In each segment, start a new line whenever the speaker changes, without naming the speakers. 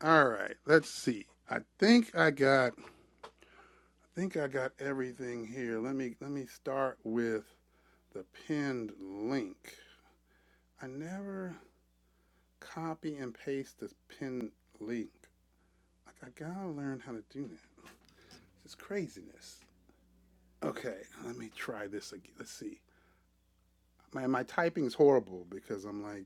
All right, let's see. I think I got I think I got everything here. Let me let me start with the pinned link. I never copy and paste this pinned link. Like I gotta learn how to do that. This is craziness. Okay, let me try this again. Let's see. My my typing's horrible because I'm like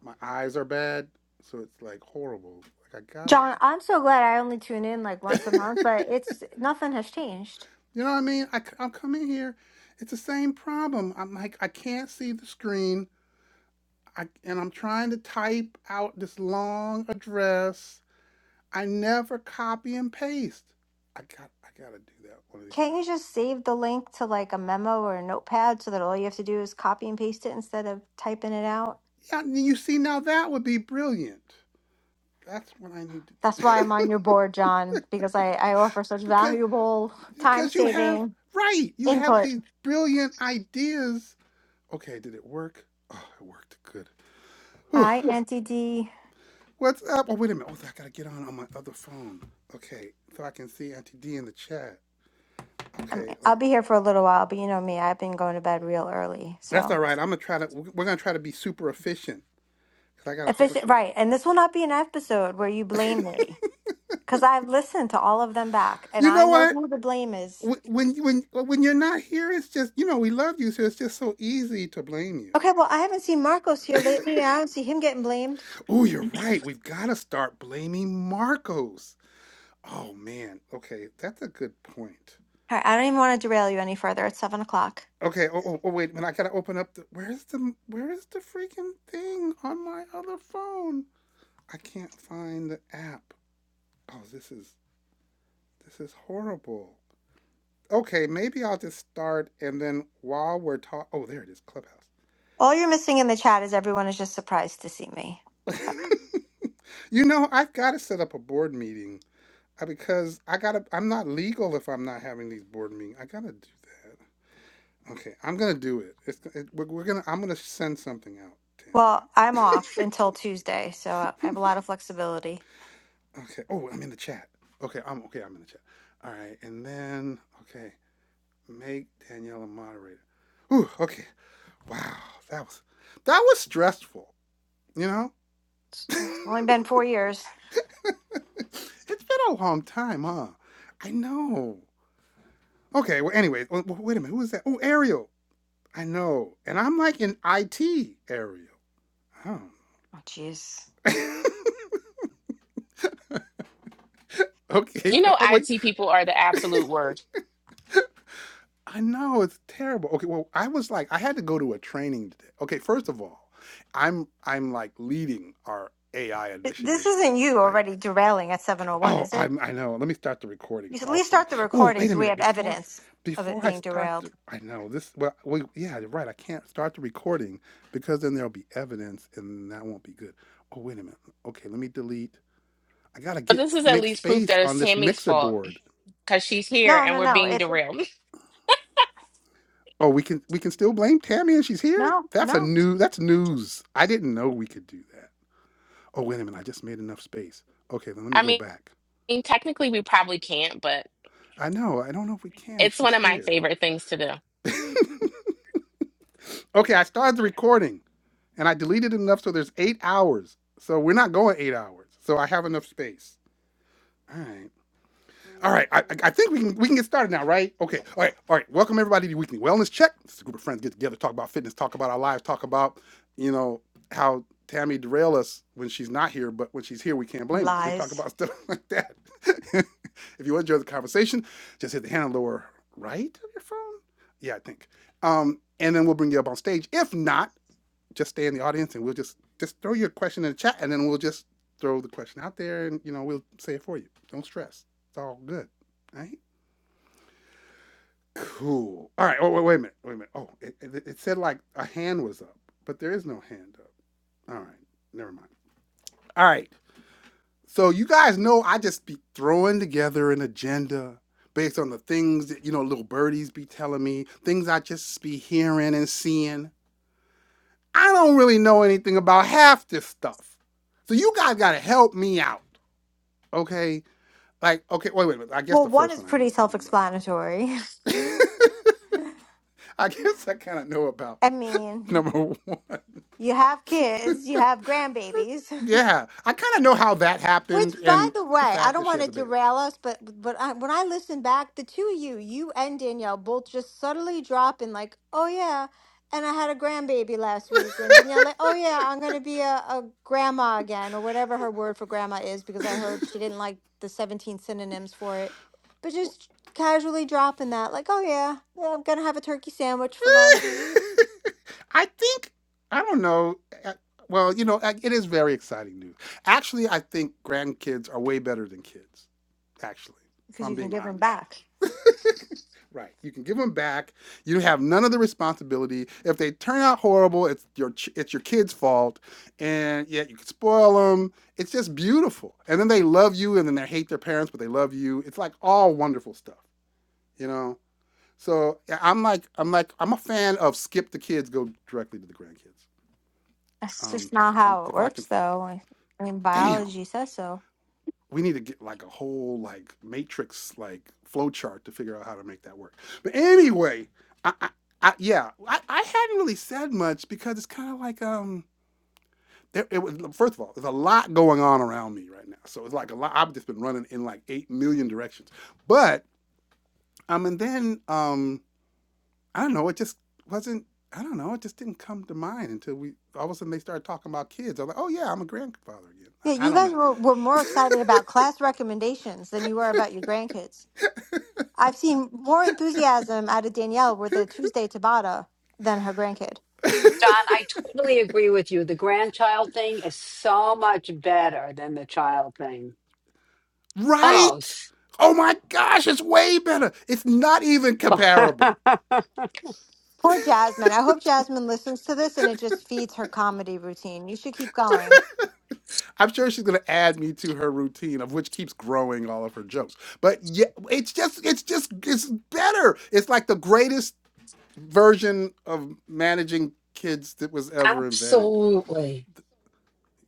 my eyes are bad, so it's like horrible. Like I
John, I'm so glad I only tune in like once a month,
gotta
but it's nothing has changed.
You know what I mean? I, will come in here. It's the same problem. I'm like, I can't see the screen. I, and I'm trying to type out this long address. I never copy and paste. I got, I gotta do that one of these
Can't
times.
you just save the link to like a memo or a notepad so that all you have to do is copy and paste it instead of typing it out?
Yeah, you see, now that would be brilliant. That's what I need to
That's why
do.
I'm on your board, John, because I, I offer such
because,
valuable time
because you have,
saving
right, you have
input.
these brilliant ideas. Okay, did it work? Oh, it worked. Good. Whew.
Hi, Auntie D.
What's up? Oh, wait a minute. Oh, I gotta get on on my other phone. Okay, so I can see Auntie D in the chat.
I
Okay,
mean,
uh,
I'll be here for a little while, but you know me, I've been going to bed real early.
that's
So,
all right. I'm gonna try to. We're gonna try to be super efficient because I gotta
if
hope.
it's
it-
right, and this will not be an episode where you blame me because I've listened to all of them back and
You
I
know
know
what?
who the blame is.
When when when you're not here, it's just you know we love you, so it's just so easy to blame you.
Okay, well, I haven't seen Marcos here lately. I don't see him getting blamed.
Oh, you're right. We've got to start blaming Marcos. Oh man. Okay, that's a good point.
All right, I don't even want to derail you any further. It's seven o'clock.
Okay. Oh, oh, oh wait. When I gotta open up the where's the where's the freaking thing on my other phone? I can't find the app. Oh, this is this is horrible. Okay, maybe I'll just start and then while we're talking, oh, there it is, Clubhouse.
All you're missing in the chat is everyone is just surprised to see me. Uh,
you know, I've got to set up a board meeting uh, because I gotta. I'm not legal if I'm not having these board meetings. I gotta do that. Okay, I'm gonna do it. It's it, we're, we're gonna. I'm gonna send something out, Tammy.
Well, I'm off until Tuesday, so I have a lot of flexibility.
okay. Oh, I'm in the chat. Okay, I'm okay. I'm in the chat. All right, and then okay. make Danielle a moderator. Ooh, okay. Wow, that was that was stressful. You know, it's
It's only been four years.
been a long time, huh? I know. Okay. Well, anyways, wait a minute. Who was that? Oh, Ariel. I know. And I'm like in IT, Ariel. I don't
Oh, jeez.
know. okay.
You
Oh,
know,
oh, wait.
IT people are the absolute worst.
I know it's terrible. Okay, well, I was like, I had to go to a training today. Okay, first of all, I'm I'm like leading our AI
Th- This
initiative,
isn't you
like
already derailing at 7.01,
Oh,
is
i
it?
I know. Let me start the recording
You should at least
also.
start the
Oh,
recording
wait a
so we
minute.
have
Before
evidence of it
before I
being
start
derailed.
the I know this well we, yeah, you're right. I can't start the recording because then there'll be evidence and that won't be good. Oh, wait a minute. Okay, let me delete. I gotta
But
get
this is at
make
least proof
space
that it's
on this
Tammy's
mixer
fault
board.
because she's here
No,
and
no,
we're
no.
being
It's
derailed.
Oh, we can we can still blame Tammy and she's here?
no,
That's a
no.
new that's news. I didn't know we could do that. Oh, wait a minute. I just made enough space. Okay, then let me
I
go
mean,
back.
technically, we probably can't, but
I know. I don't know if we can.
it's
She's
one of my
here.
favorite things to do.
Okay, I started the recording. and I deleted enough so there's eight hours. So we're not going eight hours. So I have enough space. All right. All right. I, I think we can we can get started now, right? Okay. All right. All right. Welcome everybody to Weekly Wellness Check. This is a group of friends get together, talk about fitness, talk about our lives, talk about you know how Tammy derail us when she's not here, but when she's here, we can't blame her. We talk
Lies.
about stuff like that. if you enjoy the conversation, just hit the hand on the lower right of your phone. Yeah, I think. Um, and then we'll bring you up on stage. If not, just stay in the audience and we'll just just throw your question in the chat and then we'll just throw the question out there and you know we'll say it for you. Don't stress. It's all good. All right. Cool. All right. Oh wait, wait a minute. Wait a minute. Oh, it, it, it said like a hand was up, but there is no hand up. All right. Never mind. All right. So you guys know I just be throwing together an agenda based on the things that you know little birdies be telling me, things I just be hearing and seeing. I don't really know anything about half this stuff. So you guys gotta help me out. Okay? Like, okay, wait, wait, wait. I guess
Well,
the
one
first
is
one I know
pretty self
something about.
explanatory.
I guess I kinda know about
I mean,
number one.
You have kids, you have grandbabies.
Yeah. I kinda know how that
Which,
happened
by
and
the
the
way, I
fact
don't
that she
want to
has a baby.
derail us, but but I, when I listen back, the two of you, you and Danielle, both just subtly drop in like, "Oh yeah," and I had a grandbaby last week, and Danielle like, "Oh yeah, I'm gonna be a, a grandma again," or whatever her word for grandma is, because I heard she didn't like the 17 synonyms for it. But just casually dropping that, like, "Oh yeah, yeah I'm gonna have a turkey sandwich for lunch,"
I think I don't know. uh, Well, you know, uh, it is very exciting news. Actually, I think grandkids are way better than kids. Actually, if
because
I'm
you can
being
give them
honest.
back.
Right. You can give them back. You have none of the responsibility. If they turn out horrible, it's your it's your kid's fault, and yet you can spoil them. It's just beautiful. And then they love you, and then they hate their parents, but they love you. It's like all wonderful stuff, you know. So yeah, I'm like I'm like I'm a fan of skip the kids, go directly to the grandkids.
That's
Um,
just not
I'm,
how it
if I can,
works, though. I mean,
damn,
biology says so.
we need to get like a whole like matrix like flow chart to figure out how to make that work. But anyway, I, I, I yeah, I, I hadn't really said much because it's kind of like um. There, it was, first of all, there's a lot going on around me right now, so it's like a lot. I've just been running in like eight million directions, but um, and then um, I don't know. It just wasn't. I don't know. It just didn't come to mind until we all of a sudden they started talking about kids. I was like, oh yeah, I'm a grandfather again.
Yeah,
I, I
you
don't know.
guys were, were more excited about class recommendations than you were about your grandkids. I've seen more enthusiasm out of Danielle with the Tuesday Tabata than her grandkid.
John, I totally agree with you. The grandchild thing is so much better than the child thing. Oh,
Right?
s-
Oh my gosh, it's way better. It's not even comparable.
Poor Jasmine. I hope Jasmine listens to this and it just feeds her comedy routine. You should keep going.
I'm sure she's gonna add me to her routine, of which keeps growing all of her jokes. But yeah, it's just, it's just, it's better. It's like the greatest version of managing kids that was ever invented.
absolutely.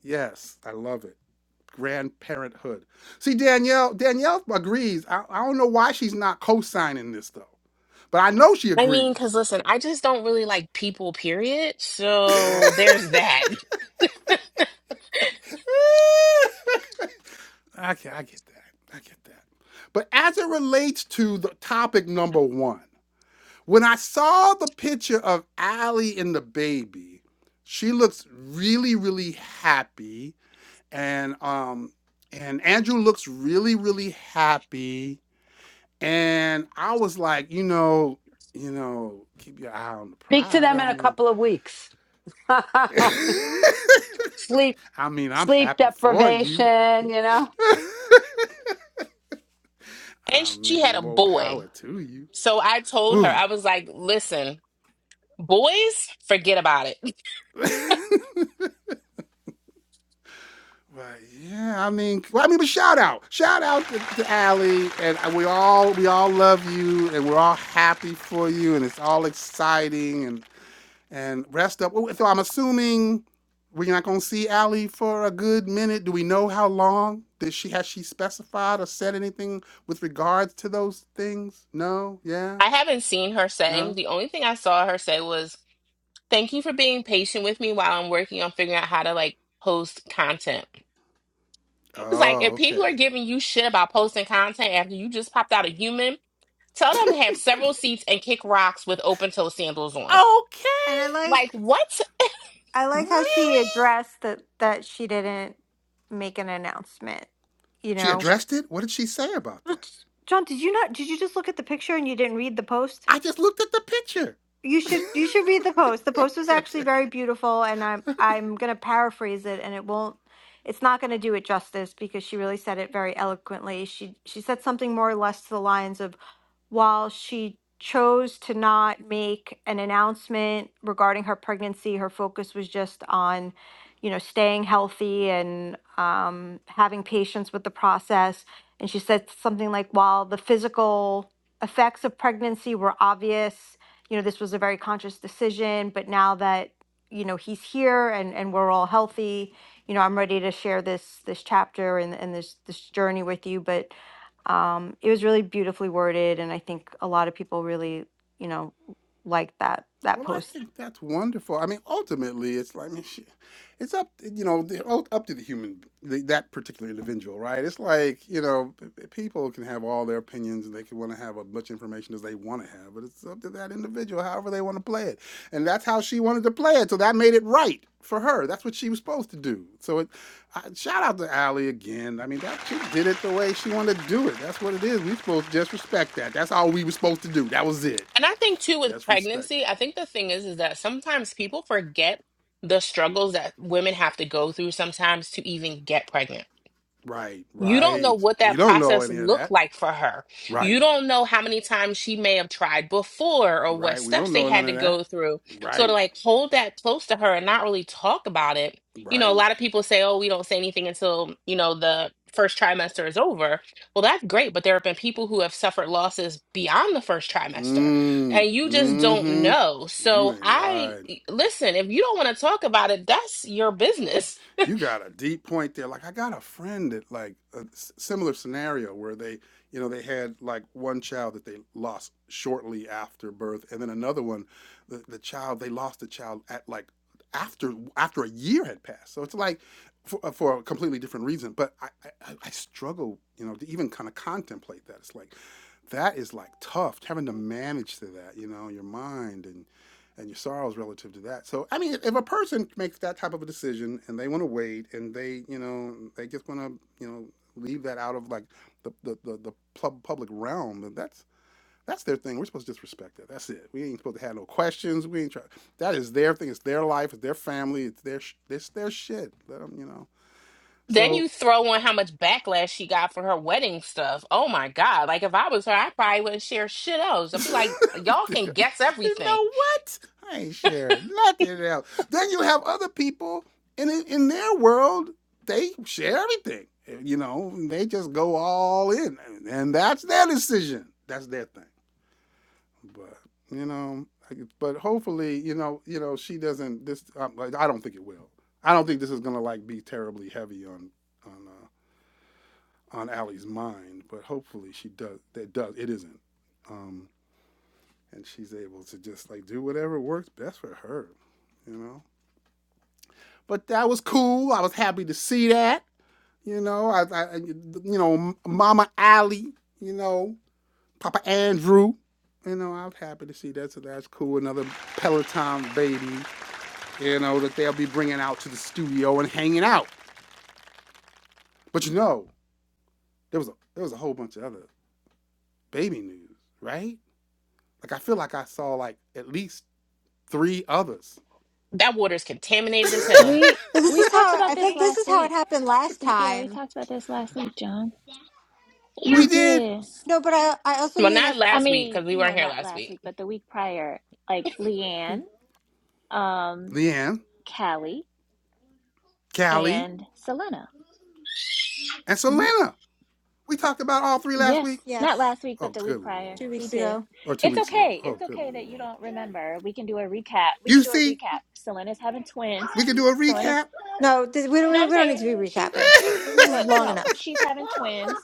Yes, I love it. Grandparenthood. See, Danielle, Danielle agrees. I, I don't know why she's not co-signing this though, but I know she
I mean, because
agrees.
listen, I just don't really like people, period. So there's that.
I get, I get that. I get that. But as it relates to the topic number one, when I saw the picture of Allie and the baby, she looks really, really happy, and um, and Andrew looks really, really happy, and I was like, you know, you know, keep your eye on the
Speak to
prize.
them
I
in a
mean,
couple of weeks. sleep,
I mean, I'm
sleep
happy for you.
deprivation. You know,
And
I
she
mean,
had a
more
boy.
power to you.
So I told her,
Ooh.
I was like, listen, boys, forget about it.
Right. Yeah. I mean, well, I mean, but shout out, shout out to, to Allie, and we all we all love you, and we're all happy for you, and it's all exciting, and and rest up. So I'm assuming we're not gonna see Allie for a good minute. Do we know how long? Did she has she specified or said anything with regards to those things? No. Yeah.
I haven't seen her say.
No.
The only thing I saw her say was, Thank you for being patient with me while I'm working on figuring out how to like post content. It's like
Oh.
if people are
Okay.
giving you shit about posting content after you just popped out a human, tell them to have several seats and kick rocks with open toe sandals on.
Okay.
And I like,
Like what?
I like how
Really?
she addressed that that she didn't make an announcement. You
She
know,
addressed it. What did she say about that?
let John, did you not? Did you just look at the picture and you didn't read the post?
I just looked at the picture.
you should you should read the post. The
okay,
post was actually
okay.
very beautiful, and I'm I'm gonna paraphrase it, and it won't. It's not going to do it justice because she really said it very eloquently. She she said something more or less to the lines of while she chose to not make an announcement regarding her pregnancy, her focus was just on, you know, staying healthy and um, having patience with the process. And she said something like, while the physical effects of pregnancy were obvious, you know, this was a very conscious decision, but now that, you know, he's here and, and we're all healthy, you know, I'm ready to share this this chapter and, and this this journey with you. But um, it was really beautifully worded, and I think a lot of people really, you know, liked that that
Well, I
post.
think that's wonderful. I mean, ultimately, it's like, I mean, shit, it's up, you know, the- ult- up to the human, the, that particular individual, right? It's like, you know, p- p- people can have all their opinions and they can want to have as much information as they want to have, but it's up to that individual, however they want to play it. And that's how she wanted to play it. So that made it right for her. That's what she was supposed to do. So it, I, shout out to Allie again. I mean, that she did it the way she wanted to do it. That's what it is. We supposed to just respect that. That's all we were supposed to do. That was it.
And I think too with
That's
pregnancy,
respected.
I think the thing is is that sometimes people forget the struggles that women have to go through sometimes to even get pregnant
Right,
You don't
right.
know what
We
that
don't know
process
any of
looked
that.
like for her. You
Right,
don't know how many times she may have tried before or what
right. We don't
steps they
know none
had to
of that.
go through. So to
Right,
like hold that close to her and not really talk about it, you know, a
right.
lot of people say, oh, we don't say anything until, you know, the first trimester is over. Well, that's great. But there have been people who have suffered losses beyond the first trimester
Mm,
and you just don't
mm-hmm.
know.
You
So
ain't
I
lying.
listen, if you don't want to talk about it, that's your business.
you got a deep point there. Like I got a friend that like a s- similar scenario where they, you know, they had like one child that they lost shortly after birth, and then another one, the, the child they lost the child at like after after a year had passed. So it's like for, uh, for a completely different reason. But I I I struggle, you know, to even kind of contemplate that. It's like that is like tough having to manage to that, you know, your mind and and your sorrows relative to that. So, I mean, if a person makes that type of a decision and they want to wait and they, you know, they just want to, you know, leave that out of like the the the, the pub- public realm, then that's that's their thing. We're supposed to just respect that. That's it. We ain't supposed to have no questions. We ain't try. That is their thing. It's their life. It's their family. It's their sh- it's their shit. Let them, you know.
Then
So
you throw on how much backlash she got for her wedding stuff. Oh my God. Like, if I was her, I probably wouldn't share shit else. I'd be like, y'all
you
can guess everything.
know what? I ain't sharing nothing else. Then you have other people in in their world, they share everything. You know, they just go all in, and that's their decision. That's their thing. But you know, but hopefully, you know, you know, she doesn't. This um, like, I don't think it will. I don't think this is gonna like be terribly heavy on on uh, on Allie's mind. But hopefully, she does. That does. It isn't. Um, and she's able to just like do whatever works best for her, you know. But that was cool. I was happy to see that. You know, I, I you know, Mama Allie, you know, Papa Andrew, you know, I'm happy to see that. So that's cool. Another Peloton baby, you know, that they'll be bringing out to the studio and hanging out. But you know, there was a there was a whole bunch of other baby news, right? Like I feel like I saw like at least three others.
That water's contaminated as hell.
We
This
we
is
talked
how
about
I
this
think. This
last
is how it
week.
happened last
We yeah, we
time.
talked about this last week, John. Yeah. We
We did.
did.
No, but I I also
Well,
mean I
not
I
last week
mean,
because we
you know,
weren't here
not
last
last
week.
week, but the week prior, like Leanne,
Mhm.
um,
Leanne,
Callie,
Callie,
and Selena.
And
hmm
Selena, we talked about all three last
Yes,
week.
not
yes,
last week,
Oh,
but the
good
week
lord.
prior,
two
we
weeks
did.
ago.
Or two
It's
weeks ago.
okay.
Oh,
It's
good
okay that you
lord.
don't remember. We can do a recap. We
You
can do a
see,
recap. Selena's having twins.
we can do a
Selena's.
recap.
No, th- we
No,
don't
I'm
we don't need to
saying
be
she's do.
recapping. This is
Look,
long
no,
enough.
she's having twins.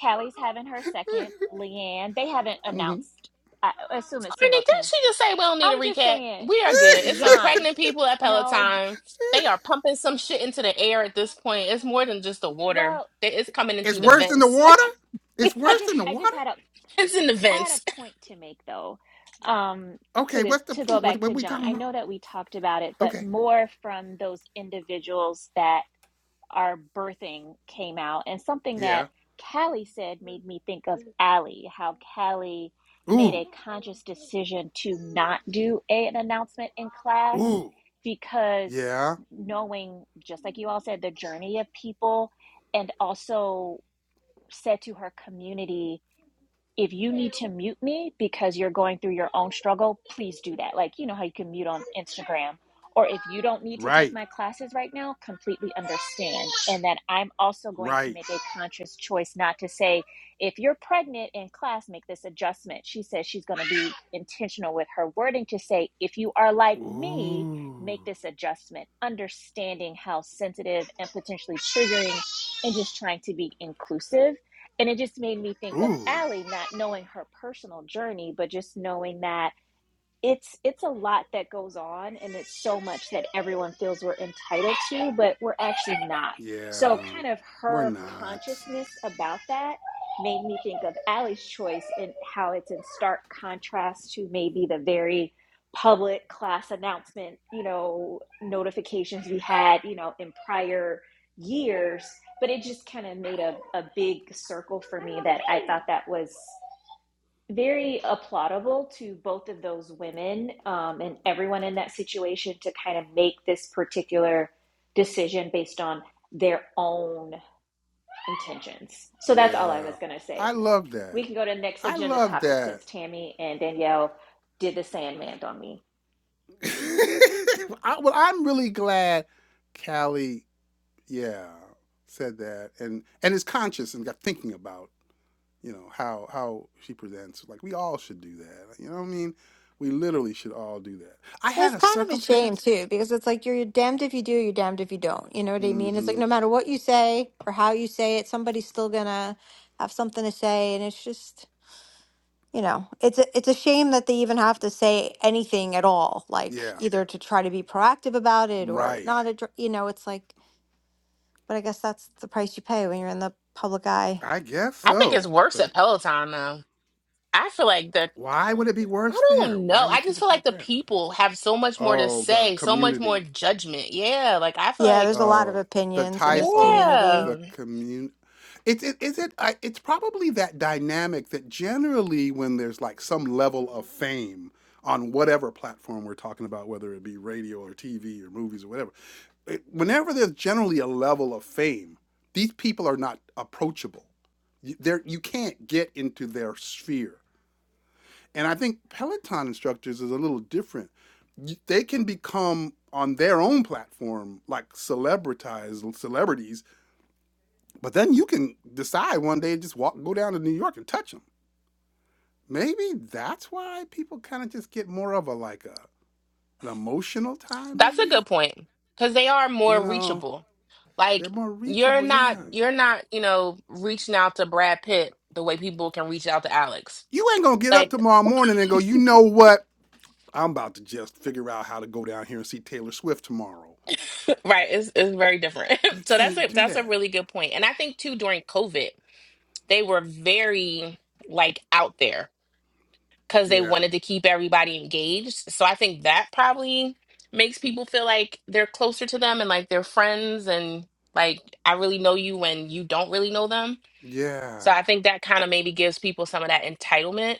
Callie's having her second. Leanne, they haven't
hmm
announced. I assume it's
Courtney, did
Singleton.
she just say we don't need a
I'm just
recap?
saying,
We are good. It's some
John.
pregnant people at
No, J-
Peloton. They are pumping some shit into the air at this point. It's more than just the water.
well,
It- It's coming in
it's
through the
worse than the
vents.
well,
water.
I,
It's
I
worse
just,
than the
I just
water.
had a,
It's in the
I had
vents.
a point to make though. Um,
Okay,
to
what's the
to go
point? What,
back
what
to
are we
John,
talking
I
about?
know that we talked about it, but
Okay.
more from those individuals that our birthing came out. And something that
Yeah.
Callie said made me think of Allie, how Callie made a
Ooh.
conscious decision to not do a, an announcement in class
Ooh.
because
Yeah.
knowing, just like you all said, the journey of people and also said to her community, if you need to mute me because you're going through your own struggle, please do that. Like, you know how you can mute on Instagram. Or if you don't need to take
Right.
my classes right now, completely understand. And then I'm also going to
Right.
make a conscious choice not to say, if you're pregnant in class, make this adjustment. She says she's going to be intentional with her wording to say, if you are like me,
Ooh.
make this adjustment, understanding how sensitive and potentially triggering, and just trying to be inclusive and it just made me think of
Ooh.
Allie, not knowing her personal journey, but just knowing that it's it's a lot that goes on and it's so much that everyone feels we're entitled to but we're actually not
Yeah.
so kind of
We're
her
not.
consciousness about that made me think of Allie's choice and how it's in stark contrast to maybe the very public class announcement you know notifications we had you know in prior years but it just kind of made a, a big circle for me that i thought that was very applaudable to both of those women um, and everyone in that situation to kind of make this particular decision based on their own intentions. So that's all I
Yeah.
was going to
I
say.
love that.
We can go to the next
I
agenda
love
topic
that.
since Tammy and Danielle did the Sandman on me.
I, well, I'm really glad Callie, yeah, said that and and is conscious and got thinking about you know how how she presents. Like we all should do that. You know what I mean? We literally should all do that. I had
It's
a
kind of a shame
circumstance.
too because it's like you're damned if you do, you're damned if you don't. You know what I mean? It's like
Mm-hmm.
no matter what you say or how you say it, somebody's still gonna have something to say, and it's just you know it's a, it's a shame that they even have to say anything at all like
Yeah.
either to try to be proactive about it or
Right.
not addr- you know it's like but i guess that's the price you pay when you're in the public eye
I guess
I think it's
so.
worse
But
at Peloton though. I feel like the
why would it be
I
worse there?
don't know.
Why do you
I
think
just feel
it's worse
like the
there?
people have so much more to
Oh, the
say, so much more
community.
judgment. Yeah, like I feel
yeah
like
there's a lot
uh,
of
the
opinions in
type
this
of
community
yeah.
the community. It's it, is it I, it's probably that dynamic that generally when there's like some level of fame on whatever platform we're talking about, whether it be radio or TV or movies or whatever, it, whenever there's generally a level of fame, these people are not approachable. You, you can't get into their sphere. And I think Peloton instructors is a little different. They can become on their own platform like celebritized celebrities, but then you can decide one day to just walk, go down to New York and touch them. Maybe that's why people kind of just get more of a like a an emotional time.
That's a
Maybe
good point cuz they are
you
more
know
reachable.
they're
Like
more
you're
reachable.
not
Yeah,
you're not, you know, reaching out to Brad Pitt the way people can reach out to Alex.
you ain't gonna get up
Like
tomorrow morning and go, you know what? I'm about to just figure out how to go down here and see Taylor Swift tomorrow.
right, it's it's very different.
You
so that's
can't
a
do
that's a
that.
really good point. And I think too during COVID, they were very like out there because they
Yeah.
wanted to keep everybody engaged. So I think that probably makes people feel like they're closer to them and like they're friends and like I really know you when you don't really know them.
Yeah.
So I think that kind of maybe gives people some of that entitlement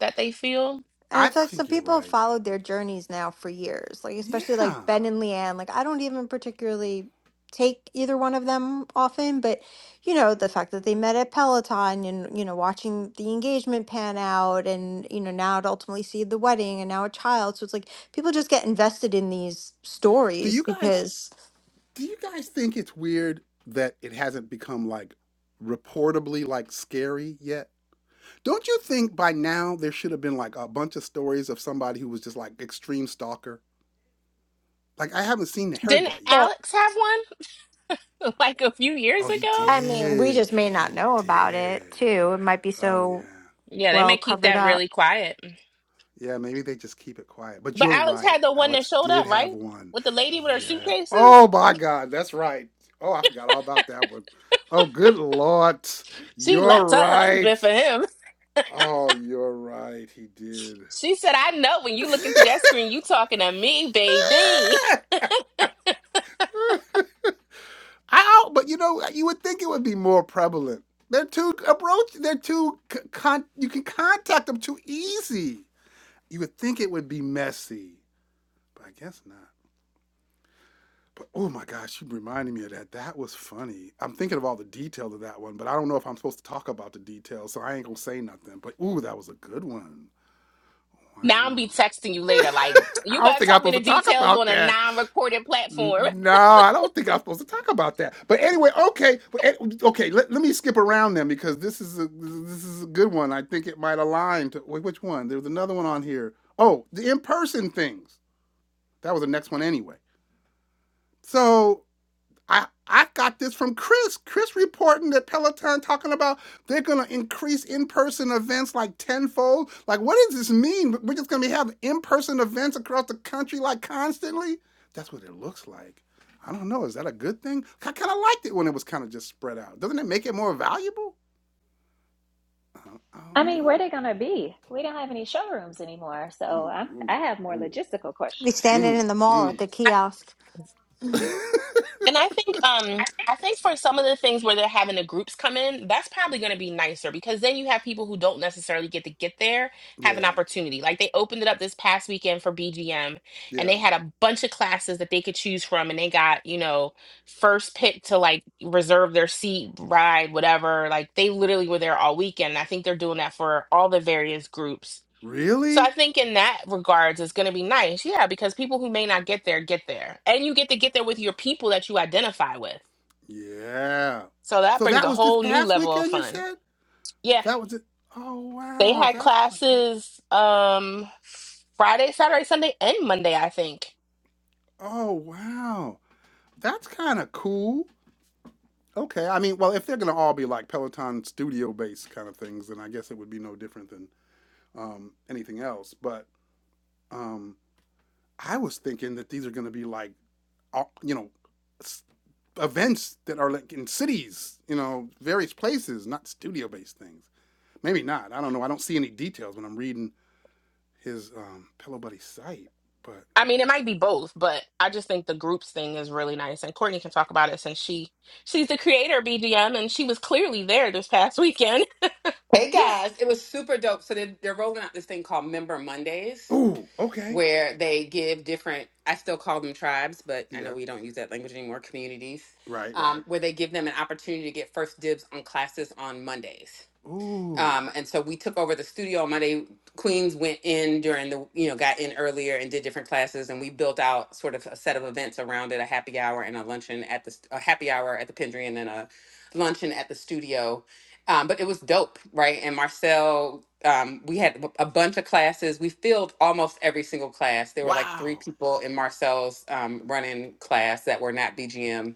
that they feel.
And I
I
feel like some
think you're
people have
right.
followed their journeys now for years, like especially like
Yeah.
Ben and Leanne. Like I don't even particularly take either one of them often, but you know, the fact that they met at Peloton and you know, watching the engagement pan out and you know, now to ultimately see the wedding and now a child. So it's like people just get invested in these
Do
stories
you guys
because
do you guys think it's weird that it hasn't become like reportably like scary yet? Don't you think by now there should have been like a bunch of stories of somebody who was just like extreme stalker? Like I haven't seen heard
Didn't
that yet.
well,
Alex have one like a few years
Oh, he
ago?
I mean, we
did.
just may not
He
know about it
did.
too. It might be
Oh
so
yeah.
Yeah, they
well
may keep
covered
that
up.
really quiet.
Yeah, maybe they just keep it quiet. But
But
you're
Alex
right.
had the one that
Alex
showed
did
up, right?
have one.
With the lady with her
Yeah.
suitcases.
Oh my God, that's right. Oh, I forgot all about that one. Oh, good Lord.
She
You're
left her
right.
husband for him.
Oh, you're right. He did.
She said, I know when you looking through that screen, you talking to me, baby.
Ow! But you know, you would think it would be more prevalent. They're too approach. They're too c- con. You can contact them too easy. You would think it would be messy, but I guess not. But oh my gosh, you reminded me of that. That was funny. I'm thinking of all the details of that one, but I don't know if I'm supposed to talk about the details, so I ain't gonna say nothing. But ooh, that was a good one.
Now I'm be
Wow.
texting you later. Like,
I
you
don't
better
think I'm
tell me
supposed
the
to talk
details
about
on a
that.
non-recorded
N-
platform.
No, I don't think I'm supposed to talk about that. But anyway, okay, but an- okay. Let, let me skip around then because this is a this is a good one. I think it might align to wait, which one? There was another one on here. Oh, the in person things. That was the next one anyway. So I I got this from Chris. Chris reporting that Peloton talking about they're gonna increase in-person events like tenfold. Like, what does this mean? We're just gonna be having in-person events across the country like constantly. That's what it looks like. I don't know. Is that a good thing? I kind of liked it when it was kind of just spread out. Doesn't it make it more valuable? I don't, I
I
don't
mean, where
know.
are they going to be? We don't have any showrooms anymore, so
Ooh,
I'm, I
ooh,
have more
ooh.
logistical
Be
questions.
standing
Mm,
in the mall at
mm.
the kiosk.
And I think um I think for some of the things where they're having the groups come in, that's probably going to be nicer because then you have people who don't necessarily get to get there have an
Yeah,
opportunity. Like they opened it up this past weekend for BGM and
yeah.
they had a bunch of classes that they could choose from and they got, you know, first pick to like reserve their seat, ride, whatever. Like they literally were there all weekend. And I think they're doing that for all the various groups so I
Really?
think in that regards, it's going to be nice. Yeah, because people who may not get there get there. And you get to get there with your people that you identify with.
Yeah.
So that
So
brings
that
a
was this
whole new
past
level of
weekend, you
fun.
said?
Yeah,
That was it. Oh
they
wow,
had
that's kind of cool.
classes um Friday, Saturday, Sunday, and Monday, I think.
Oh wow, that's kind of cool. Okay, I mean, well, if they're gonna all be like Peloton studio-based kind of things, then I guess it would be no different than um, anything else. But um, I was thinking that these are gonna be like, all- you know, s- events that are like in cities, you know, various places, not studio-based things. Maybe not. I don't know. I don't see any details when I'm reading his um, Pillow Buddy site. But
I mean, it might be both, but I just think the groups thing is really nice. And Courtney can talk about it since she she's the creator of BGM and she was clearly there this past weekend.
Hey
yeah.
guys, it was super dope. So they're, they're rolling out this thing called Member Mondays,
Ooh. Okay.
where they give different, I still call them tribes, but I
Yeah.
know we don't use that language anymore, communities,
Right, right.
um, where they give them an opportunity to get first dibs on classes on Mondays.
Ooh.
Um, and so we took over the studio on Monday. Queens went in during the, you know, got in earlier and did different classes. And we built out sort of a set of events around it a happy hour and a luncheon at the, st- a happy hour at the Pendry and then a luncheon at the studio. Um, but it was dope, right? And Marcel, um, we had a bunch of classes. We filled almost every single class. There were like three
Wow.
people in Marcel's um, running class that were not BGM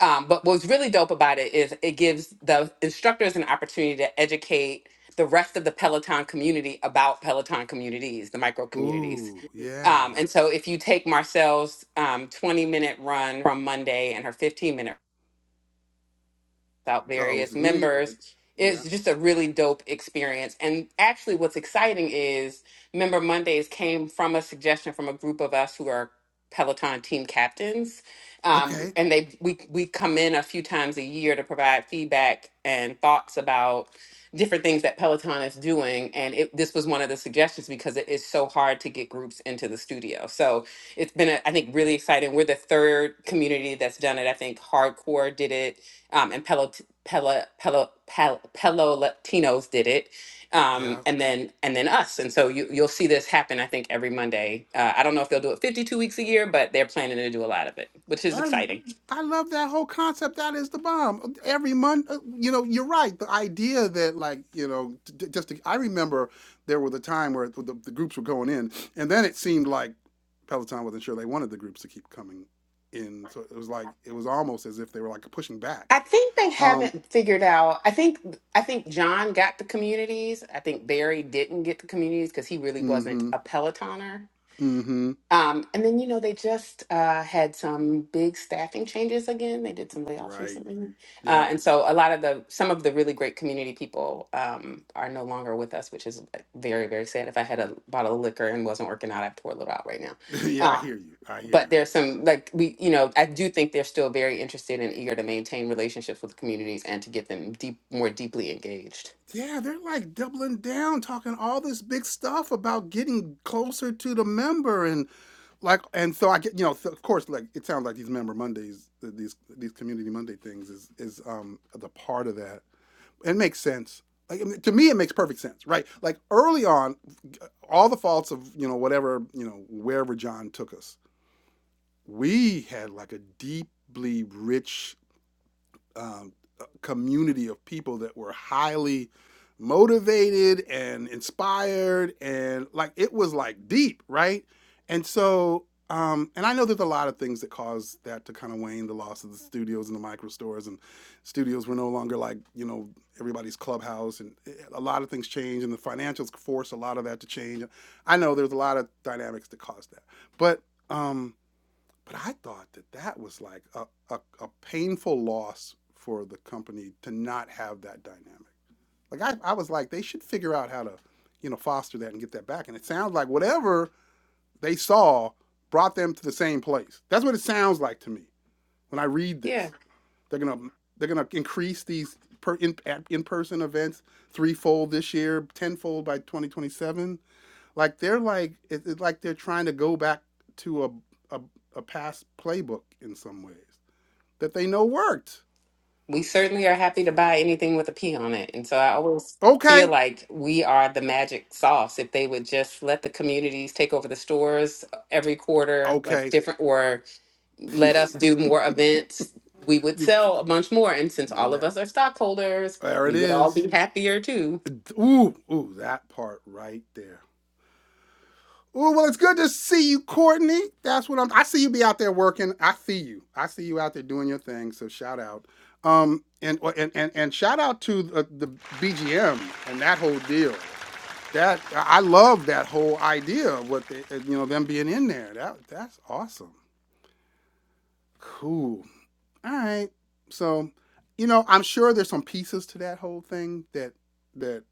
um, but what's really dope about it is it gives the instructors an opportunity to educate the rest of the Peloton community about Peloton communities, the micro communities.
Ooh, yeah.
Um, and so if you take Marcel's um, 20 minute run from Monday and her 15 minute out
Uh-oh, was
various
it me or
members.
the yeah.
It's just a really dope experience. And actually, what's exciting is Member Mondays came from a suggestion from a group of us who are Peloton team captains. Um,
Okay.
and they we we come in a few times a year to provide feedback and thoughts about different things that Peloton is doing. And it, this was one of the suggestions because it is so hard to get groups into the studio. So it's been, a, I think, really exciting. We're the third community that's done it. I think Hardcore did it um, and Pelot- Pela Pelo Pel- Pelotatinos did it, um,
Yeah.
and then and then us. And so you you'll see this happen. I think every Monday. Uh, I don't know if they'll do it 52 weeks a year, but they're planning to do a lot of it, which is
I
exciting.
I love that whole concept. That is the bomb. Every month, uh, you know, you're right. The idea that, like, you know, t- t- just to, I remember there was a time where the, the groups were going in, and then it seemed like Peloton wasn't sure they wanted the groups to keep coming in. So it was like it was almost as if they were like pushing back.
I think they
Um.
haven't figured out. I think I think John got the communities. I think Barry didn't get the communities because he really wasn't
Mm-hmm.
a Pelotoner.
Mm-hmm.
Um, and then, you know, they just uh, had some big staffing changes again. They did some layoffs
Right.
recently.
Yep.
Uh, and so a lot of the, some of the really great community people um, are no longer with us, which is uh, very, very sad. If I had a bottle of liquor and wasn't working out, I'd pour a little out right now.
yeah, I
Uh,
hear you. I hear
but
you.
there's some like we you know i do think they're still very interested and eager to maintain relationships with communities and to get them deep more deeply engaged
Yeah, they're like doubling down, talking all this big stuff about getting closer to the member, and like, and so I get, you know, so of course, like it sounds like these member Mondays, th- these these community Monday things is is um the part of that. It makes sense. Like I mean, to me, it makes perfect sense, right? Like early on, all the faults of you know whatever you know wherever John took us, we had like a deeply rich um, community of people that were highly motivated and inspired and like it was like deep right and so um and i know there's a lot of things that caused that to kind of wane the loss of the studios and the micro stores and studios were no longer like you know everybody's clubhouse and eh, a lot of things changed and the financials forced a lot of that to change i know there's a lot of dynamics that caused that but um but I thought that that was like a, a, a painful loss for the company to not have that dynamic. Like I, I was like, they should figure out how to, you know, foster that and get that back. And it sounds like whatever they saw brought them to the same place. That's what it sounds like to me when I read
yeah
this. They're gonna they're gonna increase these per in in person events threefold this year, tenfold by 2027 like they're like it, it's it, like they're trying to go back to a, a a past playbook in some ways that they know worked.
We certainly are happy to
So
buy anything with a P on it. And so I always
okay,
feel like we are the magic sauce. If they would just let the communities take over the stores uh, every quarter, like
okay,
different, or
you
let us do more events, we would
c-
sell a bunch more. And since
no
all of us
doubt.
are stockholders,
There it
we would all
is.
be happier too.
Ooh, ooh, that part right there. Ooh, well, it's good to see you, Courtney. That's what I'm. I see you be out there working. I see you. I see you out there doing your thing. So shout out. Um, and and and, and shout out to the, the BGM and that whole deal. that I love that whole idea of what they, you know, them being in there. That that's awesome. Cool. All right. So, you know, I'm sure there's some pieces to that whole thing that that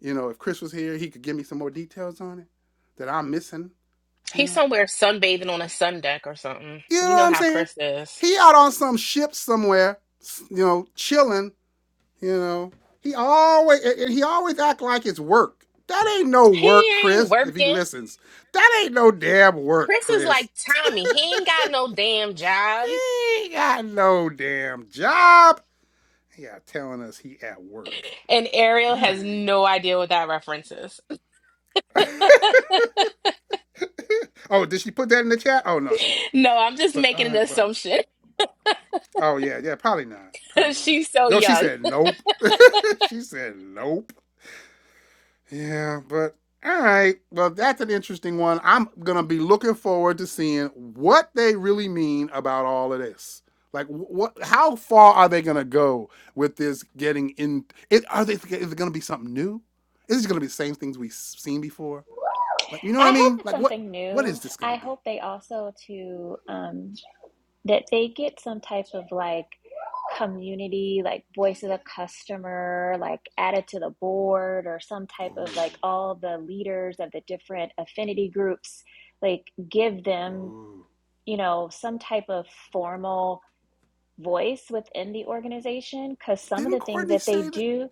you know, if Chris was here, he could give me some more details on it that I'm missing. You
He's
know,
somewhere sunbathing on a sun deck or something.
you know
You know
what I'm
how
saying?
Chris is.
He out on some ship somewhere, you know, chilling. You know, he always and he always act like it's work. That ain't no
He
work,
ain't
Chris. If he
working.
listens, that ain't no damn work,
Chris is
Chris.
like Tommy. He ain't got no damn job.
He ain't got no damn job. Yeah, telling us he at work.
And Ariel
All
has
right.
no idea what that reference is.
Oh, did she put that in the chat? Oh no, she didn't.
No, I'm just
But
making an
uh, but
assumption.
oh yeah, yeah, probably not. Probably not.
She's so
No, she
young.
said nope. she said nope. Yeah, but all right. Well, that's an interesting one. I'm gonna be looking forward to seeing what they really mean about all of this. Like, wh- what? How far are they gonna go with this? Getting in? It, are they? Is it gonna be something new? Is it gonna be the same things we've seen before? Like, you know what I
I hope
mean?
it's
Like, what?
something
What is
new.
this
I
gonna be?
hope they also to. um, that they get some type of like community, like voice of the customer, like added to the board or some type of like
Ooh,
all the leaders of the different affinity groups, like give them,
ooh.
you know, some type of formal voice within the organization. Cause some of
Didn't
the things
Courtney
that they
say that?
do,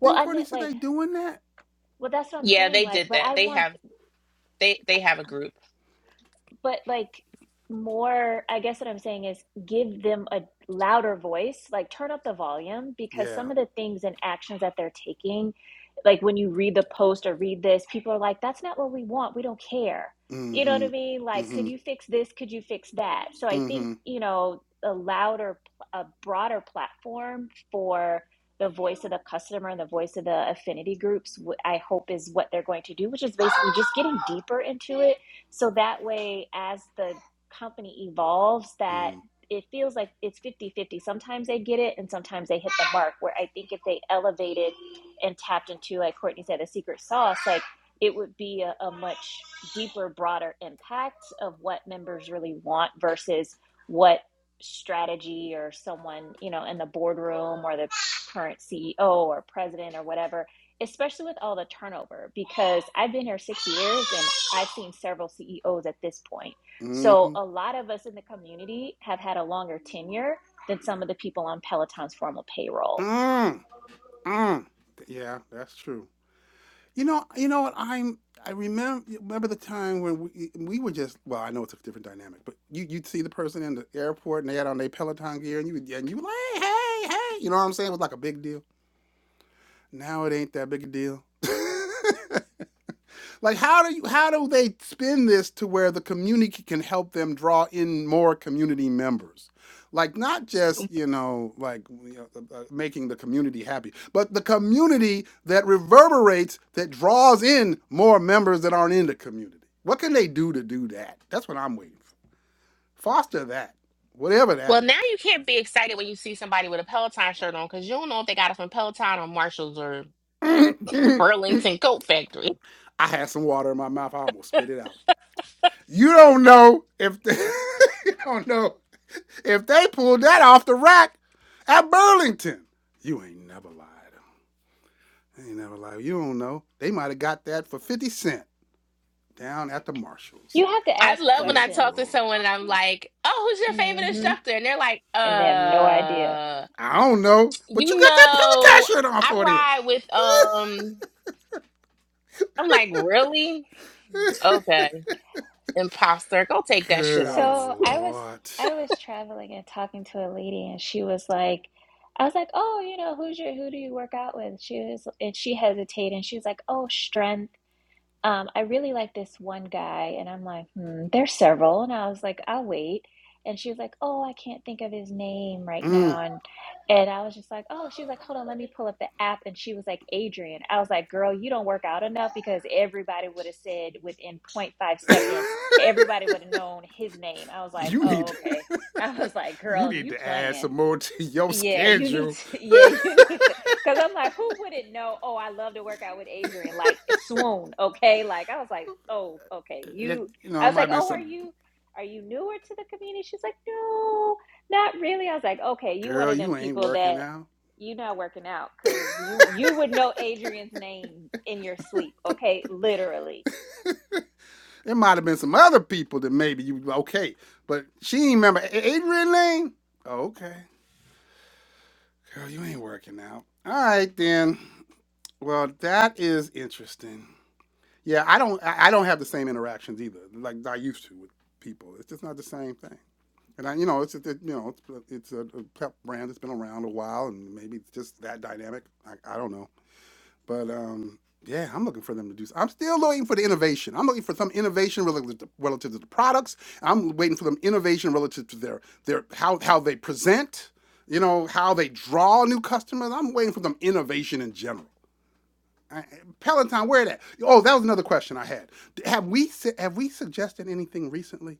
well,
Didn't
I
Courtney
meant
say
like,
they doing that?
well, that's what I'm
Yeah,
saying.
they
Like,
did
but
that.
I
They
want
have they they have a group.
but like more i guess what i'm saying is give them a louder voice like turn up the volume because
Yeah.
some of the things and actions that they're taking like when you read the post or read this people are like that's not what we want we don't care you know what
Mm-hmm.
i mean like
Mm-hmm.
could you fix this could you fix that so i think
Mm-hmm.
you know a louder a broader platform for the voice of the customer and the voice of the affinity groups i hope is what they're going to do which is basically just getting deeper into it so that way, as the company evolves, that
Mm-hmm.
it feels like it's fifty-fifty. Sometimes they get it and sometimes they hit the mark. Where I think if they elevated and tapped into, like Courtney said, a secret sauce, like it would be a, a much deeper, broader impact of what members really want versus what strategy or someone, you know, in the boardroom or the current CEO or president or whatever especially with all the turnover because I've been here 6 years and I've seen several CEOs at this point. So
Mm-hmm.
a lot of us in the community have had a longer tenure than some of the people on Peloton's formal payroll.
Mm. Mm. Yeah, that's true. You know, you know what? I'm. I remember remember the time when we we were just. Well, I know it's a different dynamic, but you you'd see the person in the airport and they had on their Peloton gear, and you would- and you were like, hey, hey, hey. You know what I'm saying? It was like a big deal. Now it ain't that big a deal. Like how do you how do they spin this to where the community can help them draw in more community members? Like not just, you know, like you know, uh, uh, making the community happy, but the community that reverberates that draws in more members that aren't in the community. What can they do to do that? That's what I'm waiting for. Foster that. Whatever that
Well, now
is.
you can't be excited when you see somebody with a Peloton shirt on because you don't know if they got it from Peloton or Marshalls or Burlington Coat Factory.
I had some water in my mouth. I almost spit it out. You don't know if the, you don't know If they pulled that off the rack at Burlington, you ain't never lied. You ain't never lied. You don't know. They might have got that for 50 cent down at the Marshalls.
You have to
I
ask
love when
Good
I
questions.
talk to
Lord.
someone and I'm like, "Oh, who's your favorite
Mhm.
instructor?" And they're like,
and they have no idea.
"Uh."
I don't know, but you
You
got that Peloton
know,
shirt on
I
for it.
ride with um I'm like, really? Okay. Imposter, go take that shit
Good
off.
So I was
Lord.
I was traveling and talking to a lady and she was like I was like, "Oh, you know, who's your who do you work out with?" She was and she hesitated and she was like, "Oh, strength." Um, I really like this one guy, and I'm like, hmm, there's several. And I was like, I'll wait. And she was like, oh, I can't think of his name right now.
Mm.
And and I was just like, oh, she was like, hold on, let me pull up the app. And she was like, Adrian. I was like, girl, you don't work out enough because everybody would have said within point five seconds, everybody would have known his name. I was like,
you need
oh,
to,
okay. I was like,
you
girl,
need
you
to add
playing.
some more to your
Yeah, you need
schedule.
to. Yeah, you need to. Because I'm like, who wouldn't know? Oh, I love to work out with Adrian. Like, swoon. Okay. Like, I was like, oh, okay.
It-
You.
you
I
know, it
was
might have
like,
been
oh, are
some
you? Are you newer to the community? She's like, no, not really. I was like, okay, you one
girl,
of them
you ain't
people
working
that
out.
you not working out because you you would know Adrian's name in your sleep. Okay, literally.
There might have been some other people that maybe you okay, but she ain't remember Adrian Lane. Okay, girl, you ain't working out. All right then. Well, that is interesting. Yeah, I don't I I don't have the same interactions either like I used to with people. It's just not the same thing. And I, you know, it's a, it, you know, it's, it's a, a pep brand that's been around a while, and maybe it's just that dynamic. I, I don't know. But um, yeah, I'm looking for them to do. s- I'm still looking for the innovation. I'm looking for some innovation relative to, relative to the products. I'm waiting for them innovation relative to their their how how they present. You know how they draw new customers. I'm waiting for them innovation in general. I- I- Peloton, where it at? Oh, that was another question I had. D- Have we su- have we suggested anything recently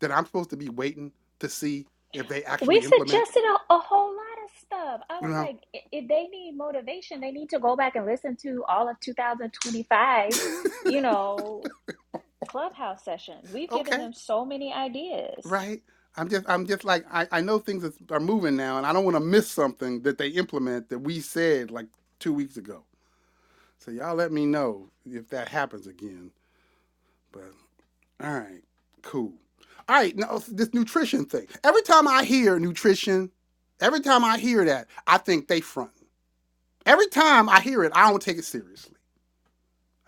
that I'm supposed to be waiting to see if they
We
actually implement?
suggested a, a whole lot of stuff. I
You
was
know?
like, i- if they need motivation, they need to go back and listen to all of 2025, you know, clubhouse sessions. We've given
Okay.
them so many ideas.
Right? I'm just I'm just like I, I know things is- are moving now and I don't want to miss something that they implement that we said like 2 weeks ago. So y'all let me know if that happens again. But all right. Cool. All right, now s- this nutrition thing. Every time I hear nutrition, every time I hear that, I think they front. Every time I hear it, I don't take it seriously.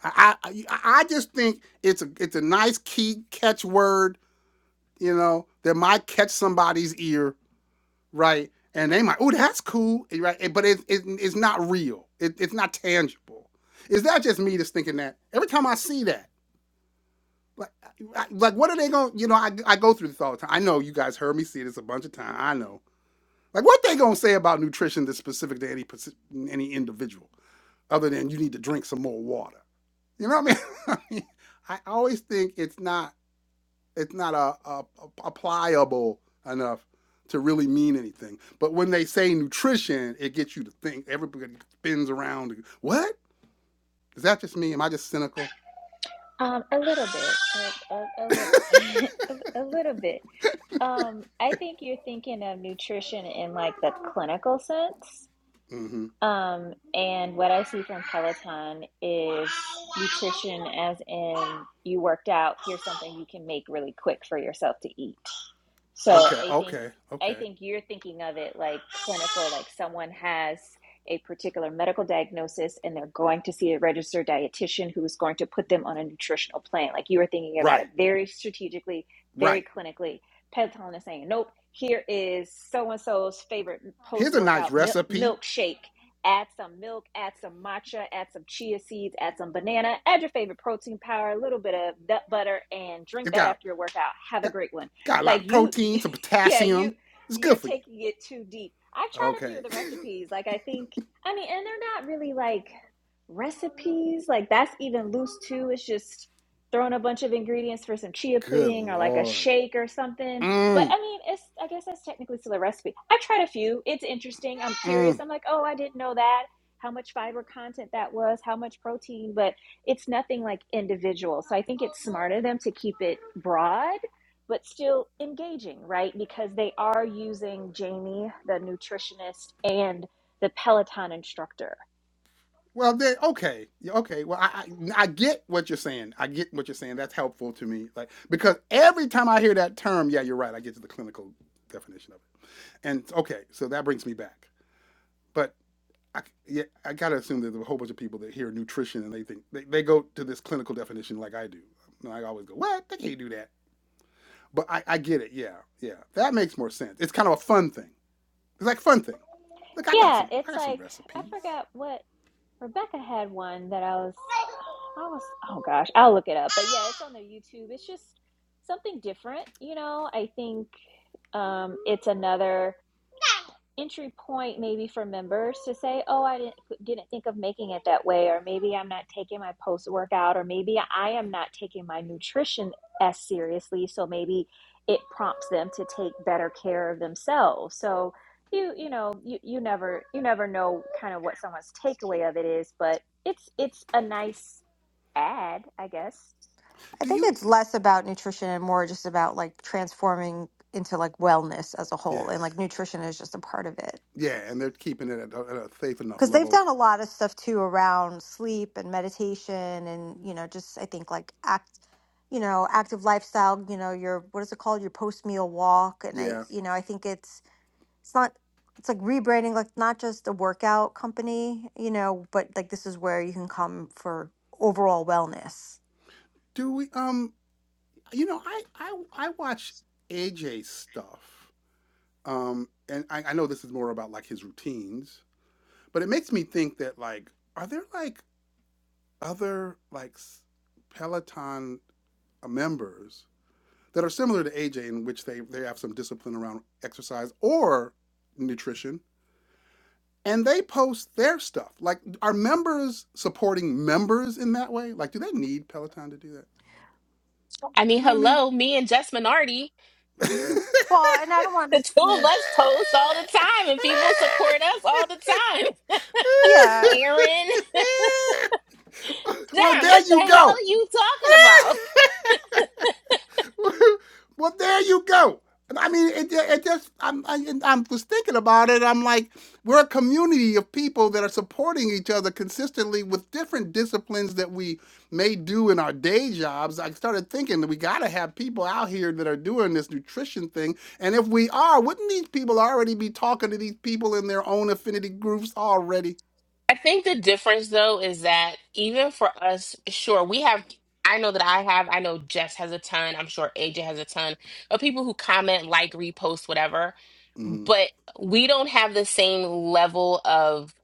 I I, I I just think it's a it's a nice key catchword, you know, that might catch somebody's ear right? And they might, oh, that's cool, right? But it, it, it's not real. It, it's not tangible. Is that just me just thinking that every time I see that? Like, I- like what are they going to, you know, I, I go through this all the time. I know you guys heard me see this a bunch of times. I know. Like, what they going to say about nutrition that's specific to any, any individual other than you need to drink some more water? You know what I mean? I mean, I always think it's not it's not a, a, a pliable enough to really mean anything. But when they say nutrition, it gets you to think. Everybody spins around. What is that? Just me? Am I just cynical?
Um, a little bit, a, a, a little, a, a little bit. Um, I think you're thinking of nutrition in like the clinical sense.
Mm-hmm.
Um, and what I see from Peloton is nutrition, as in you worked out, here's something you can make really quick for yourself to eat. So
Okay,
I think
okay,
I
okay.
think you're thinking of it like clinical, like someone has a particular medical diagnosis and they're going to see a registered dietitian who is going to put them on a nutritional plan. Like you were thinking about it
Right,
very strategically, very
right.
clinically. Pentaton is saying, nope, here is so and so's favorite post
Here's a nice
workout mil-
recipe.
milkshake. Add some milk, add some matcha, add some chia seeds, add some banana, add your favorite protein powder, a little bit of nut butter, and drink
It's
that
got
after your workout. Have a
got
great one
got a lot
like
of
you,
protein,
you
some
yeah you
potassium. It's
you're
good for you.
taking it too deep i've tried a few
Okay.
of the recipes like i think i mean and they're not really like recipes like that's even loose too it's just throwing a bunch of ingredients for some chia
good
pudding or like a
lord.
shake or something but
Mm,
i mean it's i guess that's technically still a recipe i've tried a few it's interesting i'm
mm.
curious i'm like oh i didn't know that how much fiber content that was how much protein but it's nothing like individual so i think it's smarter of them to keep it broad but still engaging, right? Because they are using Jamie, the nutritionist, and the Peloton instructor.
Well, then okay, Yeah, okay. Well, I, I I get what you're saying. I get what you're saying. That's helpful to me, like because every time I hear that term, yeah, you're right. I get to the clinical definition of it, and okay, so that brings me back. But I, yeah, I gotta assume that there's a whole bunch of people that hear nutrition and they think they, they go to this clinical definition like I do. And I always go, what? They can't do that. But I, I get it. Yeah, yeah. That makes more sense. It's kind of a fun thing. It's like fun thing. Look, I got
Yeah,
some. I
it's
got some
like I
recipes.
forgot what Rebecca had one that I was I was oh gosh, I'll look it up. But yeah, it's on their YouTube. It's just something different, you know. I think um it's another entry point maybe for members to say, "Oh, I didn't didn't think of making it that way," or maybe I'm not taking my post workout, or maybe I am not taking my nutrition as seriously. So maybe it prompts them to take better care of themselves. So you you know you you never you never know kind of what someone's takeaway of it is, but it's it's a nice ad, I guess.
I
Do
think
you?
it's less about nutrition and more just about like transforming into like wellness as a whole.
yeah.
And like nutrition is just a part of it.
Yeah, and they're keeping it at a, at a safe enough
Because they've
level.
done a lot of stuff too around sleep and meditation and, you know, just I think like act, you know, active lifestyle, you know, your, what is it called? Your post meal walk. And I,
Yeah.
you know, I think it's, it's not, it's like rebranding, like not just a workout company, you know, but like this is where you can come for overall wellness.
Do we? Um. You know, I I I watch AJ stuff. Um. And I, I know this is more about like his routines, but it makes me think that like, are there like other like s- Peloton uh, members that are similar to AJ in which they they have some discipline around exercise or nutrition? And they post their stuff. Like, are members supporting members in that way? Like, do they need Peloton to do that?
I
Do
mean,
you know what I mean?
hello, me and Jess Minardi,
Well, and I don't want to
the two of
see.
us post all the time and people support us all the time.
Yeah,
Aaron,
well,
Don,
there
what the
you
hell
go.
are you talking about?
well, there you go. I mean, it, it just, I'm, I, I'm was thinking about it. I'm like, we're a community of people that are supporting each other consistently with different disciplines that we may do in our day jobs. I started thinking that we got to have people out here that are doing this nutrition thing. And if we are, wouldn't these people already be talking to these people in their own affinity groups already?
I think the difference though is that even for us, sure, we have I know that I have, I know Jess has a ton, I'm sure AJ has a ton of people who comment, like, repost, whatever,
hmm
but we don't have the same level of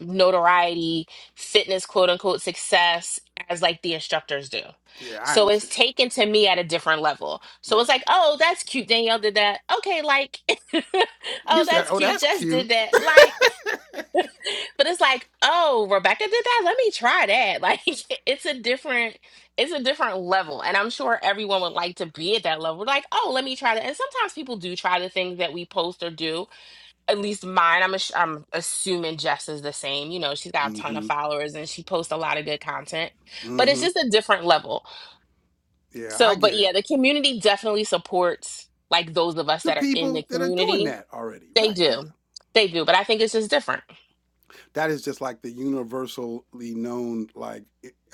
notoriety, fitness, quote unquote, success as like the instructors do.
Yeah, I
So it's
understand.
taken to me at a different level. So
Right.
it's like, oh, that's cute. Danielle did that. Okay, like, oh,
You said,
that's
oh,
cute.
that's
Jess did
cute.
that. Like, but it's like, oh, Rebecca did that. Let me try that. Like it's a different, it's a different level. And I'm sure everyone would like to be at that level. We're like, oh, let me try that. And sometimes people do try the things that we post or do. At least mine, I'm ass- I'm assuming Jess is the same. You know, she's got a ton of
hmm
followers and she posts a lot of good content. But it's
hmm
just a different level.
Yeah, I
So, but
get it.
yeah, the community definitely supports like those of us
the
that are in the
people that are doing
community.
that already.
They
Right. Yeah.
do. They do. But I think it's just different.
That is just like the universally known like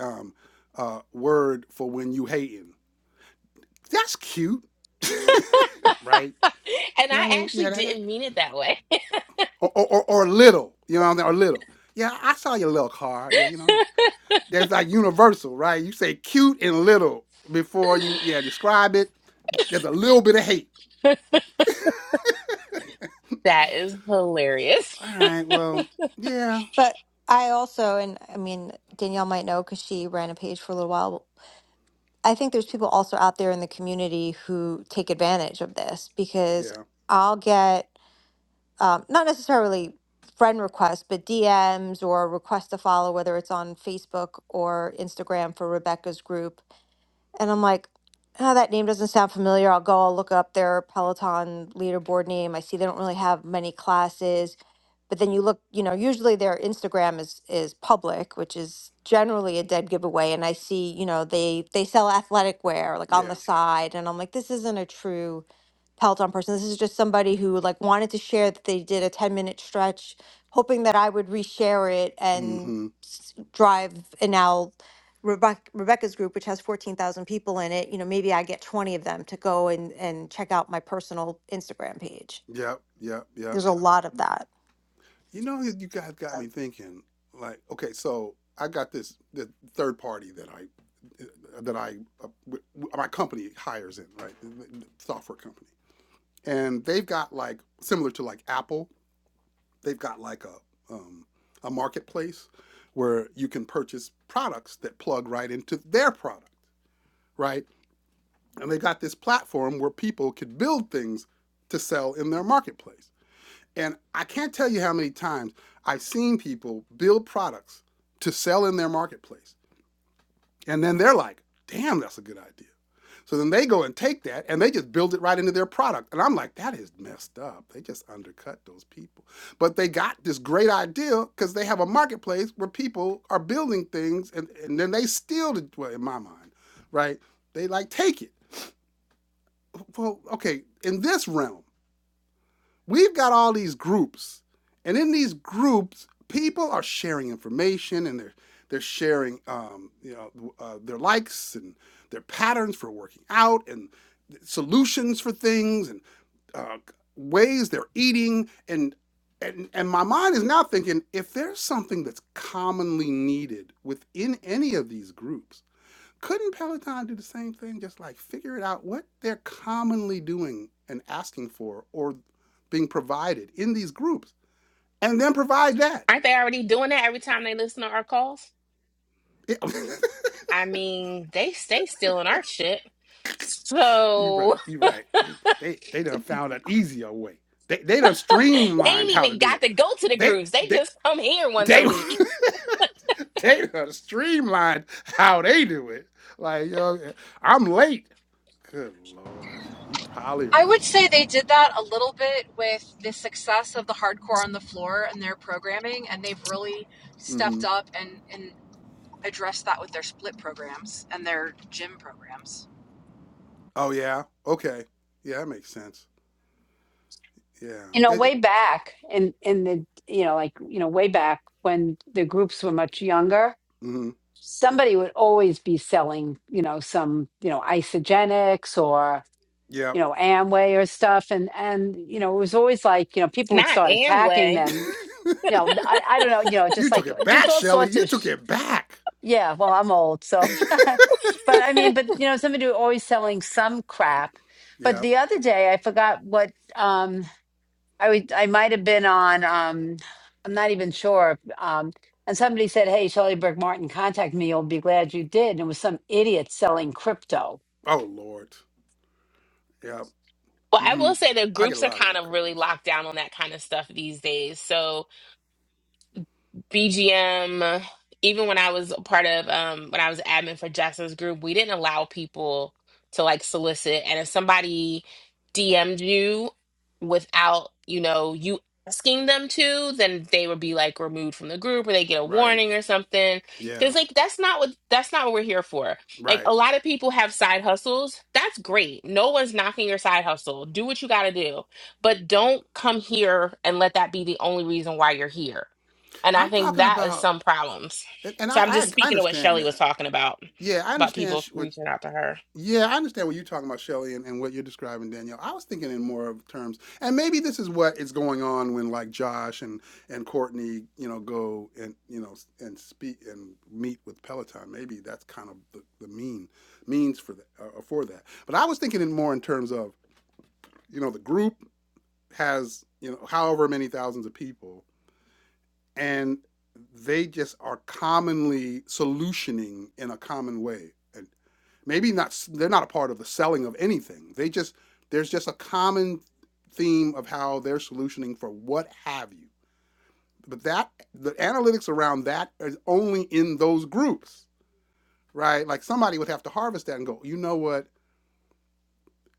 um, uh, word for when you hating. That's cute. right.
and
You know what I
I
mean?
actually
Yeah. That, that-
didn't mean it that way.
or, or, or, or little. You know what I mean? Or little. Yeah. I saw your little car. Yeah. You know, that's like universal, right? You say cute and little before you, yeah, describe it. There's a little bit of hate.
That is hilarious.
All right. Well, yeah.
But I also, and I mean, Danielle might know because she ran a page for a little while. I think there's people also out there in the community who take advantage of this because
Yeah.
I'll get um, not necessarily friend requests, but DMs or requests to follow, whether it's on Facebook or Instagram for Rebecca's group. And I'm like, oh, that name doesn't sound familiar. I'll go, I'll look up their Peloton leaderboard name. I see they don't really have many classes but then you look you know usually their instagram is is public which is generally a dead giveaway and i see you know they they sell athletic wear like on the
Yeah.
side and i'm like this isn't a true peloton person this is just somebody who like wanted to share that they did a 10 minute stretch hoping that i would reshare it
Mm
and
hmm.
s- drive and now Rebecca, Rebecca's group, which has 14,000 people in it, you know, maybe I get 20 of them to go and, and check out my personal Instagram page.
Yep. Yep. Yep.
There's a lot of that.
You know, you guys got me thinking. Like, okay, so I got this the third party that I that I uh, w- my company hires in, right? Software company, and they've got like similar to like Apple, they've got like a um, a marketplace where you can purchase products that plug right into their product, right? And they got this platform where people could build things to sell in their marketplace. And I can't tell you how many times I've seen people build products to sell in their marketplace. And then they're like, damn, that's a good idea. So then they go and take that and they just build it right into their product. And I'm like, that is messed up. They just undercut those people. But they got this great idea because they have a marketplace where people are building things and, and then they steal it, well, in my mind, right? They like take it. Well, okay, in this realm, we've got all these groups, and in these groups, people are sharing information and they're they're sharing um, you know uh, their likes and their patterns for working out and solutions for things and uh, ways they're eating and and and my mind is now thinking if there's something that's commonly needed within any of these groups couldn't Peloton do the same thing? Just like figure it out what they're commonly doing and asking for or being provided in these groups and then provide that.
Aren't they already doing that every time they listen to our calls? I mean, they stay still in our shit.
you're
So
right. You're right. They they they done
they
found an easier way. They they done streamlined
ain't
how to
even
do it.
got to go to the
They
groups. They
they
just come here once a
they
week.
they done streamlined how they do it. Like yo, I'm late. Good lord, you probably
I would
right.
say they did that a little bit with the success of the hardcore on the floor and their programming, and they've really
mm
stepped
hmm
up and, and addressed that with their split programs and their gym programs.
Oh yeah. Okay. Yeah, that makes sense. Yeah.
you know,
It, it,
way back in in the you know, like you know, way back when the groups were much younger.
mm-hmm.
Somebody would always be selling, you know, some, you know, isogenics or. you
Yep.
know Amway or stuff, and and you know it was always like you know people would
Not
start attacking
Amway.
them. You know, I I don't know, you know,
you
just
took
like
it
just
back,
all
Shelly.
sorts
You
of
took
sh-
it back.
yeah. Well, I'm old, so but I mean, but you know, somebody who always selling some crap. But
Yep.
the other day, I forgot what um I would I might have been on um I'm not even sure um. And somebody said, "Hey, Shelley Berg Martin, contact me. You'll be glad you did." And it was some idiot selling crypto.
Oh Lord. Yep.
Well, I
Mm-hmm.
will say the
I get
groups
a
are
lot of
kind
that
of really
craziness.
locked down on that kind of stuff these days. So BGM, even when I was a part of um when I was admin for Jackson's group, we didn't allow people to like solicit. And if somebody DM'd you without, you know, you asking them to, then they would be like removed from the group or they get a
Right.
warning or something. Cause
Yeah.
like that's not what that's not what we're here for. Like
Right.
a lot of people have side hustles. That's great. No one's knocking your side hustle. Do what you gotta do. But don't come here and let that be the only reason why you're here and I
I'm
think
talking
that is
about,
some problems.
and, and I,
So I'm
I
just
I
speaking to what
understand
Shelly was
that.
talking about,
Yeah, I
about
understand
people
sh- what
reaching out to her.
Yeah, I understand what you're talking about, Shelley, and, and what you're describing, Danielle. I was thinking in more of terms, and maybe this is what is going on when like Josh and and Courtney, you know, go and you know and speak and meet with Peloton. Maybe that's kind of the, the mean means for that uh, uh, for that. But I was thinking in more in terms of you know the group has you know however many thousands of people, and they just are commonly solutioning in a common way. And maybe not they're not a part of the selling of anything they just there's just a common theme of how they're solutioning for what have you but that the analytics around that is only in those groups right like somebody would have to harvest that and go you know what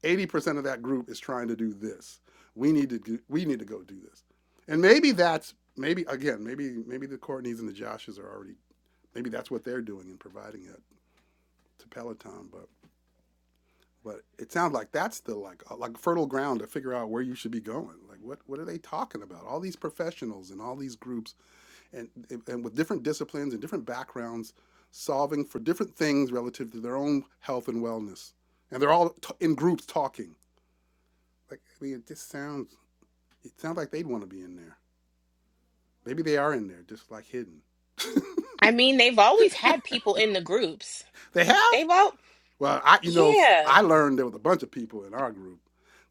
80% of that group is trying to do this we need to do, we need to go do this and maybe that's maybe again maybe maybe the courtneys and the joshes are already maybe that's what they're doing and providing it to peloton but But it sounds like that's the like uh, like fertile ground to figure out where you should be going. Like what what are they talking about? All these professionals and all these groups and and with different disciplines and different backgrounds solving for different things relative to their own health and wellness. And they're all t- in groups talking. Like I mean it just sounds it sounds like they'd want to be in there. Maybe they are in there just like hidden.
I mean, they've always had people in the groups.
They have?
They've all,
Well, I you know
yeah,
I learned there was a bunch of people in our group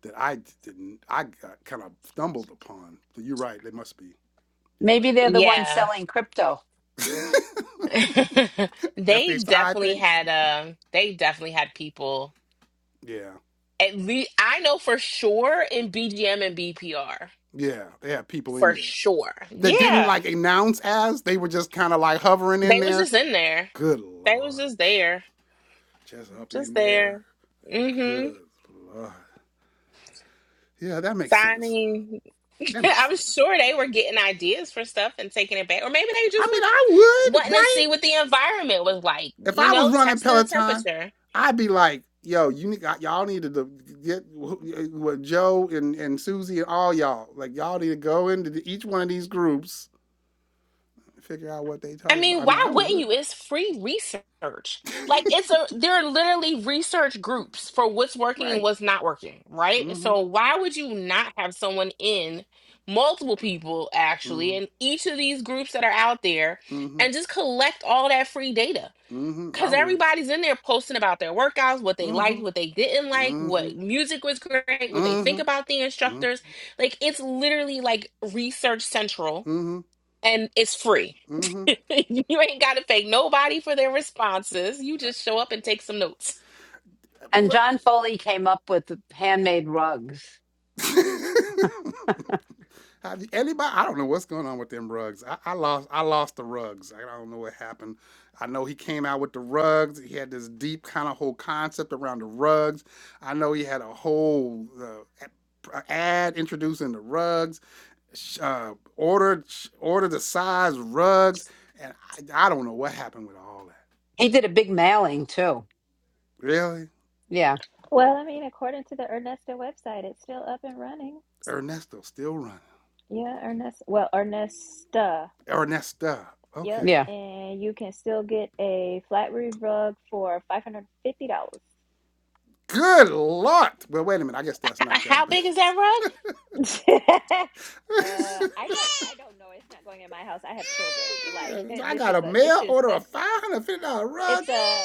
that I didn't I got, kind of stumbled upon. So you're right, they must be. You're
Maybe they're the ones
yeah.
selling crypto.
right. That's the
they
entire
definitely
thing.
had, uh, they definitely had people.
yeah.
At least I know for sure in BGM and BPR,
Yeah. They had people in
for
there
sure.
that didn't
Yeah,
like announce as they were just kind of like hovering in
they was
there.
just in there.
Good
They
lord.
was just there,
Just up
just
in
there.
there.
Mm-hmm.
Good lord. Yeah, that makes sense.
signing
That makes
I'm
sense.
sure they were getting ideas for stuff and taking it back. Or maybe they
I
just
mean,
were
I would,
wanting to
right?
see what the environment was like,
If
you
I was
know,
running
testing the
Peloton,
temperature.
I'd be like, yo, you y'all need to get what Joe and, and Susie and all y'all, like y'all need to go into the, each one of these groups figure out what they
I
talking about.
mean,
I
why
mean, I
wouldn't
would.
you? It's free research. Like it's a there are literally research groups for what's working and
Right.
what's not working, right?
Mm-hmm.
So why would you not have someone in multiple people actually
Mm-hmm.
in each of these groups that are out there and
Mm-hmm.
just collect all that free data?
Mm-hmm. I
Cause
would.
everybody's in there posting about their workouts, what they
Mm-hmm.
liked, what they didn't like,
Mm-hmm.
what music was great, what they
Mm-hmm.
think about the
Mm-hmm.
instructors. Like it's literally like Research Central
Mm-hmm.
and it's free.
Mm-hmm.
you ain't gotta thank nobody for their responses. You just
That-
show up and take some notes.
well,
And
look.
John Foley came up with the handmade rugs.
How do- Anybody? I don't know what's going on with them rugs. I, I lost. I lost the rugs. I don't know what happened. I know he came out with the rugs. He had this deep kind of whole concept around the rugs. I know he had a whole uh, ad introducing the rugs. sh- uh, ordered ordered the size rugs, and I, I don't know what happened with all that.
He did a big mailing too.
Really,
Yeah.
Well, I mean, according to the Ernesta website, it's still up and running.
Ernesto still running.
Yeah, Ernest. Well, Ernesta.
Ernesta,
Yep,
okay.
Yeah.
and you can still get a flat roof rug for five hundred fifty dollars.
Good lord! Well, wait a minute. I guess
H-
that's not that
How
big.
big is that rug?
uh, I don't, I don't know. It's not going in my house. I have children. Like
I
this
got a
is a, this
mail
is
order
a,
of five hundred fifty dollar rug.
it's a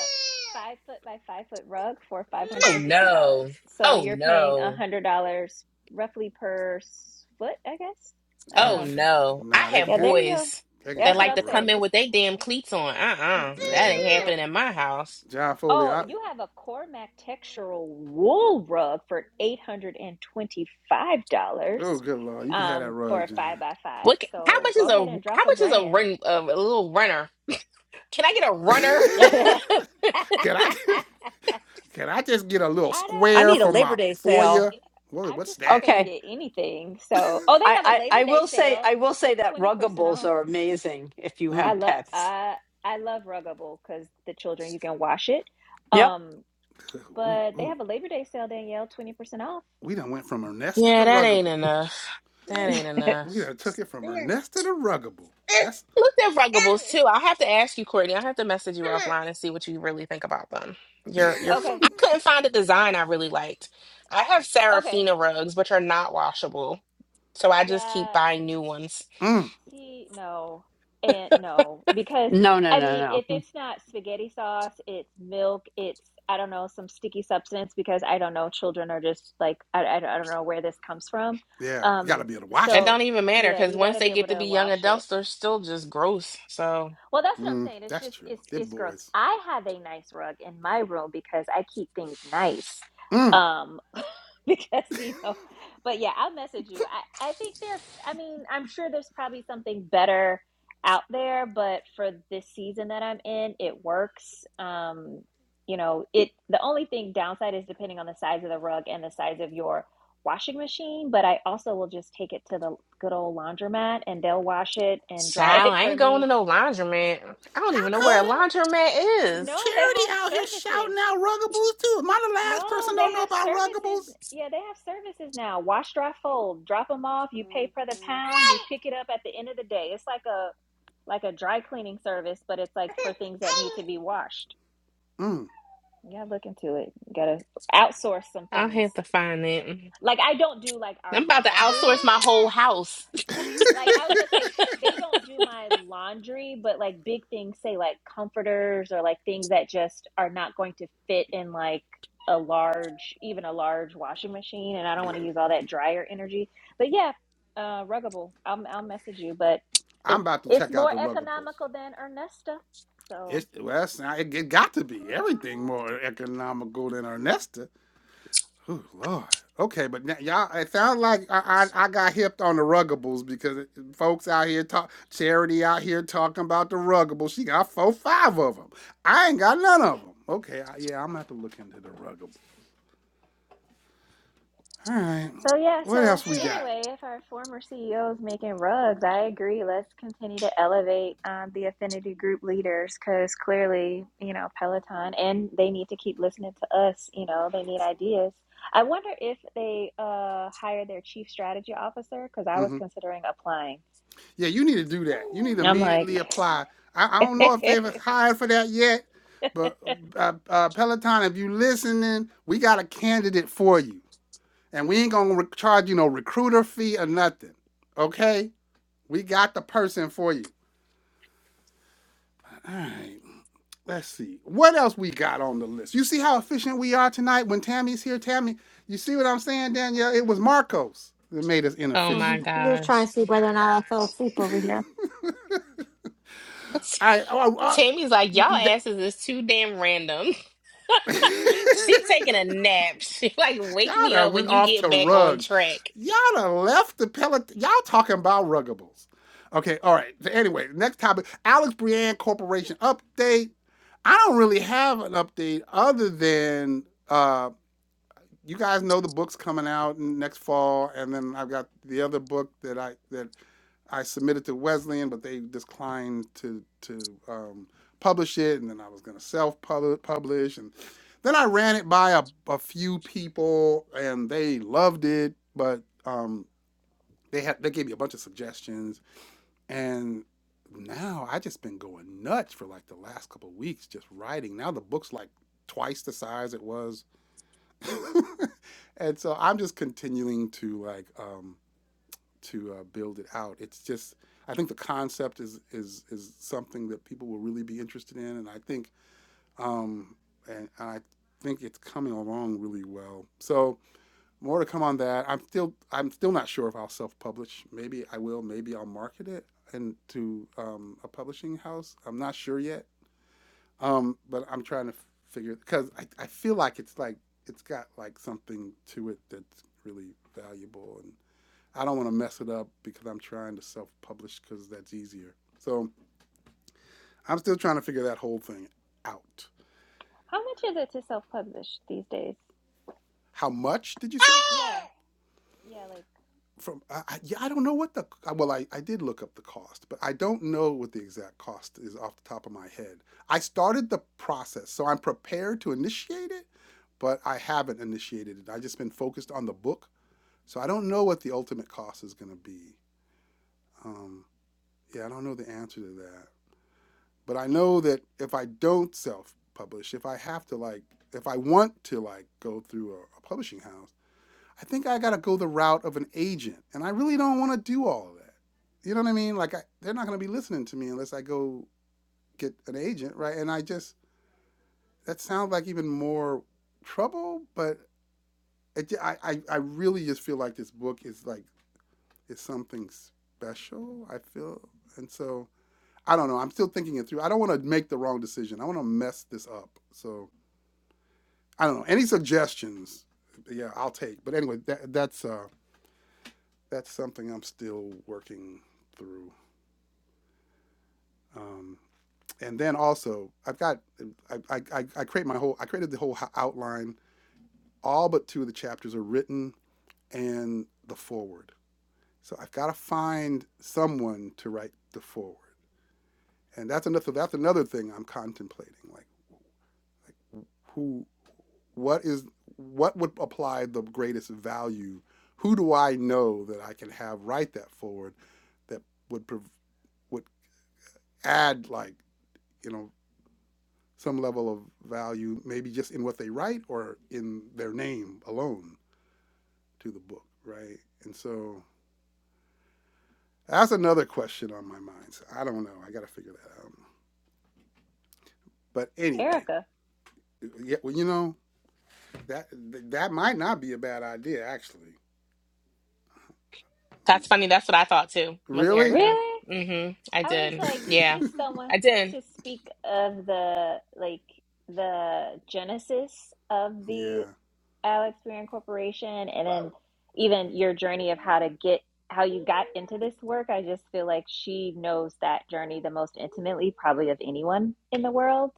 five foot by five foot rug for five hundred
Oh
and fifty dollars.
no.
So
Oh
you're paying a
no.
hundred dollars roughly per s- foot, I guess. I don't
Oh
know.
Okay,
no. I
nah, they can
have
Yeah,
have
there
it.
you go.
boys
They can
that
That's
have
what
like
that
I'm
to
saying.
come
rug.
in
This,
with their damn cleats on. Uh-uh.
They can
That
have
ain't
that.
mm-mm, nope.
happening at my house.
John Foley,
Oh,
I,
you have a Cormac textural wool rug for
oh
$825
good lord, you can have that
um, for
rug,
a
John.
five by five.
What? ca- How
So
much is
go
a
ahead and drop
how
a
much is a
grand.
run of a little runner? Can I get a runner?
I
can I? get Can I just get a little
don't,
I
square
need a
for
Labor
my
Day sale.
foyer? What,
I'm
what's
just not
that?
going to
Okay.
get anything. So, oh, they have a
I, I,
Labor
I
Day
will say
sale.
I will say
It's
that
20%
ruggables
off.
are amazing if you
I
Mm.
have
love,
pets.
I, I love Ruggable because the children, you can wash it.
Yep.
Um,
Ooh,
but they
ooh.
have a Labor Day sale, Danielle, 20% off.
We done went from Ernesta to
Yeah, that ain't
Ruggable.
enough. That ain't
We
enough.
done took it from Ernesta to Ruggable. That's
Look at Ruggables too. I'll have to ask you, Courtney. I'll have to message you offline and see what you really think about them. Your your f-
Okay.
I couldn't find a design I really liked. I have
Okay.
Serafina rugs, which are not washable, so I just
Yeah.
keep buying new ones.
mm.
See, no, and no, because
No, no,
I
no,
mean, if
no.
it's not spaghetti sauce, it's milk, it's I don't know, some sticky substance because I don't know, children are just like I, I, I don't know where this comes from.
yeah. You gotta
Um,
be able to watch
It
so
that.
don't even matter
yeah,
because
you got
once
to
they
be able
get to
to
be young
wash it.
adults, they're still just gross. So,
Well, that's what I'm
Mm,
saying. It's
that's
just
true.
it's
They're
it's gross.
boys.
I have a nice rug in my room because I keep things nice.
Mm.
Um because you know, but yeah, I'll message you. I I think there I mean, I'm sure there's probably something better out there, but for this season that I'm in, it works. Um you know, it the only thing downside is depending on the size of the rug and the size of your washing machine, but I also will just take it to the good old laundromat and they'll wash it and dry
child,
it
I
for
ain't going
me
to no laundromat. I don't
How
even know
well,
where a
come
no,
laundromat is.
no, they
Charity
have
out here shouting
services.
out Ruggables too? Am I the
No,
last person
they
don't know
have
about
services.
Ruggables?
Yeah, they have services now. Wash, dry, fold. Drop them off. You pay per the pound. You pick it up at the end of the day. It's like a like a dry cleaning service, but it's like for things that need to be washed.
Mm.
You gotta look into it. You gotta outsource some
I'll
things.
have to find it. Mm.
Like I don't do like our
I'm about to
laundry.
outsource my whole house.
like I was gonna say they don't do my laundry, but like big things say like comforters or like things that just are not going to fit in like a large even a large washing machine and I don't want to
yeah.
use all that dryer energy. But yeah, uh ruggable. I'll I'll message you, but it,
I'm about to
it's
check out
more
the Ruggables.
economical than Ernesta. So
It's well, that's not- it, got to be everything more economical than Ernesta. Oh Lord. Okay, but now, y'all, it sounds like I, I I got hipped on the ruggables because folks out here talk charity out here talking about the ruggables. She got four, five of them. I ain't got none of them. Okay, I, yeah, I'm gonna have to look into the ruggables. All right,
So yeah,
what
so
else we got?
anyway, if our former CEO is making rugs, I agree. Let's continue to elevate um, the affinity group leaders because clearly, you know, Peloton, and they need to keep listening to us. You know, they need ideas. I wonder if they uh, hire their chief strategy officer because I
Mm-hmm.
was considering applying.
Yeah, you need to do that. You need to
I'm like,
immediately apply. I, I
how
don't know if they've
much
hired for that yet, but uh, uh, Peloton, if you listening, we got a candidate for you, and we ain't gonna re- charge you no recruiter fee or nothing. Okay, we got the person for you. All right, let's see what else we got on the list. You see how efficient we are tonight when Tammy's here, Tammy. You see what I'm saying, Danielle? It was Marcos that made us
Oh my
inefficient.
Mhm. are
gosh.
trying to see whether or not I fell asleep over here. I
I, I, I-
Tammy's like, y'all
we-
asses is too damn random. She
that-
taking a nap. She like,
Y'all
wake me
done
up
went
when you
off
get
to
back on
rugs.
track.
Y'all done left the pellet. Y'all talking about ruggables. Okay, all right. So anyway, next topic Alex Brienne Corporation update. I don't really have an update other than uh, you guys know the book's coming out next fall, and then I've got the other book that I that I submitted to Wesleyan, but they declined to to um, publish it, and then I was going to self publish, and then I ran it by a, a few people, and they loved it, but um, they had they gave me a bunch of suggestions, and now I just been going nuts for like the last couple of weeks, just writing. Now the book's like twice the size it was, and so I'm just continuing to like. Um, to uh, build it out. It's just I think the concept is is is something that people will really be interested in, and I think um, and I think it's coming along really well. So more to come on that. I'm still I'm still not sure if I'll self-publish. Maybe I will. Maybe I'll market it into um, a publishing house. I'm not sure yet. Um, but I'm trying to figure because I, I feel like it's like it's got like something to it that's really valuable and I don't want to mess it up because I'm trying to self publish because that's easier. So I'm still trying to figure that whole thing out.
is it to self-publish these days?
How much did you say?
Yeah, like
From I, I, yeah, I don't know what the uh, well, I, I did look up the cost, but I don't know what the exact cost is off the top of my head. I started the process, so I'm prepared to initiate it, but I haven't initiated it. I just been focused on the book, so I don't know what the ultimate cost is going to be. Um, yeah, I don't know the answer to that. But I know that if I don't self publish, if I have to like, if I want to like go through a, a publishing house, I think I got to go the route of an agent. And I really don't want to do all of that. You know what I mean? Like, I, they're not going to be listening to me unless I go get an agent, right? And I just, that sounds like even more trouble, but it, I, I, I really just feel like this book is like, is something special. I feel. And so, I don't know. I'm still thinking it through. I don't want to make the wrong decision. I want to mess this up. So I don't know. Any suggestions? Yeah, I'll take. But anyway, that, that's uh, that's something I'm still working through. Um, and then also, I've got I, I, I, create my whole I created the whole outline. All but two of the chapters are written, and the forward. So I've got to find someone to write the forward, and that's another that's another thing I'm contemplating. Like who what is what would apply the greatest value who do i know that i can have write that forward that would would add like you know some level of value maybe just in what they write or in their name alone to the book right and so that's another question on my mind so i don't know i gotta figure that out but anyway
Erica,
yeah, well, you know that that might not be a bad idea actually
That's funny. That's what I thought too, was
really
Erica.
really?
Mm-hmm. I
I was
did.
like
Yeah.
just someone
I did.
to speak of the like the genesis of the
Yeah.
Alex Freeman Corporation and then even your journey of how to get how you got into this work. I just feel like she knows that journey the most intimately probably of anyone in the world.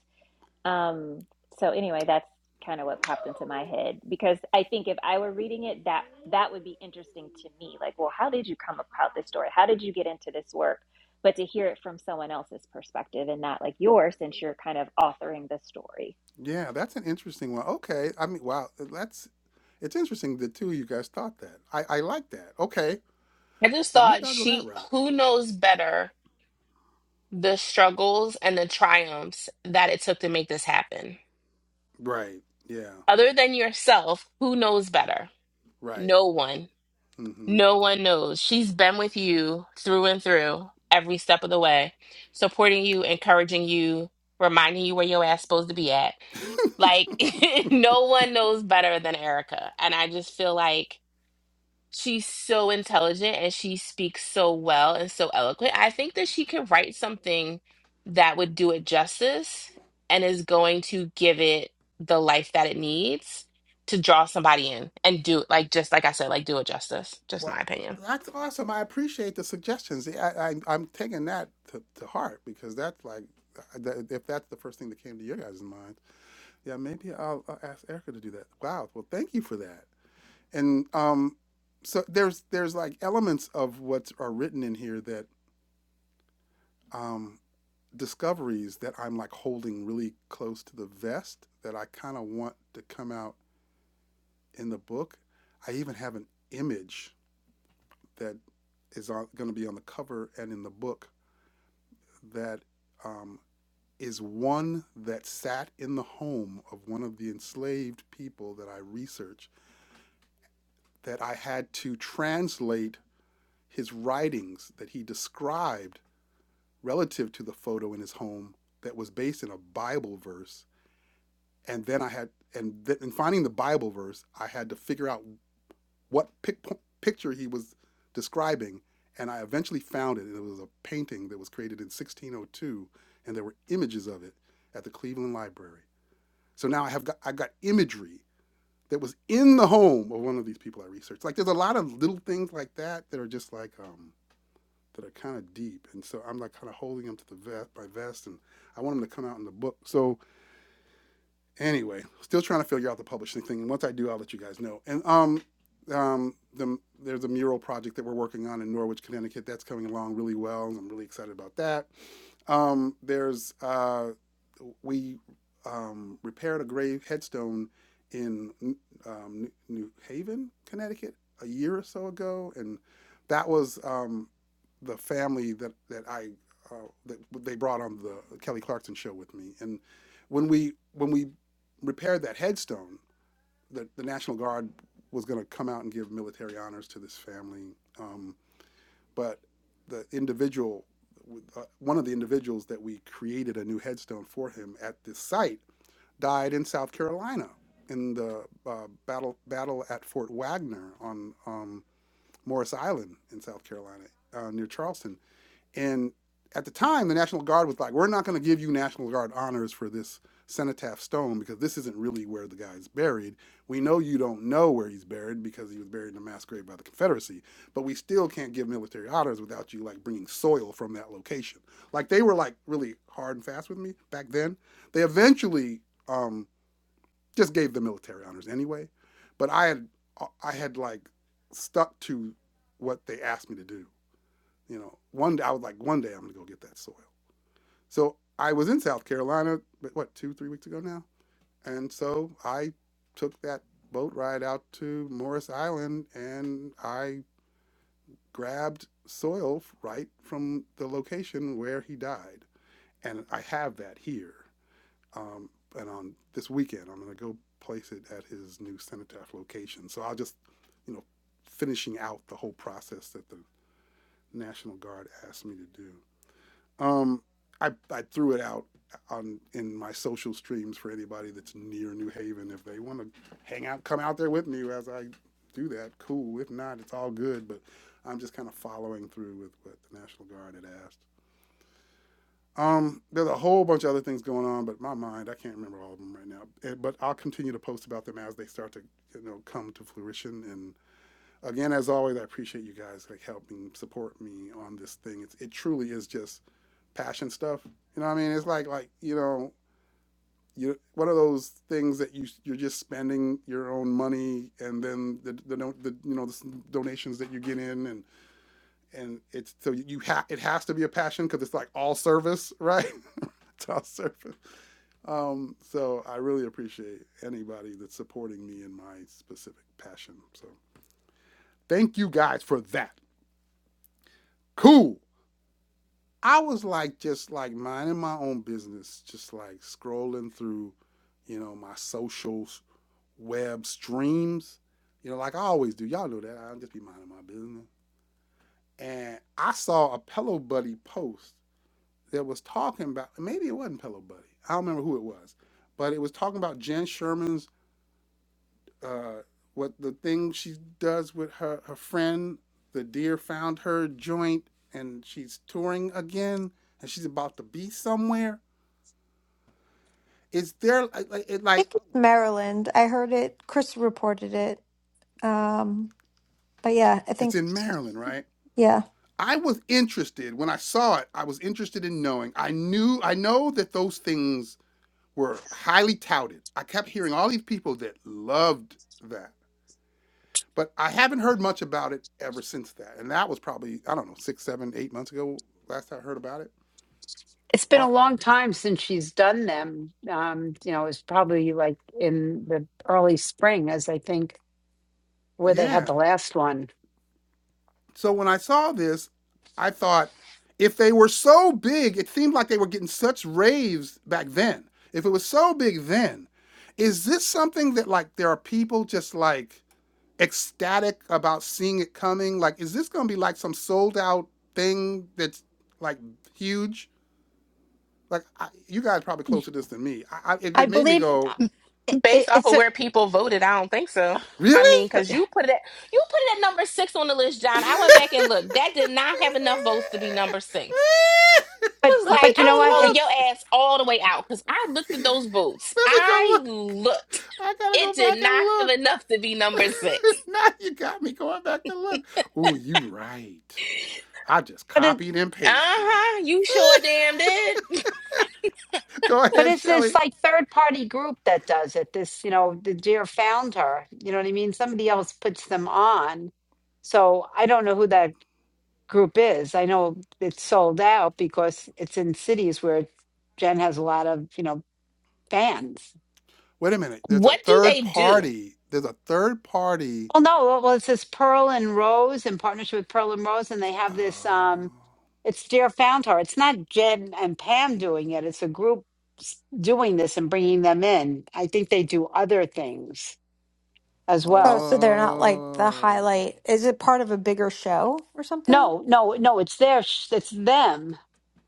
Um, so anyway, that's kind of what popped into my head because I think if I were reading it, that that would be interesting to me. Like, well, how did you come about this story? How did you get into this work? But to hear it from someone else's perspective and not like yours, since you're kind of authoring the story.
Yeah, that's an interesting one. Okay. I mean, wow, that's it's interesting the two of you guys thought that. I I like that. Okay.
I just
Well, maybe
thought
I'll go that
she,
route.
who knows better the struggles and the triumphs that it took to make this happen?
Right. Yeah.
Other than yourself, who knows better?
Right.
No one.
Mhm.
No one knows. She's been with you through and through every step of the way, supporting you, encouraging you, reminding you where your ass supposed to be at. Like no one knows better than Erica. And I just feel like she's so intelligent and she speaks so well and so eloquent. I think that she could write something that would do it justice and is going to give it the life that it needs to draw somebody in and do like just like I said, like do it justice. Just
Well,
my opinion.
that's awesome. I appreciate the suggestions. I, I I'm taking that to, to heart because that's like uh, that- if that's the first thing that came to your guys' mind, yeah, maybe I'll, I'll ask Erica to do that. Wow. Well, thank you for that. And um so there's there's like elements of what's are written in here that um discoveries that I'm like holding really close to the vest that I kind of want to come out in the book. I even have an image that is going to be on the cover and in the book that um, is one that sat in the home of one of the enslaved people that I research that I had to translate his writings that he described relative to the photo in his home that was based in a Bible verse and then I had and th- in finding the Bible verse, I had to figure out what pic- picture he was describing, and I eventually found it. And it was a painting that was created in 1602, and there were images of it at the Cleveland Library. So now I have got I got imagery that was in the home of one of these people I researched. Like there's a lot of little things like that that are just like um, that are kind of deep, and so I'm like kind of holding them to the vest, my vest, and I want them to come out in the book. So anyway, still trying to figure out the publishing thing. And once I do, I'll let you guys know. And um, um, the, there's a mural project that we're working on in Norwich, Connecticut. That's coming along really well. I'm really excited about that. Um, there's uh, we um, repaired a grave headstone in um, New Haven, Connecticut, a year or so ago, and that was um, the family that that I uh, that they brought on the Kelly Clarkson show with me. And when we when we repaired that headstone, the, the National Guard was going to come out and give military honors to this family. Um, but the individual, uh, one of the individuals that we created a new headstone for him at this site, died in South Carolina in the uh, battle battle at Fort Wagner on um, Morris Island in South Carolina uh, near Charleston. And at the time, the National Guard was like, we're not going to give you National Guard honors for this cenotaph stone because this isn't really where the guy's buried. We know you don't know where he's buried because he was buried in a mass grave by the Confederacy, but we still can't give military honors without you like bringing soil from that location. Like they were like really hard and fast with me back then. They eventually um, just gave the military honors anyway, but I had uh, I had like stuck to what they asked me to do. You know, one day I was like, one day I'm gonna go get that soil. So I was in South Carolina, but what, two, three weeks ago now, and so I took that boat ride out to Morris Island, and I grabbed soil right from the location where he died, and I have that here. Um, and on this weekend, I'm gonna go place it at his new cenotaph location. So I'll just, you know, finishing out the whole process that the National Guard asked me to do. Um, I I threw it out on in my social streams for anybody that's near New Haven. If they want to hang out, come out there with me as I do that. Cool. If not, it's all good. But I'm just kind of following through with what the National Guard had asked. Um, there's a whole bunch of other things going on, but my mind, I can't remember all of them right now. Eh, But I'll continue to post about them as they start to, you know, come to fruition. And again, as always, I appreciate you guys like helping support me on this thing. It's, it truly is just passion stuff. You know what I mean? It's like like you know you one of those things that you you're just spending your own money and then the the, no- the you know the donations that you get in and and it's so you ha- it has to be a passion because it's like all service right it's all service um so i really appreciate anybody that's supporting me in my specific passion so thank you guys for that cool I was like just like minding my own business, just like scrolling through, you know, my social web streams, you know, like I always do. Y'all know that. I'll just be minding my business. And I saw a Pillow Buddy post that was talking about maybe it wasn't Pillow Buddy. I don't remember who it was, but it was talking about Jen Sherman's uh what the thing she does with her her friend, the deer found her joint and she's touring again and she's about to be somewhere Is there like like- it like
think it's Maryland. I heard it. Chris reported it. Um, but yeah, I
it's
think
in Maryland, right?
yeah.
I was interested when I saw it. I was interested in knowing. I knew I know that those things were highly touted. I kept hearing all these people that loved that. But I haven't heard much about it ever since that. And that was probably, I don't know, six, seven, eight months ago, last I heard about it.
It's been a
Or,
long time since she's done them. Um, you know, it's probably like in the early spring, as I think where they had
yeah.
the last one.
So when I saw this, I thought if they were so big, it seemed like they were getting such raves back then. If it was so big then, is this something that like there are people just like ecstatic about seeing it coming? Like, is this going to be like some sold out thing that's like huge? Like, I, you guys are probably closer to this than me. I, I, it,
I
it made me
believe
go,
it, it,
Based off
it's
of
a
where people voted, I don't think so. I mean,
really?
but
because you put it at you put it at number six on the list, John. I went back and looked. That did not have enough votes to be number six. I
but
was
Let me
like,
but you know
go
I'm
what?
calling
look.
your
It's
ass all the way out because I looked at those votes.
Let me go
I
look.
looked.
I gotta go
It did
back and
not have
look.
enough to be number six.
now you got me going back to look. Ooh, you right. I just
but it
copied and
Uh
pasted.
huh. You sure damn did.
go
But
ahead,
it's this
Shelly.
like third party group that does it. This, you know, the deer found her. You know what I mean? Somebody else puts them on. So I don't know who that group is. I know it's sold out because it's in cities where Jen has a lot of, you know, fans.
Wait a minute. There's a
What do
third
they do?
party. There's a third party.
Well, no, well, it's this Pearl and Rose in partnership with Pearl and Rose, and they have this. um
Oh.
It's Deer Found Her. It's not Jen and Pam doing it. It's a group s- doing this and bringing them in. I think they do other things as
Oh,
well.
so they're not like the
Oh.
highlight. Is it part of a bigger show or something?
No, no, no. It's their. sh- It's them,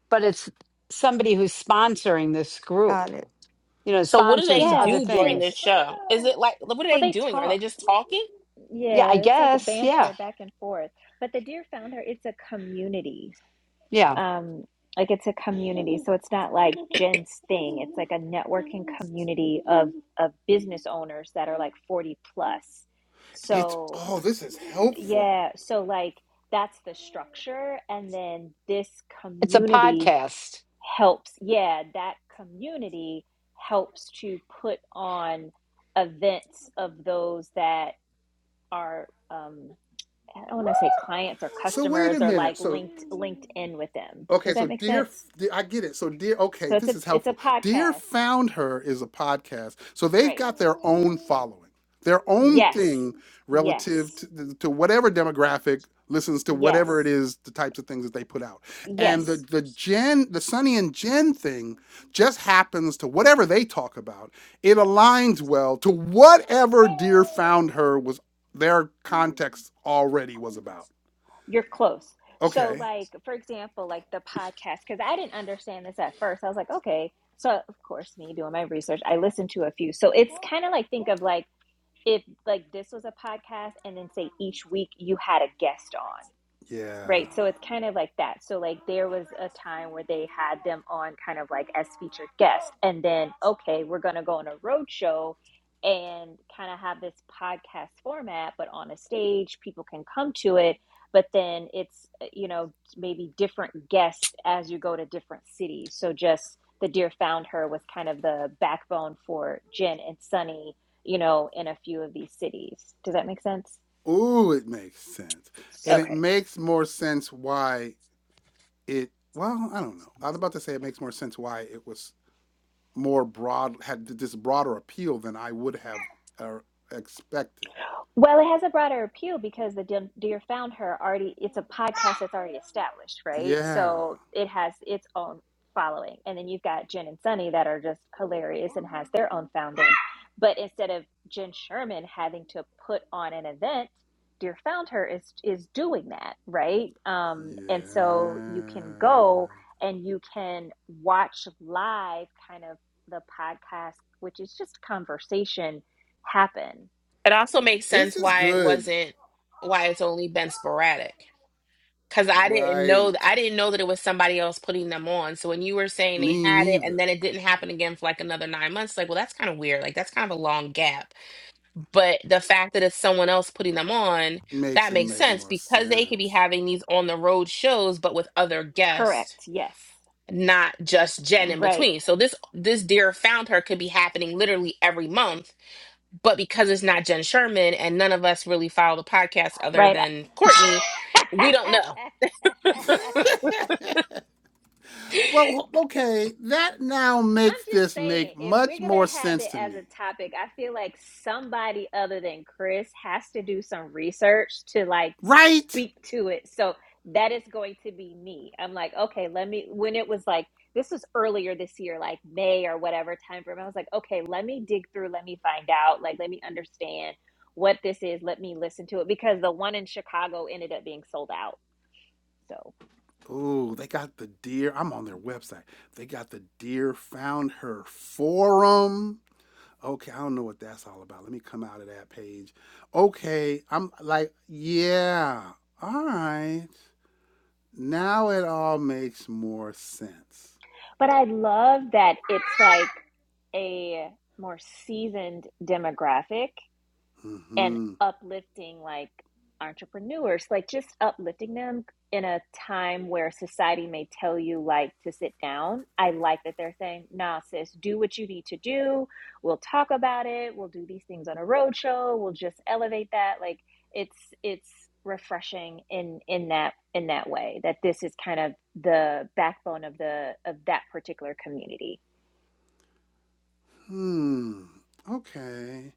but it's somebody who's sponsoring this group.
Got it.
You know,
So, what do they
sponsors
Yeah,
other
do during
but
this
things.
show? Is it like what are
well,
they
they
doing? Are they
talk.
just talking?
Yeah, I
Yeah, it's like a
guess. Yeah,
banter back and forth. But the Deer Founder, it's a community.
yeah.
um like it's a community so it's not like jen's thing it's like a networking community of of business owners that are like 40 plus
It's
so
oh, this is helpful.
yeah so like that's the structure and then this
It's a
community
podcast.
helps yeah that community helps to put on events of those that are um i don't want to say clients or
So wait
customers
a
or
minute.
like
So
linked linked in with them
Okay,
does
so
that make
dear,
sense
I get it. So dear, okay,
so it's
this
a
is
it's a
helpful. Dear
podcast
found her is a podcast, so they've
rate.
got their own following, their own
Yes.
thing
Yes.
relative to, to whatever demographic listens to
Yes.
whatever it is, the types of things that they put out, and the
Yes.
the Jen, the Sunny and Jen thing, just happens to whatever they talk about. It aligns well to whatever dear found her was their context already was about.
You're close. So
Okay,
like for example, like the podcast cuz I didn't understand this at first. I was like, okay. So of course me doing my research, I listened to a few. So it's kind of like think of like if like this was a podcast and then say each week you had a guest on. Right.
yeah.
So it's kind of like that. So like there was a time where they had them on kind of like as featured guests and then okay, we're going to go on a road show and kind of have this podcast format but on a stage, people can come to it, but then it's uh, you know maybe different guests as you go to different cities. So just the Deer Found Her was kind of the backbone for Jen and Sunny, you know, in a few of these cities. Does that make sense?
Ooh, it makes sense. And it
Okay.
makes more sense why it, well, I don't know. I was about to say it makes more sense why it was more broad, had this broader appeal than I would have uh, expected.
Well, it has a broader appeal because the Dear Dear Found Her already, it's a podcast that's already established, right?
Yeah.
So it has its own following. And then you've got Jen and Sunny that are just hilarious and has their own founding. But instead of Jen Sherman having to put on an event, Dear Found Her is is doing that, right? Um,
Yeah.
and so you can go and you can watch live kind of the podcast, which is just conversation happen
It also makes
This
sense
is
why it
good.
wasn't why it's only been sporadic. Cause I didn't
Right.
know th- I didn't know that it was somebody else putting them on. So when you were saying they
Me
had it and
neither.
then it didn't happen again for like another nine months, like well that's kind of weird. Like that's kind of a long gap. But the fact that it's someone else putting them on,
Makes
that
it
makes
make
sense
more
because they could be
sense.
having these on the road shows, but with other guests,
Correct. Yes.
not just Jen in
Right.
between. So this this dear found her could be happening literally every month but because it's not Jen Sherman and none of us really follow the podcast other
Right.
than Courtney, we don't know.
well, okay. That now
I'm
makes
just
this
saying,
make
if we're
much
going
more
to have
sense
it
to
as a
me.
topic, I feel like somebody other than Chris has to do some research to like
Right?
speak to it. So that is going to be me. I'm like, okay, let me, when it was like, this was earlier this year, like May or whatever time frame, I was like, okay, let me dig through, let me find out, like, let me understand what this is, let me listen to it because the one in Chicago ended up being sold out. So,
Ooh, they got the deer. I'm on their website. They got the deer found her forum. Okay, I don't know what that's all about. Let me come out of that page. Okay, I'm like, yeah, all right. Now it all makes more sense.
but I love that it's like a more seasoned demographic and
Mm-hmm.
uplifting like entrepreneurs, like just uplifting them in a time where society may tell you like to sit down. I like that they're saying, nah, sis, do what you need to do. We'll talk about it. We'll do these things on a roadshow. We'll just elevate that. Like it's it's refreshing in in that in that way that this is kind of the backbone of the of that particular community
Hmm. Okay.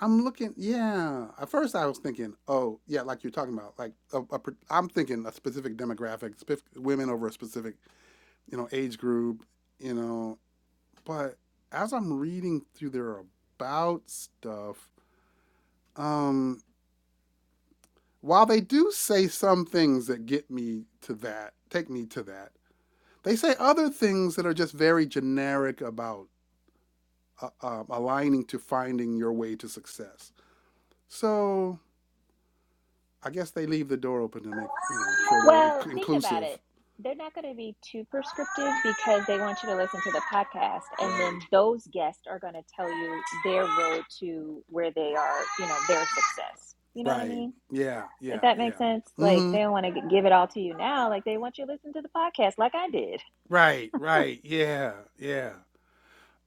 I'm looking. Yeah. At first, I was thinking, oh, yeah, like you're talking about, like a, a, I'm thinking a specific demographic, spef- women over a specific you know, age group, you know. But as I'm reading through their about stuff, um, while they do say some things that get me to that, take me to that, they say other things that are just very generic about uh, um, aligning to finding your way to success. So I guess they leave the door open to make you know sure they're
Well, think about
inclusive.
it. They're not going to be too prescriptive because they want you to listen to the podcast, and
Right.
then those guests are going to tell you their road to where they are, you know, their success. You know what I
Right.
mean?
Yeah.
If
Yeah.
that makes
Yeah.
sense, like
Mm-hmm.
they don't want to give it all to you now. Like they want you to listen to the podcast, like I did.
Right. Right. Yeah. Yeah.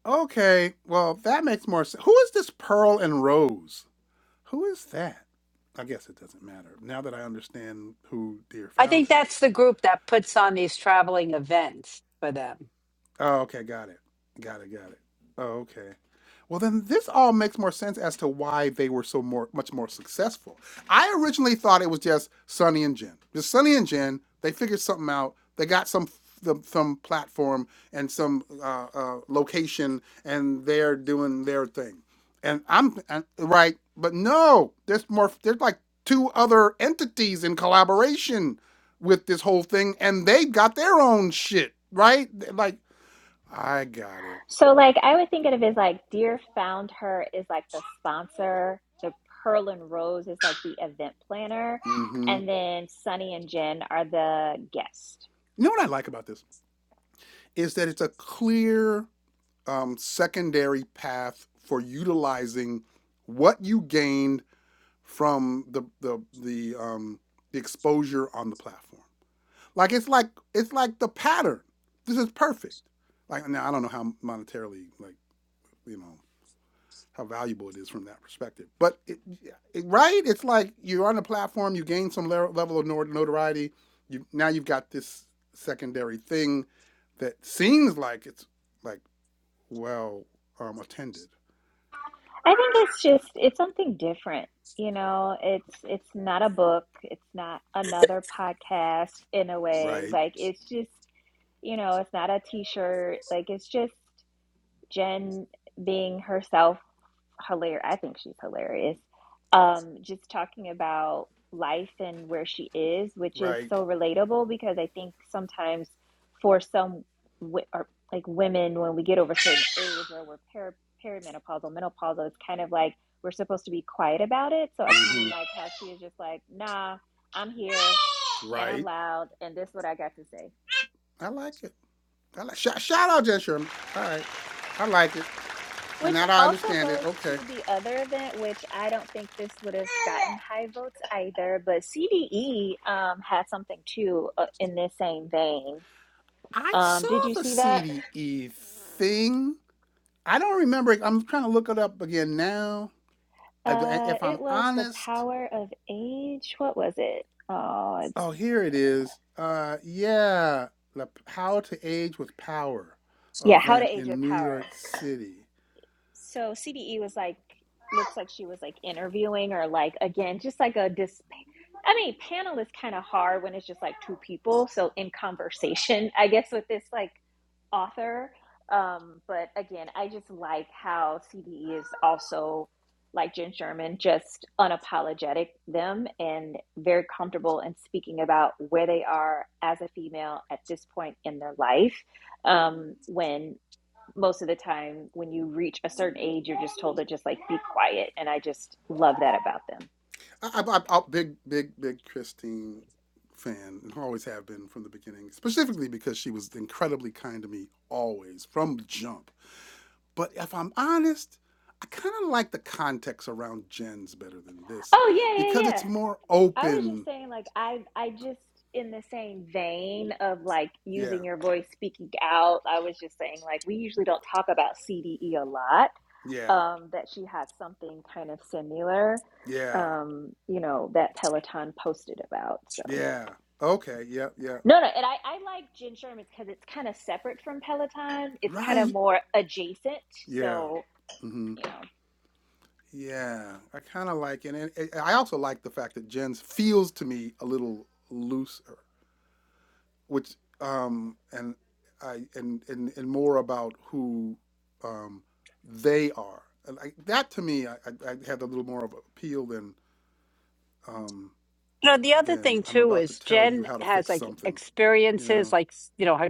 Okay, well, that makes more sense. Who is this Pearl and Rose? Who is that? I guess it doesn't matter now that I understand who Dear
I
Found
think
Her
that's
is.
the group that puts on these traveling events for them.
Oh, okay, got it. Got it, got it. Oh, okay. Well, then this all makes more sense as to why they were so more much more successful. I originally thought it was just Sonny and Jen. Just Sonny and Jen, they figured something out. They got some the, some platform and some uh, uh, location, and they're doing their thing. And I'm and, right, but no, there's more. There's like two other entities in collaboration with this whole thing, and they got their own shit right. Like I got it.
So, like, I would think of it as like Dear Found Her is like the sponsor, the Pearl and Rose is like the event planner,
Mm-hmm.
and then Sunny and Jen are the guest.
You know what I like about this is that it's a clear um, secondary path for utilizing what you gained from the the the, um, the exposure on the platform. Like it's like it's like the pattern. This is perfect. Like now I don't know how monetarily like you know how valuable it is from that perspective. But it, it- right, it's like you're on the platform, you gain some level of notoriety. You now you've got this secondary thing that seems like it's like well um, attended.
I think it's just it's something different. You know, it's it's not a book, it's not another podcast in a way.
Right,
Like it's just, you know, it's not a t-shirt. Like it's just Jen being herself hilarious. I think she's hilarious. Um, just talking about life and where she is, which is
right,
so relatable because I think sometimes for some wi- or like women, when we get over certain age or we're per perimenopausal, menopausal, it's kind of like we're supposed to be quiet about it. So I kind
mm-hmm,
of like how she is just like, nah, I'm here and I'm
right.
loud and this is what I got to say.
I like it. I like shout, shout out Jen Sherman. All right, I like it, and
Which
now that I
also
understand it.
goes
Okay,
to the other event, which I don't think this would have gotten high votes either, but CDE um, had something too uh, in this same vein.
I
Um, did
saw
you
the
see that?
CDE thing. I don't remember. I'm trying to look it up again now. I,
Uh,
if I'm
it was the
honest,
power of age. What was it? Oh, it's
oh, here it is. Uh, yeah, the How to Age with Power
yeah, how to
event
age
in
with
New
power.
York City.
So CDE was like, looks like she was like interviewing or like, again, just like a dis. I mean, panel is kind of hard when it's just like two people. So in conversation, I guess with this like author. Um, but again, I just like how CDE is also like Jen Sherman, just unapologetic them and very comfortable in speaking about where they are as a female at this point in their life. Um, when most of the time when you reach a certain age you're just told to just like be quiet and i just love that about them
I, I, I, I big, big, big Christine fan and always have been from the beginning, specifically because she was incredibly kind to me always from jump. But if I'm honest, I kind of like the context around Jen's better than this
oh yeah
because
yeah yeah
it's more
i was just
open.
saying like i i just in the same vein of like
Yeah,
using your voice speaking out i was just saying like we usually don't talk about cde a lot
yeah,
um that she had something kind of similar
yeah,
um you know that peloton posted about so
yeah. Okay, yeah, yeah.
no, no, and I, I like Jen Sherman's because it's kind of separate from Peloton. It's kind of
Right?
more adjacent.
Yeah.
So
hmm
you know
Yeah. I kind of like it. And it- I also like the fact that Jen's feels to me a little looser, which, um, and I, and, and, and more about who, um, they are. And I, that to me, I, I I had a little more of appeal than, um,
You know, the other
than
thing
I'm
too
about to
is
tell you
Jen
how to
has
fix
like
something, you
experiences,
know?
like you know, her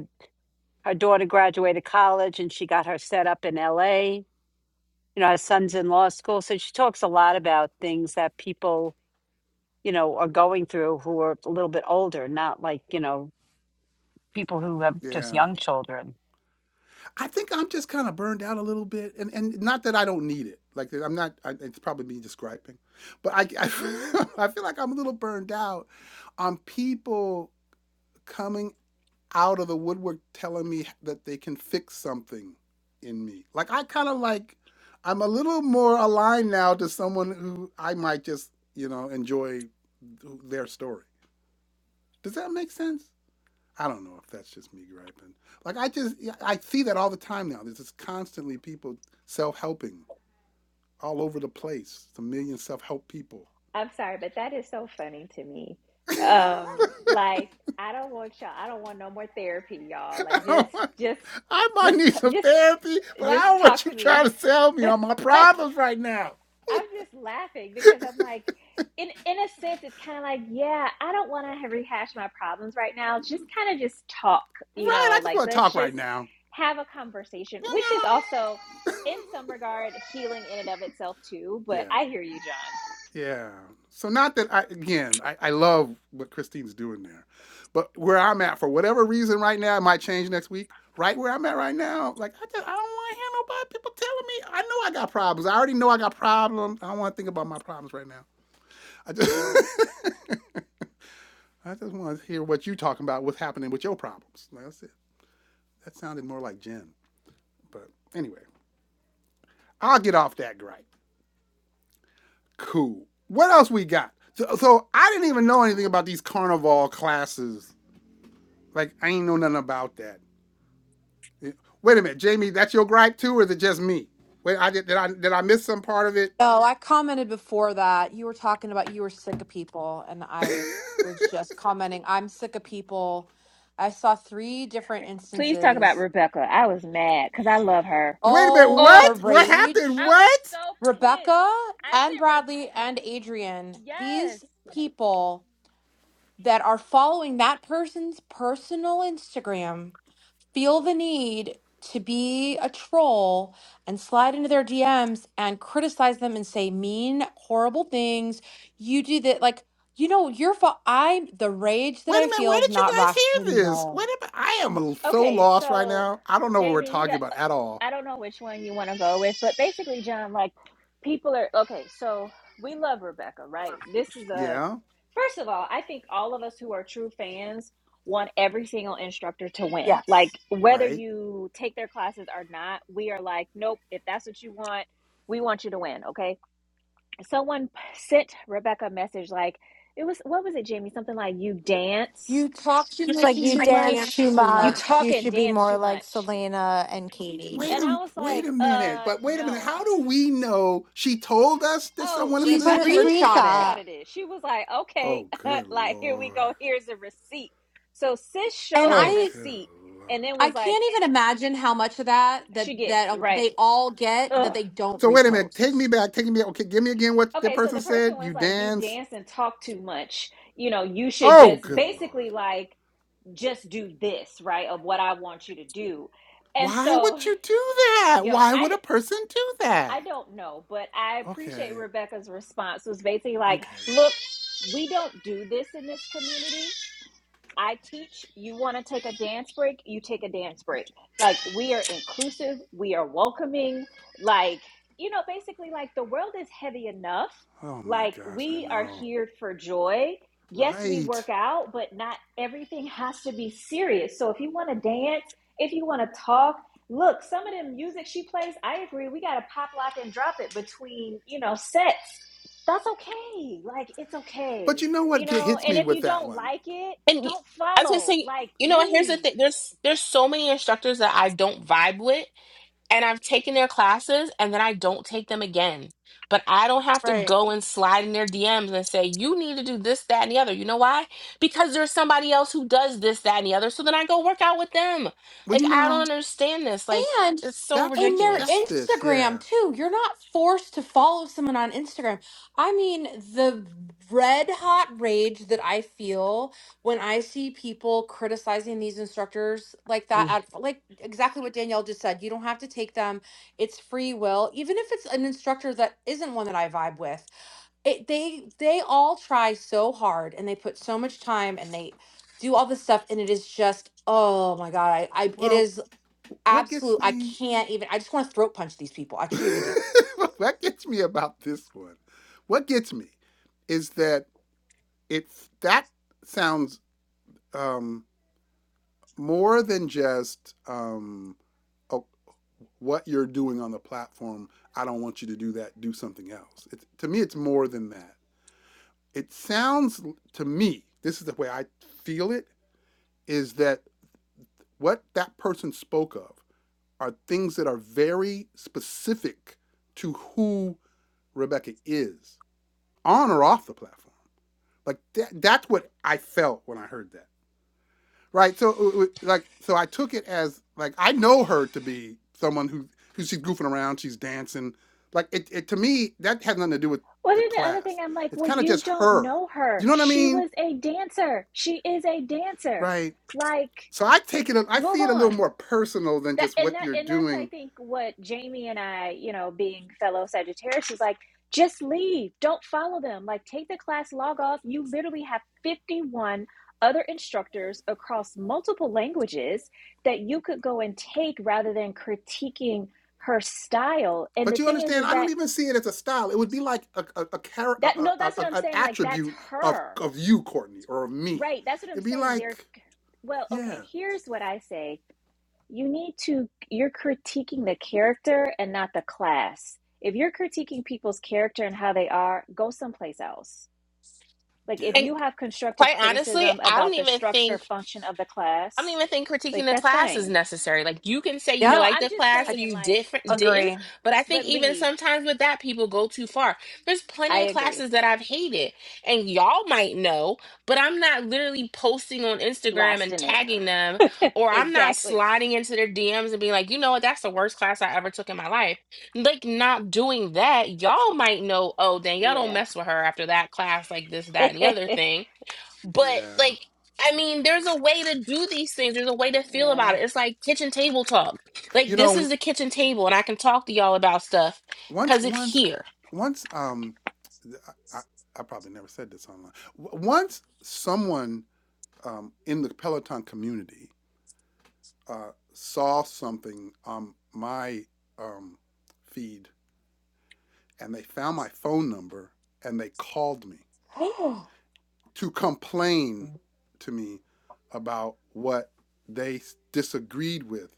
her daughter graduated college and she got her set up in L.A. You know, her son's in law school, so she talks a lot about things that people you know, are going through who are a little bit older, not like, you know, people who have just
Yeah.
young children.
I think I'm just kind of burned out a little bit, and and not that I don't need it. Like I'm not. I, it's probably me describing, but I I, I feel like I'm a little burned out on people coming out of the woodwork telling me that they can fix something in me. Like I kind of like I'm a little more aligned now to someone who I might just you know enjoy their story. Does that make sense? I don't know if that's just me griping. Like I just yeah, I see that all the time now. There's just constantly people self-helping all over the place. It's a million self-help people.
i'm sorry but that is so funny to me
I
um like i don't want y'all i don't want no more therapy y'all like just
don't want,
just
I might
just
need some
just
therapy, but I
just
don't want
talk
you
to
trying
me
to sell me
like
on my problems right now.
i'm just laughing because i'm like in in a sense it's kind of like yeah i don't want to rehash my problems right now just kind of just talk you
Right? I
know
just
like
want to
let's
talk right
just
now.
have a conversation
You
which is
know?
also in some regard healing in and of itself too but
Yeah.
i hear you john
Yeah. So not that I again, I, I love what Christine's doing there. But where I'm at, for whatever reason right now, it might change next week. Right where I'm at right now, like I just I don't want to hear nobody people telling me I know I got problems. I already know I got problems. I don't want to think about my problems right now. I just I just want to hear what you are talking about, what's happening with your problems. Like I said, That sounded more like Jen. But anyway, I'll get off that gripe. Cool. What else we got? So, so I didn't even know anything about these carnival classes Like I ain't know nothing about that. Wait a minute, Jamie, that's your gripe too, or is it just me? Wait, I did, did I did I miss some part of it?
No, I commented before that you were talking about you were sick of people, and I was just commenting, I'm sick of people. I saw three different
Please talk about
instances.
Rebecca. I was mad because I love her.
Wait a minute,
Oh,
Oh,
what?
the
What
rage.
happened?
I was
What?
so pissed.
Rebecca
I
and
said,
Bradley and Adrian,
Re- yes.
these people that are following that person's personal Instagram feel the need to be a troll and slide into their DMs and criticize them and say mean, horrible things. You do that, like, you know, your fault. I, the rage that
Wait a
I
minute,
feel
where
is
did you
not
guys hear this? Wait
rational.
a minute, I am so
Okay,
lost right
so
now. I don't know what we're
Jamie, you
talking
got,
about at all.
I don't know which one you want to go with, but basically, John, like, people are, okay, so we love Rebecca, right? This is a,
Yeah,
first of all, I think all of us who are true fans want every single instructor to win.
Yes.
Like, whether
right.
you take their classes or not, we are like, nope, if that's what you want, we want you to win, okay? someone sent Rebecca a message like it was what was it, Jamie? Something like you dance
You talk too
She's
much
like,
and you
you
too
like,
dance
dance
much,
too
too
you
much.
talk
You
much.
and
should be
dance
more
too
like
much.
Selena and Katie.
Wait
And
a
I was
wait a
like,
minute,
uh,
but wait a minute.
no.
How do we know she told us that
Oh,
someone had
She
She
slid
put a
into
Rebecca
her? D-
screenshot it.
screenshot.
screenshotted it. She was like, okay,
oh, good
like here we
lord.
go. Here's the receipt. So sis
And
showed the
Oh,
I
good
receipt
lord.
and then
I
was like,
can't even imagine how much of that that
she
that
gets
uh,
right.
they all get that
Ugh.
they don't
So wait a minute. Take me
repost.
back. Take me. back. Okay, give me again what that
Okay, so
person
the person
said.
was
You
like, you
dance.
dance and talk too much. You know, you should
Oh,
just
good lord.
basically like just do this, right? Of what I want you to do. And
Why
so,
would you do that?
yo,
Why
I
would
d-
a person do
I
that?
don't know, but I appreciate
Okay.
Rebecca's response It was basically like,
Okay.
look, we don't do this in this community. I teach you want to take a dance break, you take a dance break. Like we are inclusive, we are welcoming, like you know, basically like the world is heavy enough.
Oh my
Like
gosh, I
we are
know.
here for joy. Yes, we work
Right.
out, but not everything has to be serious. So if you want to dance, if you want to talk, look, some of the music she plays, I agree, we got to pop lock and drop it between, you know, sets. That's okay. Like it's
But
okay.
you know what
You
get,
know,
hits
and
me
if
with
you
that
don't
one?
like it,
And y-
don't
I was gonna
follow,
say,
like,
you know what? Here's the
leave.
thing: there's there's so many instructors that I don't vibe with, and I've taken their classes, and then I don't take them again. But I don't have to
Right.
go and slide in their DMs and say you need to do this, that, and the other. You know why? Because there's somebody else who does this, that, and the other. So then I go work out with them.
Well,
Like
you
I don't
know,
understand this. Like
And
it's so
that's what
in their
ridiculous.
that's this.
Instagram
Yeah.
too. You're not forced to follow someone on Instagram. I mean, the red hot rage that I feel when I see people criticizing these instructors like that
Mm.
at like exactly what Danielle just said. You don't have to take them. It's free will. Even if it's an instructor that isn't one that I vibe with, it they they all try so hard and they put so much time and they do all this stuff and it is just oh my god I, I it
Well,
is
what gets
absolute I
me?
can't even I just want to throat punch these people. I truly do.
what gets me about this one? What gets me is that it that sounds um more than just um, oh, what you're doing on the platform. I don't want you to do that. Do something else. It, to me, it's more than that. It sounds to me. This is the way I feel it. Is that what that person spoke of are things that are very specific to who Rebecca is on or off the platform. Like that, that's what I felt when I heard that. right? So it wa- like so I took it as like I know her to be someone who who she's goofing around, she's dancing. Like it, it to me that has nothing to do with
Well,
the
then the other thing,
class.
I'm like,
It's
well,
kind of
you
just
don't
her.
know
You
her.
know what I
She
mean?
was a dancer. She is a dancer.
Right.
Like,
So I take it I
move
see it a little
on.
more personal than
That
just
and
what
that
you're
and that's I
doing.
think what Jamie and I, you know, being fellow Sagittarius, is like, just leave. Don't follow them. Like, take the class, log off. You literally have 51 other instructors across multiple languages that you could go and take rather than critiquing her style. And
But
the
you
thing is,
understand,
is
I
that
don't even see it as a style. It would be like a a, a, char-
That
a,
no,
a
that's what I'm
a- an
saying. Like that's
attribute of
her,
of you, Courtney, or of me.
right? That's what I'm
It'd be
saying. They're
like,
well,
yeah,
okay. Here's what I say: you need to you're critiquing the character and not the class. If you're critiquing people's character and how they are, go someplace else. Like if
yeah,
you have constructive
Quite honestly,
criticism
I don't
about the
even
structure
think
function of the
I don't
class,
even think
like
critiquing the
that's
class is
fine.
necessary. Like you can say you
No,
Yep.
like
I'm
the
just
class
I
or
saying,
you
like,
different didn't,
Agree.
but I think
but
even
leave.
sometimes with that people go too far. There's
I
plenty of
agree.
classes that I've hated and y'all might know, but I'm not literally posting on Instagram and
Blasting it.
tagging them or I'm not
exactly.
sliding into their DMs and being like, "You know what? That's the worst class I ever took in my life." Like not doing that, y'all might know, "Oh, then y'all don't
Yeah.
mess with her after that class like this that and the other thing." But
yeah.
like, I mean, there's a way to do these things. There's a way to feel
yeah.
about it. It's like kitchen table talk. Like
You
this
know,
is the kitchen table, and I can talk to y'all about stuff
once
because it's
once
here.
once um I, I, probably never said this online. W- Once someone um, in the Peloton community uh, saw something on my um, feed and they found my phone number and they called me to complain to me about what they disagreed with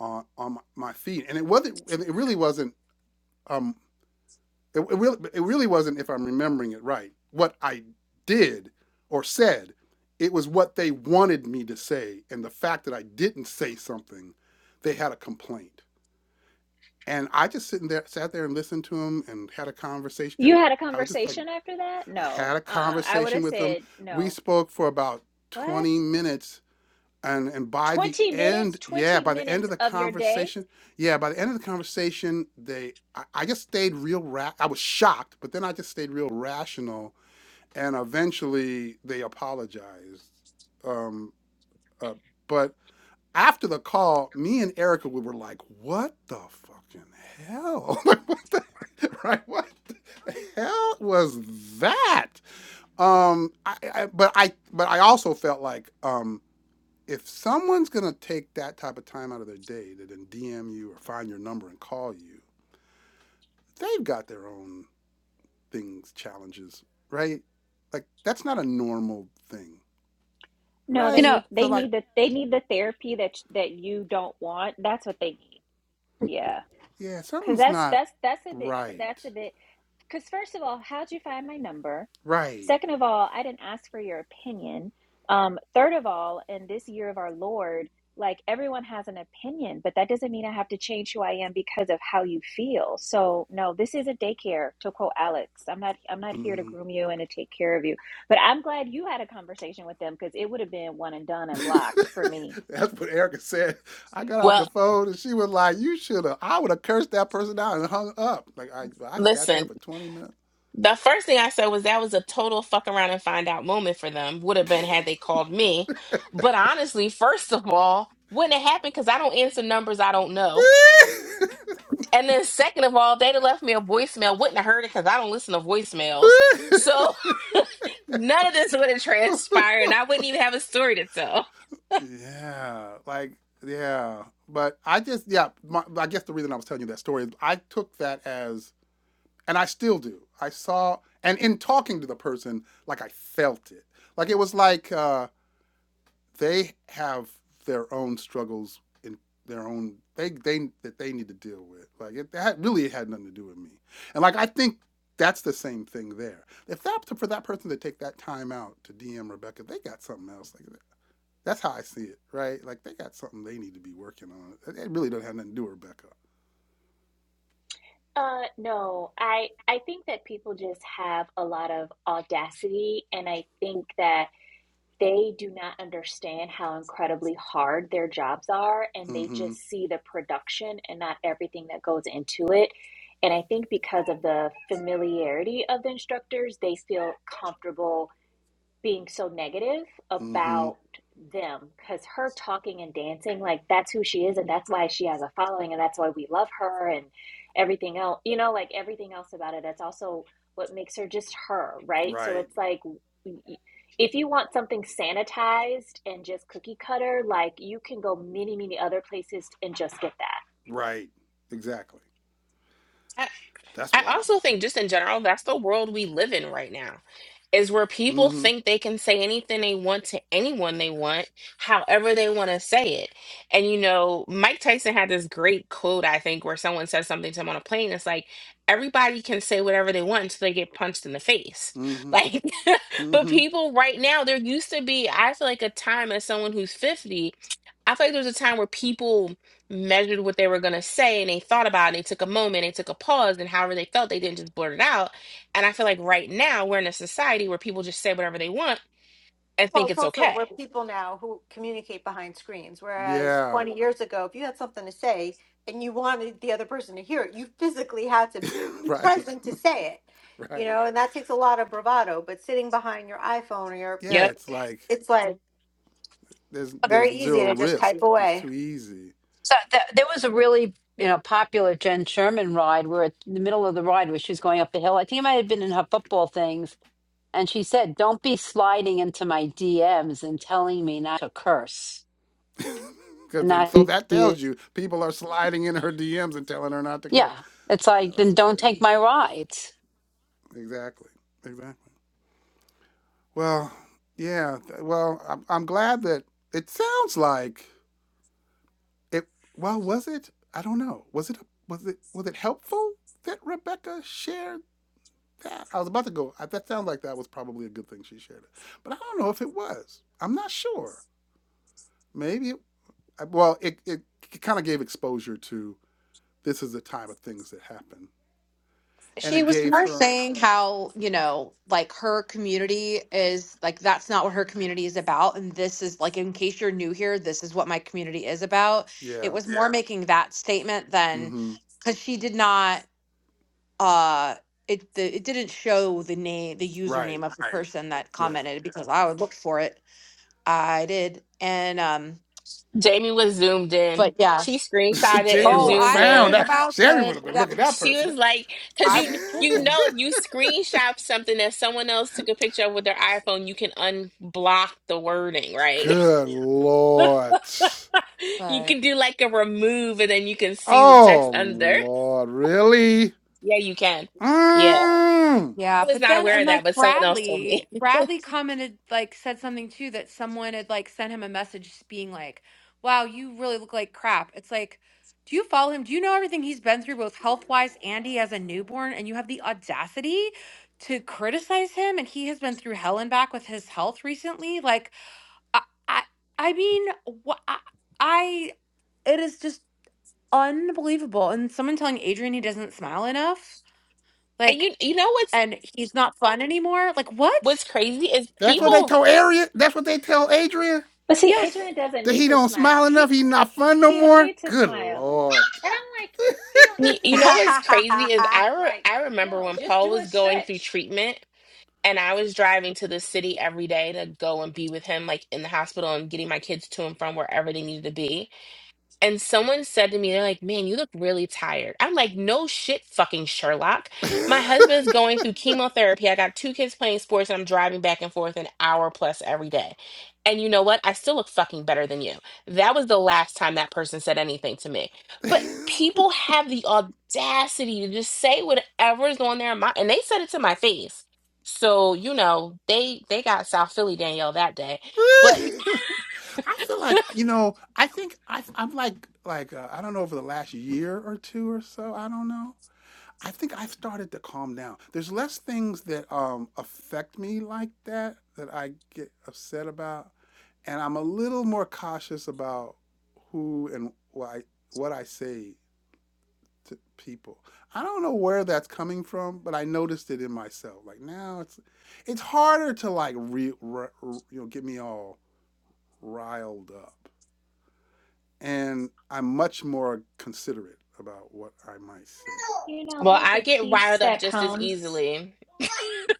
on, on my- feed. And it wasn't, it really wasn't um, It, it, really, it really wasn't, if I'm remembering it right, what I did or said. It was what they wanted me to say. And the fact that I didn't say something, they had a complaint. And I just sitting there, sat there and listened to them and had a conversation.
You
And
had a
I was just like,
conversation after that?
I
No.
had a
Uh-uh. I would
conversation
have
with them.
said,
We
no.
spoke for about
What?
20 minutes and and by the
20
end,
minutes?
yeah,
20
by the end of
minutes
the
of your day?
conversation, yeah, by the end of the conversation, they, I, I just stayed real. Ra- I was shocked, but then I just stayed real rational, and eventually they apologized. Um, uh, but after the call, me and Erica we were like, "What the fucking hell? Like, what the, right? What the hell was that?" Um, I, I, but I, but I also felt like, um if someone's going to take that type of time out of their day to then DM you or find your number and call you, they've got their own things, challenges, right? Like, that's not a normal thing,
No, they
You
right?
know,
need they
So, like,
need the they need the therapy that that you don't want. That's what they need. Yeah.
yeah,
Cuz
something's
that's
not
that's that's a bit cr-
right.
that's a bit Because, first of all, how'd you find my number?
Right.
Second of all, I didn't ask for your opinion. Um, third of all, in this year of our Lord, like everyone has an opinion, but that doesn't mean I have to change who I am because of how you feel. So no, this isn't daycare. To quote Alex, I'm not I'm not here to
hmm
groom you and to take care of you. But I'm glad you had a conversation with them because it would have been one and done and blocked for me.
that's what Erica said. I got off the
Well,
phone and she was like, You should have, I would have cursed that person out and hung up. Like, I, I sat there
listen.
for 20 minutes.
The first thing I said was that was a total fuck around and find out moment for them. Would have been had they called me. But honestly, first of all, wouldn't have happened because I don't answer numbers I don't know. And then second of all, they'd have left me a voicemail. Wouldn't have heard it because I don't listen to voicemails. So none of this would have transpired. And I wouldn't even have a story to tell.
Yeah, like yeah, but I just yeah. My, I guess the reason I was telling you that story is I took that as, and I still do. I saw, and in talking to the person, like I felt it. Like it was like uh, they have their own struggles in their own they they that they need to deal with. Like it that really had nothing to do with me. And like I think that's the same thing there. If that for that person to take that time out to DM Rebecca, they got something else. Like that's how I see it, right? Like they got something they need to be working on. It really doesn't have nothing to do with Rebecca.
Uh, no, I I think that people just have a lot of audacity, and I think that they do not understand how incredibly hard their jobs are and they
Mm-hmm.
just see the production and not everything that goes into it and i think because of the familiarity of the instructors they feel comfortable being so negative
Mm-hmm.
about them because her talking and dancing like that's who she is and that's why she has a following and that's why we love her and everything else you know like everything else about it that's also what makes her just her right so
Right.
it's like if you want something sanitized and just cookie cutter like you can go many many other places and just get that
Right. Exactly. That's
I
wild.
also think just in general, that's the world we live in right now. Is where people
Mm-hmm.
think they can say anything they want to anyone they want, however they want to say it. And you know, Mike Tyson had this great quote, I think, where someone says something to him on a plane. It's like, everybody can say whatever they want until they get punched in the face.
Mm-hmm.
Like, but
Mm-hmm.
people right now, there used to be, I feel like a time as someone who's 50, I feel like there was a time where people measured what they were going to say and they thought about it and they took a moment they took a pause and however they felt they didn't just blurt it out and i feel like right now we're in a society where people just say whatever they want and
Well,
think
it's
it's
also
okay
we're people now who communicate behind screens, whereas
Yeah.
20 years ago, if you had something to say and you wanted the other person to hear it, you physically had to be
Right.
present to say it, you
Right.
know, and that takes a lot of bravado. But sitting behind your iPhone or your,
Yeah,
yep
it's like
it's like
there's there's
very easy
zero
to just type
risk. It's
away.
too easy.
So th- there was a really you know popular Jen Sherman ride where at the middle of the ride where she was going up the hill. I think it might have been in her football things, and she said, "Don't be sliding into my DMs and telling me not to curse
'Cause
and
the-
not
so
to
that
use."
tells you people are sliding in her DMs and telling her not to go.
Yeah, it's
Yeah,
like
that's
then don't
crazy.
take my rides.
Exactly. Exactly. Well, yeah. th- Well, I'm, I'm glad that it sounds like it. Well, was it? I don't know. Was it? a- Was it? Was it helpful that Rebecca shared that? I was about to go. I, that sounds like that was probably a good thing she shared it, but I don't know if it was. I'm not sure. Maybe. It, I- well, it it, it kind of gave exposure to this is the type of things that happen, and
she
it
was
gave
more
her.
saying how you know like her community is like that's not what her community is about and this is like in case you're new here this is what my community is about it
Yeah.
was more Yeah. making that statement than
Mm-hmm.
because she did not uh it the, it didn't show the name the
Right.
username of the Right. person that
Yeah.
commented because i would look for it i did and um
jamie was zoomed in
but yeah
she screenshotted
Jamie
and
Oh,
would have
zoomed
I
found
wasn't
in
that.
about
Jamie
to.
would have been
That
looking at that
she
person.
was like because
I
you you know
was,
if you screenshot something that someone else took a picture of with their iphone you can unblock the wording right
Good lord.
you
but
can do like a remove and then you can see the text
Oh
under
lord, really?
yeah you can Yeah.
Mm.
Yeah,
I was
but
not
then
aware
and
of that,
like
but someone else told
Bradley,
me.
Bradley commented like said something too that someone had like sent him a message being like, "Wow, you really look like crap." It's like, do you follow him? Do you know everything he's been through both health-wise and he has a newborn and you have the audacity to criticize him and he has been through hell and back with his health recently? Like I I, I mean, what I, I it is just. unbelievable. And someone telling Adrian he doesn't smile enough,
And
like,
you you know what's
and he's not fun anymore. Like,
what's
what?
crazy is
That's what they
people.
told Arian. That's what they tell Adrian.
But see,
Yes.
Adrian doesn't
That
need
he
to
don't
smile.
smile enough.
He
He not fun no
he don't
more.
need to
Good
smile.
lord.
And I'm like, he don't
You
need to
you know
smile.
what's crazy is
I
I re-
Like,
I remember
no,
when
just
Paul
do a
was going through
stretch.
treatment and I was driving to the city every day to go and be with him like in the hospital and getting my kids to and from wherever they needed to be. And someone said to me, they're like, man, you look really tired. I'm like, no shit, fucking Sherlock. My husband's going through chemotherapy. I got two kids playing sports and I'm driving back and forth an hour plus every day. And you know what? I still look fucking better than you. That was the last time that person said anything to me. But people have the audacity to just say whatever's on their mind. And they said it to my face. So, you know, they they got South Philly Danielle that day. But
I feel like you know. I think I, I'm like like uh, I don't know over the last year or two or so. I don't know. I think I've started to calm down. There's less things that um, affect me like that that I get upset about, and I'm a little more cautious about who and why what I say to people. I don't know where that's coming from, but I noticed it in myself. Like now, it's it's harder to like re, re, you know get me all riled up, and I'm much more considerate about what I might say.
You know,
well,
there's
I
a
get
piece
riled up
that
just as
comes.
easily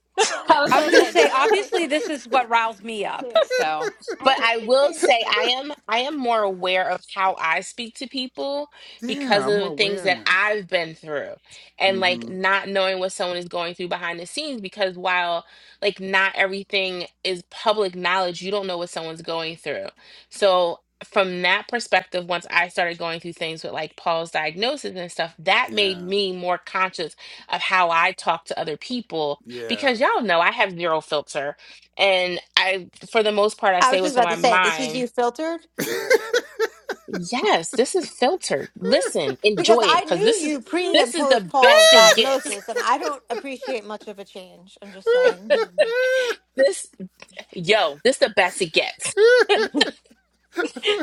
I was
was
gonna
gonna
say
say,
Danielle makes
obviously, this is what riles me up.
clearly.
So
I
But
just
I
think
will
there's
say I am I am more aware of how I speak to people because
yeah, I'm
of
more
the things
aware
that
now.
I've been through and like
Mm-hmm.
not knowing what someone is going through behind the scenes because while like not everything is public knowledge, you don't know what someone's going through. So from that perspective, once I started going through things with like Paul's diagnosis and stuff, that made
Yeah.
me more conscious of how I talk to other people
Yeah.
because y'all know I have zero filter and I, for the most part, I
I
say
was just
what's on
about
my
to say, this is you
mind.
filtered
Yes, this is filtered. Listen,
because
enjoy it,
I
because
knew
this is
you pre
this
and
is
post
the
Paul's
best it gets.
diagnosis, and I don't appreciate much of a change. I'm just saying,
This yo, this the best it gets.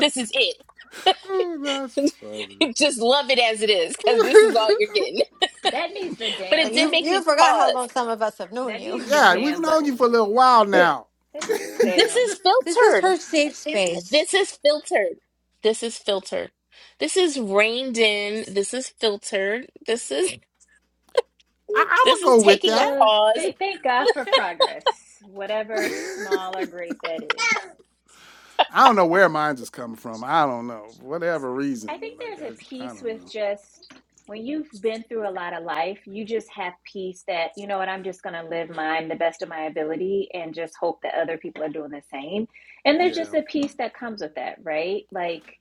This is it.
oh, that's funny.
Just love it as it is, because this is all you're getting.
that needs the
But
damn
it
like
did
you,
make
button.
you
me
forgot how
pause.
long some of us have known
That
you.
needs the
yeah, we've
damn
known you for
button.
a little while now. I-
This
damn.
is
this is
filtered.
her safe space.
This is filtered. This is filtered. This is reined in. This is filtered. This is
I'm
this is
gonna go with
taking a
that.
Well,
pause.
th- thank God for
Okay.
progress, whatever small or great that is.
I don't know where mine is coming from. I don't know. Whatever
I
reason,
think
like I,
there's a
I
piece
don't
with
know.
just when you've been through a lot of life, you just have peace that, you know what, I'm just going to live mine the best of my ability and just hope that other people are doing the same. And there's
Yeah.
just a peace that comes with that, right? Like,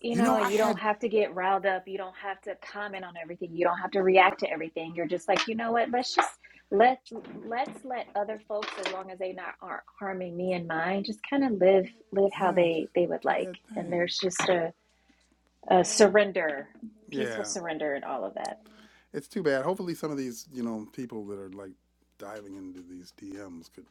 you
You know,
know,
I
you don't
had
have to get riled up. You don't have to comment on everything. You don't have to react to everything. You're just like, you know what, let's just let let's let other folks as long as they not aren't harming me and mine just kind of live live how
yeah,
they they would
do
like
that
and
thing.
there's just a uh, surrender, peaceful
Yeah.
surrender, and all of that.
It's too bad. Hopefully, some of these you know people that are like diving into these DMs could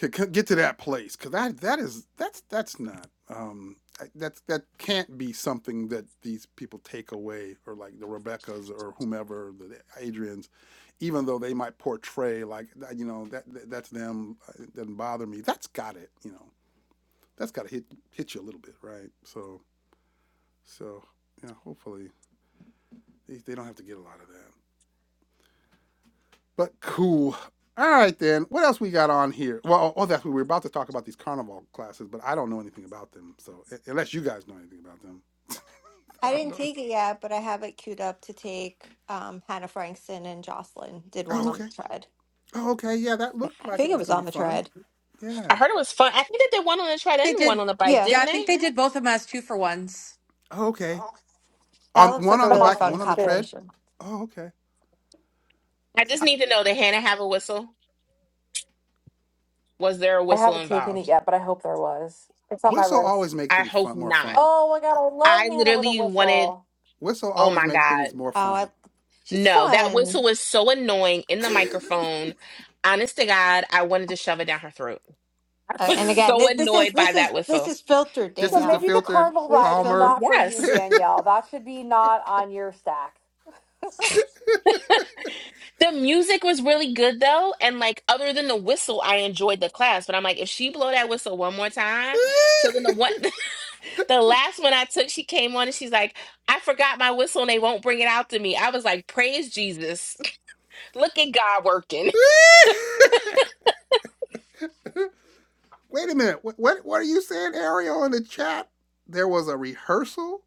c- get to that place because that that is that's that's not um that's that can't be something that these people take away or like the Rebecca's or whomever the Adrians, even though they might portray like you know that, that's them uh, it doesn't bother me. That's got it, you know. That's got to hit hit you a little bit, right? So so yeah, hopefully they, they don't have to get a lot of that. But cool. All right then. What else we got on here? Well, oh, that's we were about to talk about these carnival classes, but I don't know anything about them. So unless you guys know anything about them, I
I
don't
didn't
know.
take it yet, but I have it queued up to take. Um, Hannah Frankston and Jocelyn did one
Oh,
on the
okay.
tread.
Oh, okay. Yeah, that looked
I
like it
think it
was
was
gonna be
on the
fun.
tread.
I
Yeah.
heard it was fun. I think they did one on the tread
They
and one
did,
on the bike,
Yeah,
yeah.
didn't
I think
they?
they did both of them as two for ones.
Oh, okay.
that
On
looks
one
like a
on the
really
bike and
fun
one on the tread.
combination.
Oh, okay.
I just
I,
need to know did Hannah have a whistle? Was there a
I
whistle
haven't taken it
involved?
yet, but I hope there was. It's on my
whistle
list.
always make
I
things
hope
fun, more
not.
fun.
Oh, love
I
Hannah with
literally wanted,
all.
Whistle
oh
always
my
make things
God.
more
Oh, I,
fun.
she's
No, that whistle
fun.
was so annoying in the microphone. Honest to God, I wanted to shove it down her throat. I
Uh,
was
and again,
so
th- this is
annoyed by
this is
that
this
whistle.
is filtered,
This
So
is the
Danielle.
maybe the
filtered,
carnival
This
ride
is
is
filtered.
calmer.
not for you,
Yes.
Danielle. That should be not on your stack.
The music was really good though. And like other than the whistle, I enjoyed the class. But I'm like, if she blow that whistle one more time, so then the one The last one I took, she came on and she's like, I forgot my whistle and they won't bring it out to me. I was like, Praise Jesus. Look at God working.
Wait a minute. What, what what are you saying, Ariel, in the chat? There was a rehearsal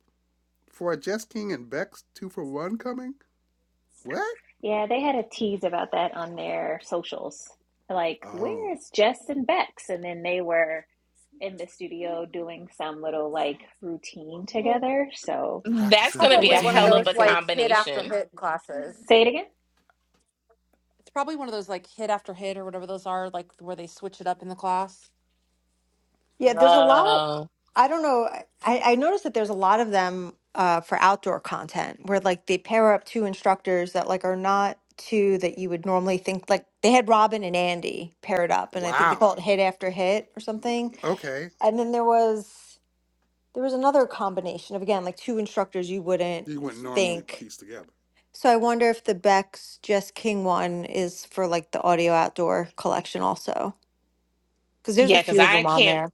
for a Jess King and Beck's two for one coming? What?
Yeah, they had a tease about that on their socials. Like,
Oh,
where is Jess and Bex? And then they were in the studio doing some little like routine together. So
That's
practicing
going
a
to
hopefully
be
Probably
a
that's
one of
hell of
coming
those
routine?
a
soon.
like hit after
combination.
hit classes.
Say it again.
It's probably one of those like hit after hit or whatever those are, like where they switch it up in the class.
Yeah, there's a lot.
Oh.
I don't know. I, I noticed that there's a lot of them uh, for outdoor content where like they pair up two instructors that like are not two that you would normally think like they had Robin and Andy paired up and I think they
Wow.
call it hit after hit or something.
Okay.
And then there was there was another combination of again like two instructors you wouldn't
You wouldn't normally
think.
piece together.
So I wonder if the Beck's Just King one is for like the audio outdoor collection also because there's a
Yeah, because
few of
I
them on
can't.
there.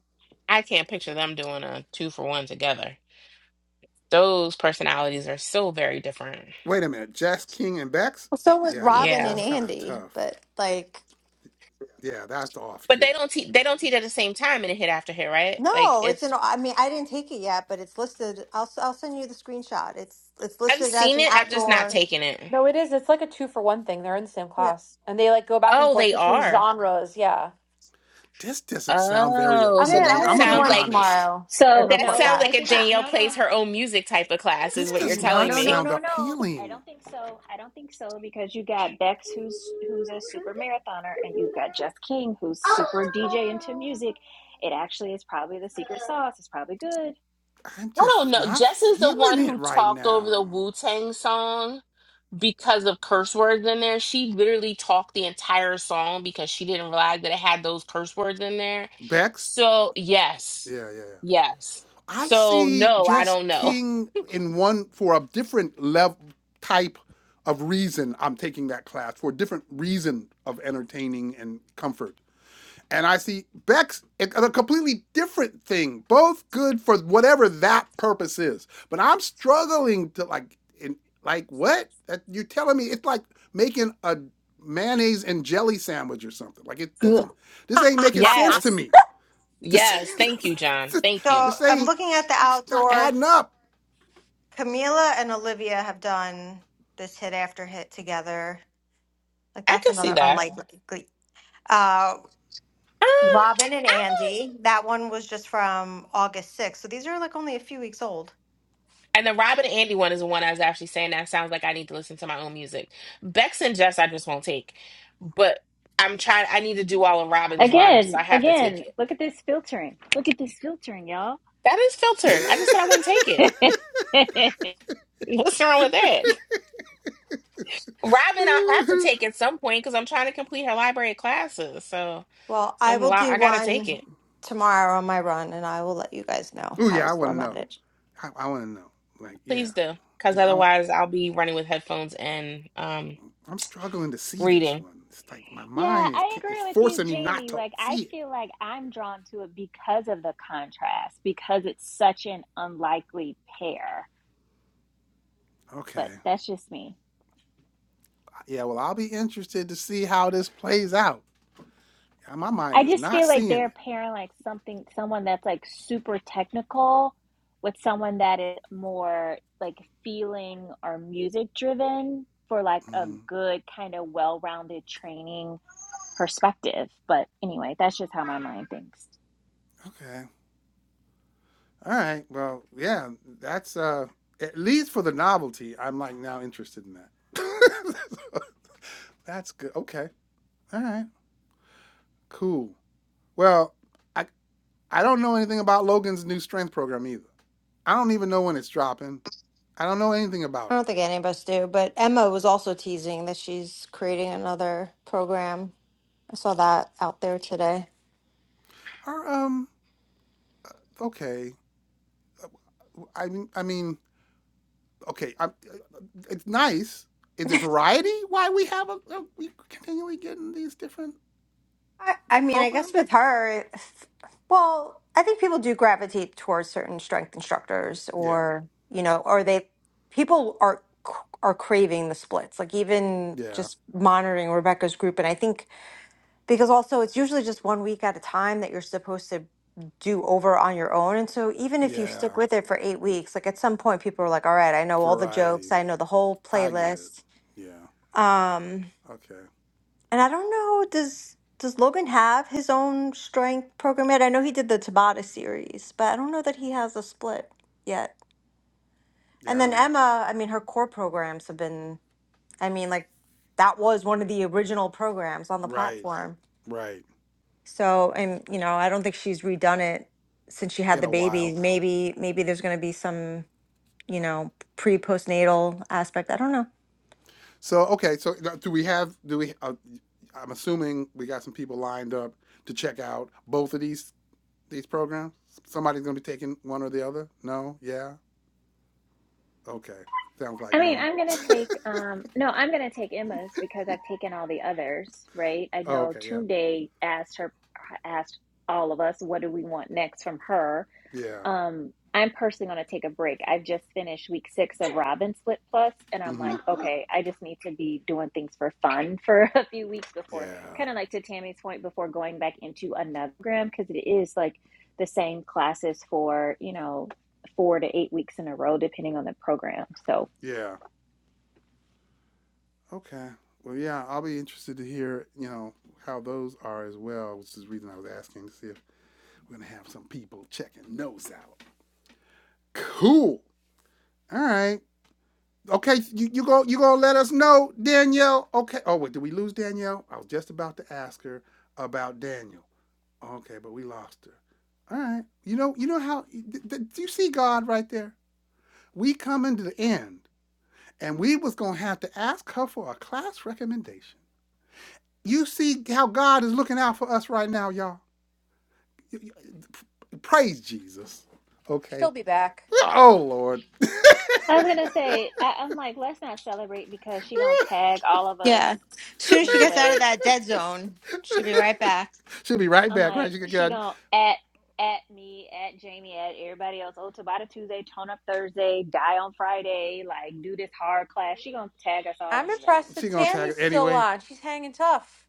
I can't picture them doing a two for one together. Those personalities are so very different.
Wait a minute. Jess King and Beck's?
Well, so was
Yeah, I know.
Robin and
Yeah,
That's kind of
Andy,
tough.
but like.
Yeah, that's off
but they
too.
don't teach. They don't teach at the same time in a hit after hit, right? Like
No, it's
it's.
an. I mean, I didn't take it yet, but it's listed. I'll s- I'll send you the screenshot. It's it's
I've
listed as
seen
an
it. I've just not
outdoor.
taken it.
No, it is. It's like a two for one thing. They're in the same
Yeah,
class and they like go back and
Oh,
forth
they
between
are.
genres. Yeah.
This doesn't sound very
Oh,
I'm
so
gonna I'm
appealing.
that
I'm
gonna
going
do
to be
sounds
one
like
honest.
tomorrow and
So
That
report
no,
sounds
I
like
back.
a
think it,
Danielle
no,
plays
no.
her own music type of class, is
This
what you're
does
No,
not
telling
no, no,
me.
sound
no, no. I
appealing.
don't think so. I don't think so because you got Bex, who's who's a super marathoner, and you got Jeff King, who's super DJ into music. It actually is probably the secret sauce. It's probably good.
I'm
I don't
just
know.
not
Jess is the
feeling
one
it
who
right
talked
now.
over the Wu Tang song because of curse words in there. She literally talked the entire song because she didn't realize that it had those curse words in there.
Bex,
So, yes.
Yeah, yeah, yeah.
Yes.
I
So,
see
no, I
Jess
don't know.
King in one for a different level type of reason I'm taking that class for a different reason of entertaining and comfort. And I see Bex in a completely different thing, both good for whatever that purpose is. But I'm struggling to like, in, like what? That you're telling me it's like making a mayonnaise and jelly sandwich or something. Like it
Ugh.
doesn't. This ain't making sense to
Yes.
me. This,
Yes. Thank you, John. Thank you.
So
this
I'm
ain't,
looking at the
it's not
outdoor.
adding up.
Camila and Olivia have done this hit after hit together. Like
I
that's
could see
another
that. Uh,
unlikely. Uh, Robin and
I
Andy. That one was just from August 6th. So these are like only a few weeks old.
And the Robin and Andy one is the one I was actually saying that sounds like I need to listen to my own music. Bex and Jess, I just won't take. But I'm trying, I need to do all of Robin's runs, so
Again,
I have to take
again,
it.
look at this filtering. Look at this filtering, y'all.
That is filtered. I just said I wouldn't take it.
yeah,
What's wrong with that? Robin, I have to
oh
take at some point because I'm trying to complete her library of classes. So
Well, I
I'm lo-
will do
I gotta
one
take it.
tomorrow on my run and I will let you guys know how
yeah, I
it's
want to know.
formatted.
I, I want to know. Like yeah,
Please do. Because
yeah. I,
otherwise, I'll be running with headphones and um
I'm struggling to see this
reading.
one. It's like my mind is
I
ca-
agree
it's
with you,
forcing me not
Jamie.
to
Like, I
see it.
feel like I'm drawn to it because of the contrast, because it's such an unlikely pair. But
Okay.
that's just me.
Yeah. Well, I'll be interested to see how this plays out. Yeah, my mind
I
is
just
not
feel like
seeing
they're
it.
pairing like something, someone that's like super technical with someone that is more like feeling or music driven for like a
Mm,
good kind of well-rounded training perspective. But anyway, that's just how my mind thinks.
okay. All right. Well, yeah. That's uh, at least for the novelty. I'm like now interested in that. That's good. Okay. All right. Cool. Well, I I don't know anything about Logan's new strength program either. I don't even know when it's dropping. I don't know anything
I
about it.
don't think any of us do, but Emma was also teasing that she's creating another program. I saw that out there today.
Or um, okay. I mean, I mean, okay. I, it's nice. Is it variety? Why we have a, a we continually getting these different
I, I mean, I guess
programs?
with her, it's- well, I think people do gravitate towards certain strength instructors,
Yeah.
or you know, or they people are c- are craving the splits. Like even
Yeah.
just monitoring Rebecca's group, and I think because also it's usually just one week at a time that you're supposed to do over on your own, and so even if you
Yeah.
stick with it for eight weeks, like at some point people are like, all right, I know all the jokes,
Variety.
I know the whole
I get it.
playlist.
Yeah.
Um,
Okay.
and I don't know, does does Logan have his own strength program yet? I know he did the Tabata series, but I don't know that he has a split yet. And
Yeah. I
then
don't know.
Emma, I mean, her core programs have been, I mean, like that was one of the original programs on the
Right.
platform.
Right.
So, and you know, I don't think she's redone it since she had
In
the
a
baby.
while.
Maybe, maybe there's going to be some, you know, pre postnatal aspect. I don't know.
So okay, so do we have do we? Uh, I'm assuming we got some people lined up to check out both of these these programs. Somebody's going to be taking one or the other. No, yeah, okay. Sounds like
I mean,
no.
I'm gonna take um no, I'm gonna take Emma's because I've taken all the others, right? I know
okay, yep,
Tunde asked her asked all of us what do we want next from her.
yeah,
Um, I'm personally going to take a break. I've just finished week six of Robin Split Plus, and I'm
mm-hmm,
like, okay, I just need to be doing things for fun for a few weeks before,
yeah,
kind of like to Tammy's point, before going back into another program because it is like the same classes for, you know, four to eight weeks in a row, depending on the program. So
yeah. Okay, well, yeah, I'll be interested to hear you know how those are as well, which is the reason I was asking to see if we're going to have some people checking those out. Cool. All right. Okay, you you going you gonna let us know, Danielle? Okay. Oh wait, did we lose Danielle? I was just about to ask her about Daniel. Okay, but we lost her. All right. You know you know how do you see God right there? We coming to the end, and we was gonna have to ask her for a class recommendation. You see how God is looking out for us right now, y'all. Praise Jesus. Okay.
She'll be back.
Oh Lord.
I was going to say, I, I'm like, let's not celebrate because she going to tag all of us
Yeah. As soon as she gets out
anyway
of that dead zone, she'll be right back.
She'll be right
I'm
back, right?
like,
She could get
she gonna at at me, at Jamie, at everybody else. Oh, Tabata Tuesday, tone up Thursday, die on Friday, like do this hard class. She gonna tag us all
I'm
anyway.
impressed
She
that
gonna tag us
Tammy's still
anyway.
on. She's hanging tough.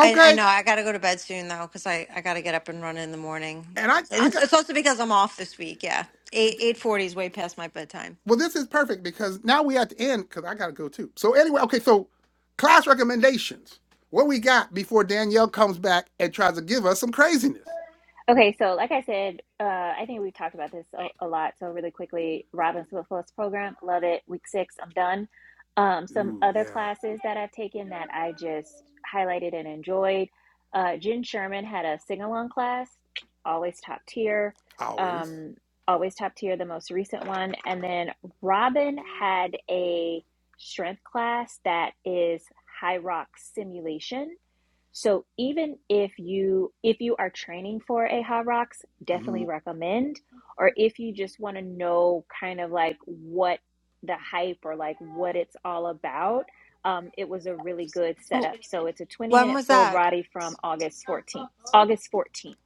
I, I know I gotta go to bed soon though, because I, I gotta get up and run in the morning.
And I
And
I
it's,
got.
it's also because I'm off this week. Yeah, eight eight forty is way past my bedtime.
Well, this is perfect because now we at the end because I gotta go too. So anyway, okay. So class recommendations. What we got before Danielle comes back and tries to give us some craziness?
Okay, so like I said, uh, I think we've talked about this a, a lot. So really quickly, Robin Swift program, love it. Week six, I'm done. Um, some
Ooh,
other
yeah,
classes that I've taken that I just highlighted and enjoyed. Uh, Jen Sherman had a sing along class, always top tier,
always.
um, always top tier, the most recent one. And then Robin had a strength class that is high rock simulation so even if you if you are training for a hot rocks,
hmm
definitely recommend. Or if you just want to know kind of like what the hype or like what it's all about, um, it was a really good
Oh,
setup. So it's a 20
when
minute
was
full
that?
body from August 14th. August 14th.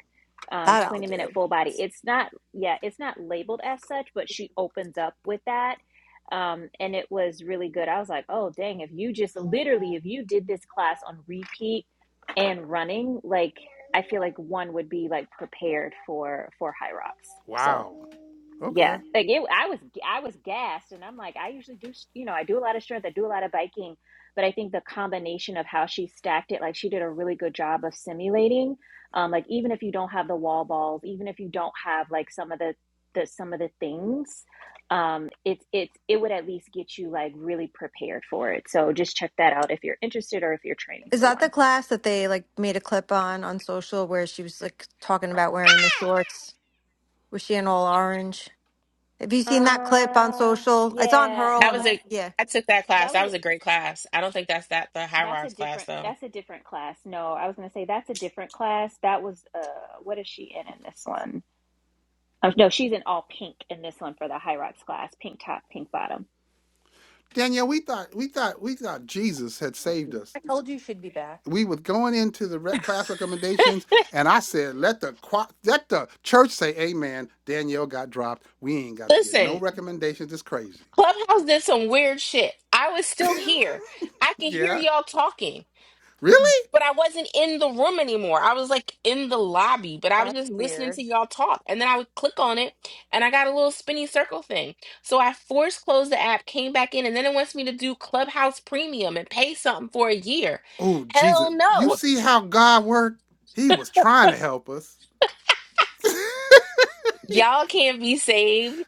Um,
That I'll
20 minute
do.
full body. It's not, yeah, it's not labeled as such, but she opens up with that. Um, and it was really good. I was like, oh, dang, if you just literally, if you did this class on repeat and running like i feel like one would be like prepared for for high rocks so
Wow.
yeah
Okay,
like it, i was i was gassed and i'm like i usually do you know i do a lot of strength i do a lot of biking but i think the combination of how she stacked it like she did a really good job of simulating um like even if you don't have the wall balls even if you don't have like some of the the some of the things um it's it's it would at least get you like really prepared for it so just check that out if you're interested or if you're training
Is
for
that
one
the class that they like made a clip on on social where she was like talking about wearing the shorts? Was she in all orange? Have you seen that clip on
Uh,
social? It's on
yeah,
her
That
no,
own.
was
I
a,
Yeah.
I took that class.
that was
That was a great class. I don't think that's that the high
that's a
rocks class
different
though.
that's a different class. No, I was gonna say that's a different class. That was uh, what is she in in this one? Um, no, she's in all pink in this one for the high rocks class, pink top, pink bottom.
Danielle. We thought we thought we thought Jesus had saved
I
us.
told you she'd be back.
We was going into the rec- class recommendations, and I said, "Let the qua- let the church say Amen." Danielle got dropped. We ain't got to get no
Listen.
recommendations. It's crazy.
Clubhouse did some weird shit. I was still here. I could hear
yeah.
y'all talking,
Really?
but I wasn't in the room anymore. I was like in the lobby, but I was
That's
just listening to
weird.
y'all talk. And then I would click on it and I got a little spinny circle thing. So I force closed the app, came back in, and then it wants me to do Clubhouse Premium and pay something for a year.
Oh, Jesus.
Hell
You
no.
see how God worked? He was trying to help us.
Y'all can't be saved.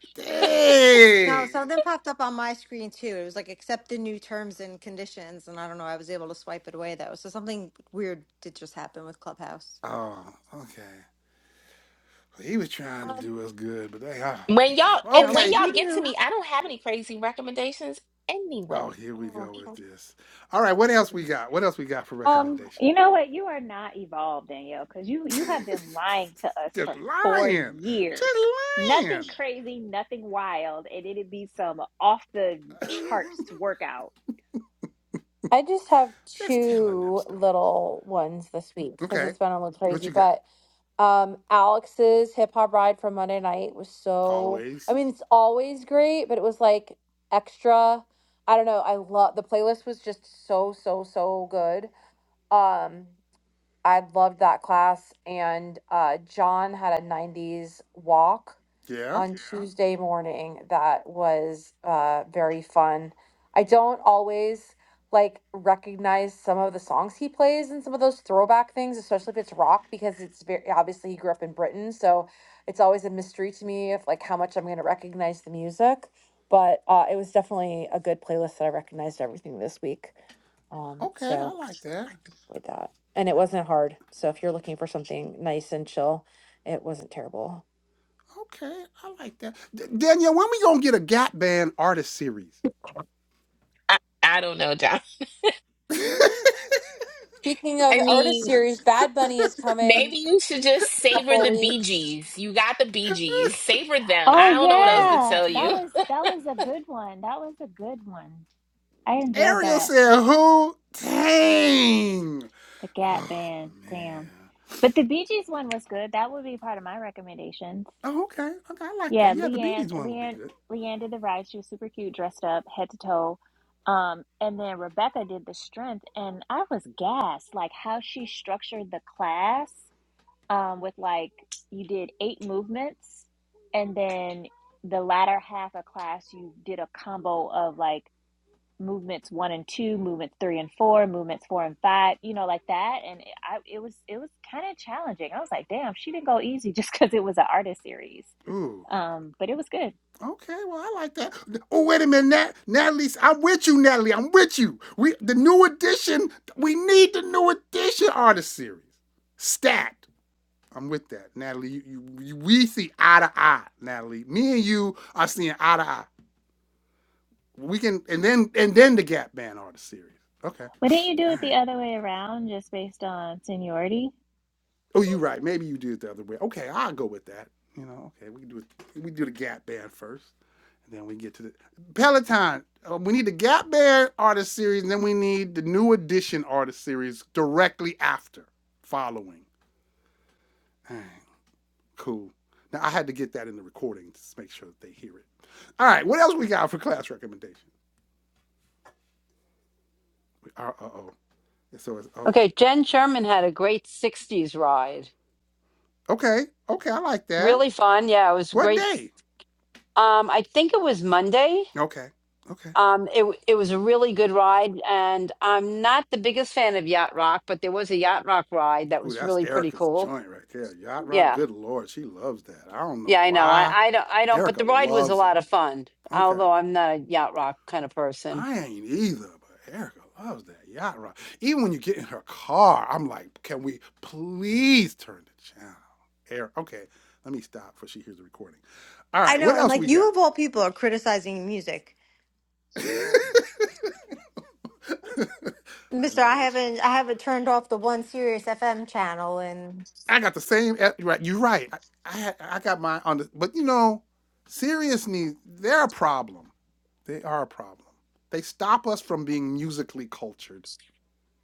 No,
Dang.
something popped up on my screen too. It was like accept the new terms and conditions, and I don't know. I was able to swipe it away though, so something weird did just happen with Clubhouse.
Oh, okay. Well, He was trying to
Um,
do us good, but they, oh,
When y'all
man.
and
No, we
when
Okay.
we
y'all get to
knew.
me, I don't have any crazy recommendations
Oh,
anyway.
here we
Oh.
go with
okay.
this. All right, what else we got? What else we got for
um,
recommendation?
You know what? You are not evolved, Danielle, because you you have been lying to us
Just
for four
lying. Just
years. Nothing
lying.
crazy, nothing wild, and it'd be some off the charts workout
I just have
Just telling them
two
stories.
little ones this week because
Okay.
it's been a little
What
crazy.
you got?
But Um, Alex's hip hop ride from Monday night was so. I
Always.
mean, it's always great, but it was like extra. I don't know. I love the playlist was just so so so good. Um, I loved that class, and uh, John had a '90s walk
Yeah.
on Yeah. Tuesday morning that was uh, very fun. I don't always like recognize some of the songs he plays and some of those throwback things, especially if it's rock, because it's very obviously he grew up in Britain, so it's always a mystery to me if like how much I'm going to recognize the music. But uh, it was definitely a good playlist that I recognized everything this week. Um,
Okay, I
so
like that.
with that, and it wasn't hard. So if you're looking for something nice and chill, it wasn't terrible.
Okay, I like that. D- Danielle, when we gonna get a Gap Band artist series?
I, I don't know, John.
Speaking of
I
artist
mean,
series, Bad Bunny
Maybe you should just savor
couple
the Bee
weeks.
Gees. You got the Bee Gees. Savor them.
Oh
I don't know what else
oh
to
yeah,
tell
damn.
that
you.
was that was a good one. That was a good one. I enjoyed
Ariel
that.
said who? Dang.
The Gap
Oh
Band, damn.
man.
But the Bee Gees one was good. That would be part of my recommendations.
Oh, okay. Okay, I like that.
Yeah,
Yeah, the Bee
Leanne,
Gees one would be
Leanne,
good.
Leanne did the ride. She was super cute, dressed up, head to toe. Um, and then Rebecca did the strength, and I was gassed, like how she structured the class. Um, with like you did eight movements, and then the latter half of class you did a combo of like movements one and two, movements three and four, movements four and five, you know, like that. And I, it was it was kind of challenging. I was like, damn, she didn't go easy just because it was an artist series.
Ooh.
Um, but it was good.
Okay, well I like that. Oh wait a minute, Nat- Natalie. I'm with you, Natalie. I'm with you. We the new edition. We need the new edition artist series. Stat. I'm with that, Natalie. You, you, you, we see eye to eye, Natalie. Me and you are seeing eye to eye. We can, and then and then the Gap Band artist series. Okay,
Why didn't you do
all
it the
right.
other way around, just based on seniority?
Oh, you right. Maybe you do it the other way. Okay, I'll go with that. You know, okay. We can do it. We do the Gap Band first, and then we get to the Peloton. Uh, we need the Gap Band artist series, and then we need the New Edition artist series directly after, following. All right. Cool. Now I had to get that in the recording to make sure that they hear it. All right, what else we got for class recommendation? Uh uh, oh. So it's oh
Okay, Jen Sherman had a great '60s ride,
okay okay I like that.
really fun. Yeah, it was
What
great.
day?
Um, I think it was Monday.
Okay okay.
Um, it w- it was a really good ride, and I'm not the biggest fan of Yacht Rock, but there was a Yacht Rock ride that
Ooh,
was
that's
really pretty
Erica's
cool.
joint right there. Yacht Rock.
Yeah,
Good lord, she loves that. I don't know
yeah, I know. I
why.
I don't I don't, but
Erica
the ride was a
loves it.
lot of fun.
Okay.
Although I'm not a Yacht Rock kind of person.
I ain't either, but Erica loves that yacht rock. Even when you get in her car, I'm like, can we please turn the channel? Eric, okay, let me stop before she hears the recording. All
I
right, what
know, and
else
like
we
you
got?
of all people are criticizing music,
I
Mister.
know
I
that's true.
haven't, I haven't turned off the one Sirius FM channel, and
I got the same. eh, Right, you're right. I, I I got mine on the. But you know, serious needs. They're a problem. They are a problem. They stop us from being musically cultured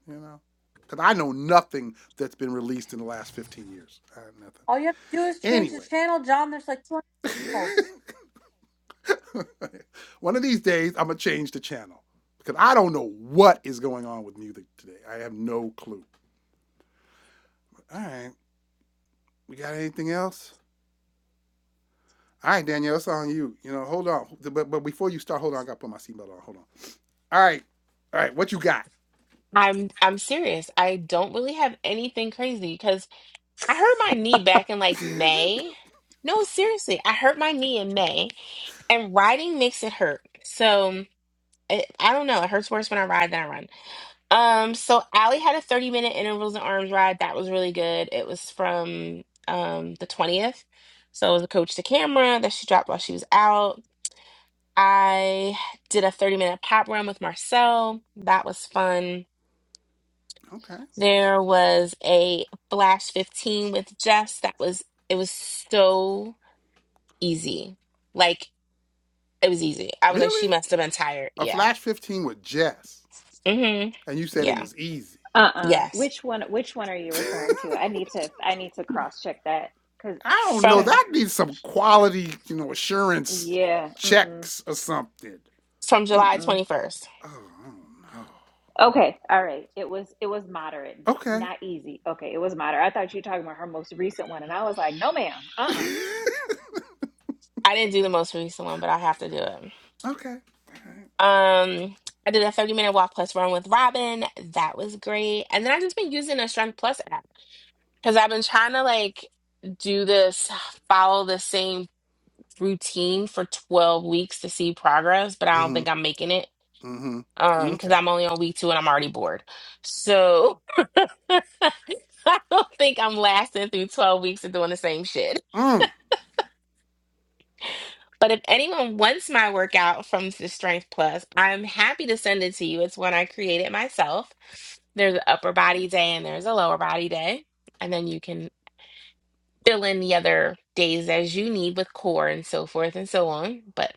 you know? Because I know nothing that's been released in the last 15 years. I have nothing.
All you have to do is change the
Anyway,
channel, John. There's like two channels.
one of these days, I'm going to change the channel because I don't know what is going on with music today. I have no clue. All right. We got anything else? All right, Danielle, it's on you. You know, hold on. But, but before you start, hold on. I got to put my seatbelt on. Hold on. All right. All right. What you got?
I'm I'm serious. I don't really have anything crazy because I hurt my knee back in like May. No, seriously, I hurt my knee in May, and riding makes it hurt. So it, I don't know. It hurts worse when I ride than I run. Um, so Allie had a 30 minute intervals and arms ride. That was really good. It was from um the 20th. So it was a coach to camera that she dropped while she was out. I did a 30 minute pop run with Marcel. That was fun.
okay.
There was a Flash 15 with Jess. That was, it was so easy. Like, it was easy. I was like, she
Really?
must have been tired.
A
Yeah.
Flash 15 with Jess.
hmm
And you said it
Yeah.
was easy.
Uh-uh.
Yes.
Which one? Which one are you referring to? I need to I need to cross check that because
I
are
don't
you
know.
talking
From,
about?
That needs some quality, you know, assurance
Yeah. Mm-mm.
checks or something.
from July
Mm-mm.
21st.
Oh, I
Okay. All right. It was it was moderate,
don't know.
not easy. Okay. It was moderate. I thought you were talking about her most recent one, and I was like, no, ma'am. Uh-uh.
Okay.
I didn't do the most recent one, but I have to do it.
okay. All right.
Um, I did a 30 minute walk plus run with Robin. That was great. And then I've just been using a Strength Plus app. Because I've been trying to like do this, follow the same routine for 12 weeks to see progress, but I don't
Mm-hmm.
think I'm making it. Um,
Mm-hmm.
because
Okay.
I'm only on week two and I'm already bored. So I don't think I'm lasting through 12 weeks of doing the same shit.
Mm.
But if anyone wants my workout from the Strength Plus, I'm happy to send it to you. It's one I created myself. There's an upper body day and there's a lower body day. And then you can fill in the other days as you need with core and so forth and so on. But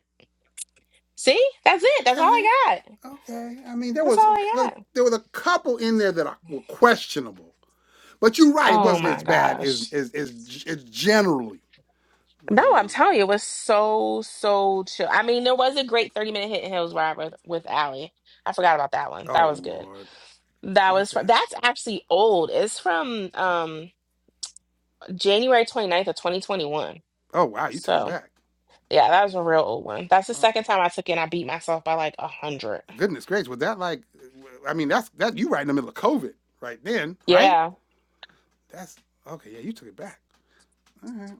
see, that's it. That's all
Okay.
I got.
Okay. I mean, there
That's
was
all
a,
I got.
there was a couple in there that were questionable, but you're right. It
Oh
wasn't
my
as bad as
gosh.
as as, as generally,
No,
you
I'm
know.
telling you, it was so, so chill. I mean, there was a great 30 minute hit in Hills Ride with, with Allie. I forgot about that one. That
Oh
was good.
Lord.
That was from,
Okay.
that's actually old. It's from um January 29th of 2021.
Oh wow, you took it
So
back.
yeah, that was a real old one. That's the
Oh
second time I took it and I beat myself by like a hundred.
Goodness gracious, was that like? I mean, that's that you right in the middle of COVID right then, right?
Yeah.
Yeah. That's okay. Yeah, you took it back. All right.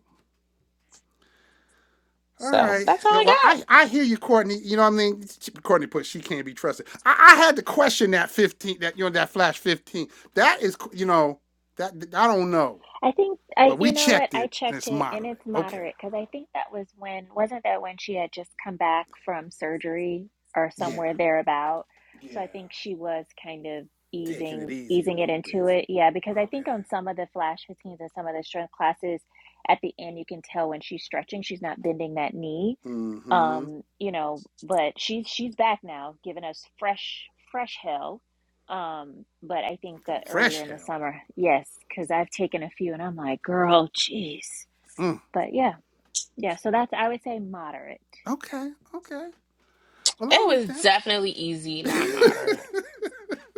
All
So
right.
that's all
Yeah,
I
well,
got.
I, I hear you, Courtney. You know what I mean? Courtney put she can't be trusted. I, I had to question that fifteen, that you know that flash fifteen. That is, you know, that I don't know,
I think
but
I,
we
you know what?
checked
I
it and
checked
it's
it and
moderate.
it's
Okay.
moderate because I think that was when, wasn't that when she had just come back from surgery or
Yeah.
somewhere thereabout?
Yeah.
So I think she was kind of
Taking it
easing
easy a
easing it
little bit.
into it. Yeah, because I think on
Okay.
some of the Flash 15s and some of the strength classes, at the end you can tell when she's stretching, she's not bending that knee
Mm-hmm.
um you know but she's she's back now giving us fresh fresh hell um but i think
Some
that earlier
fresh
in the
hell.
summer yes because i've taken a few and i'm like girl jeez
Mm.
but yeah yeah so that's i would say moderate
Okay. Okay. Well,
It
I'm with
was
that.
definitely easy, not moderate.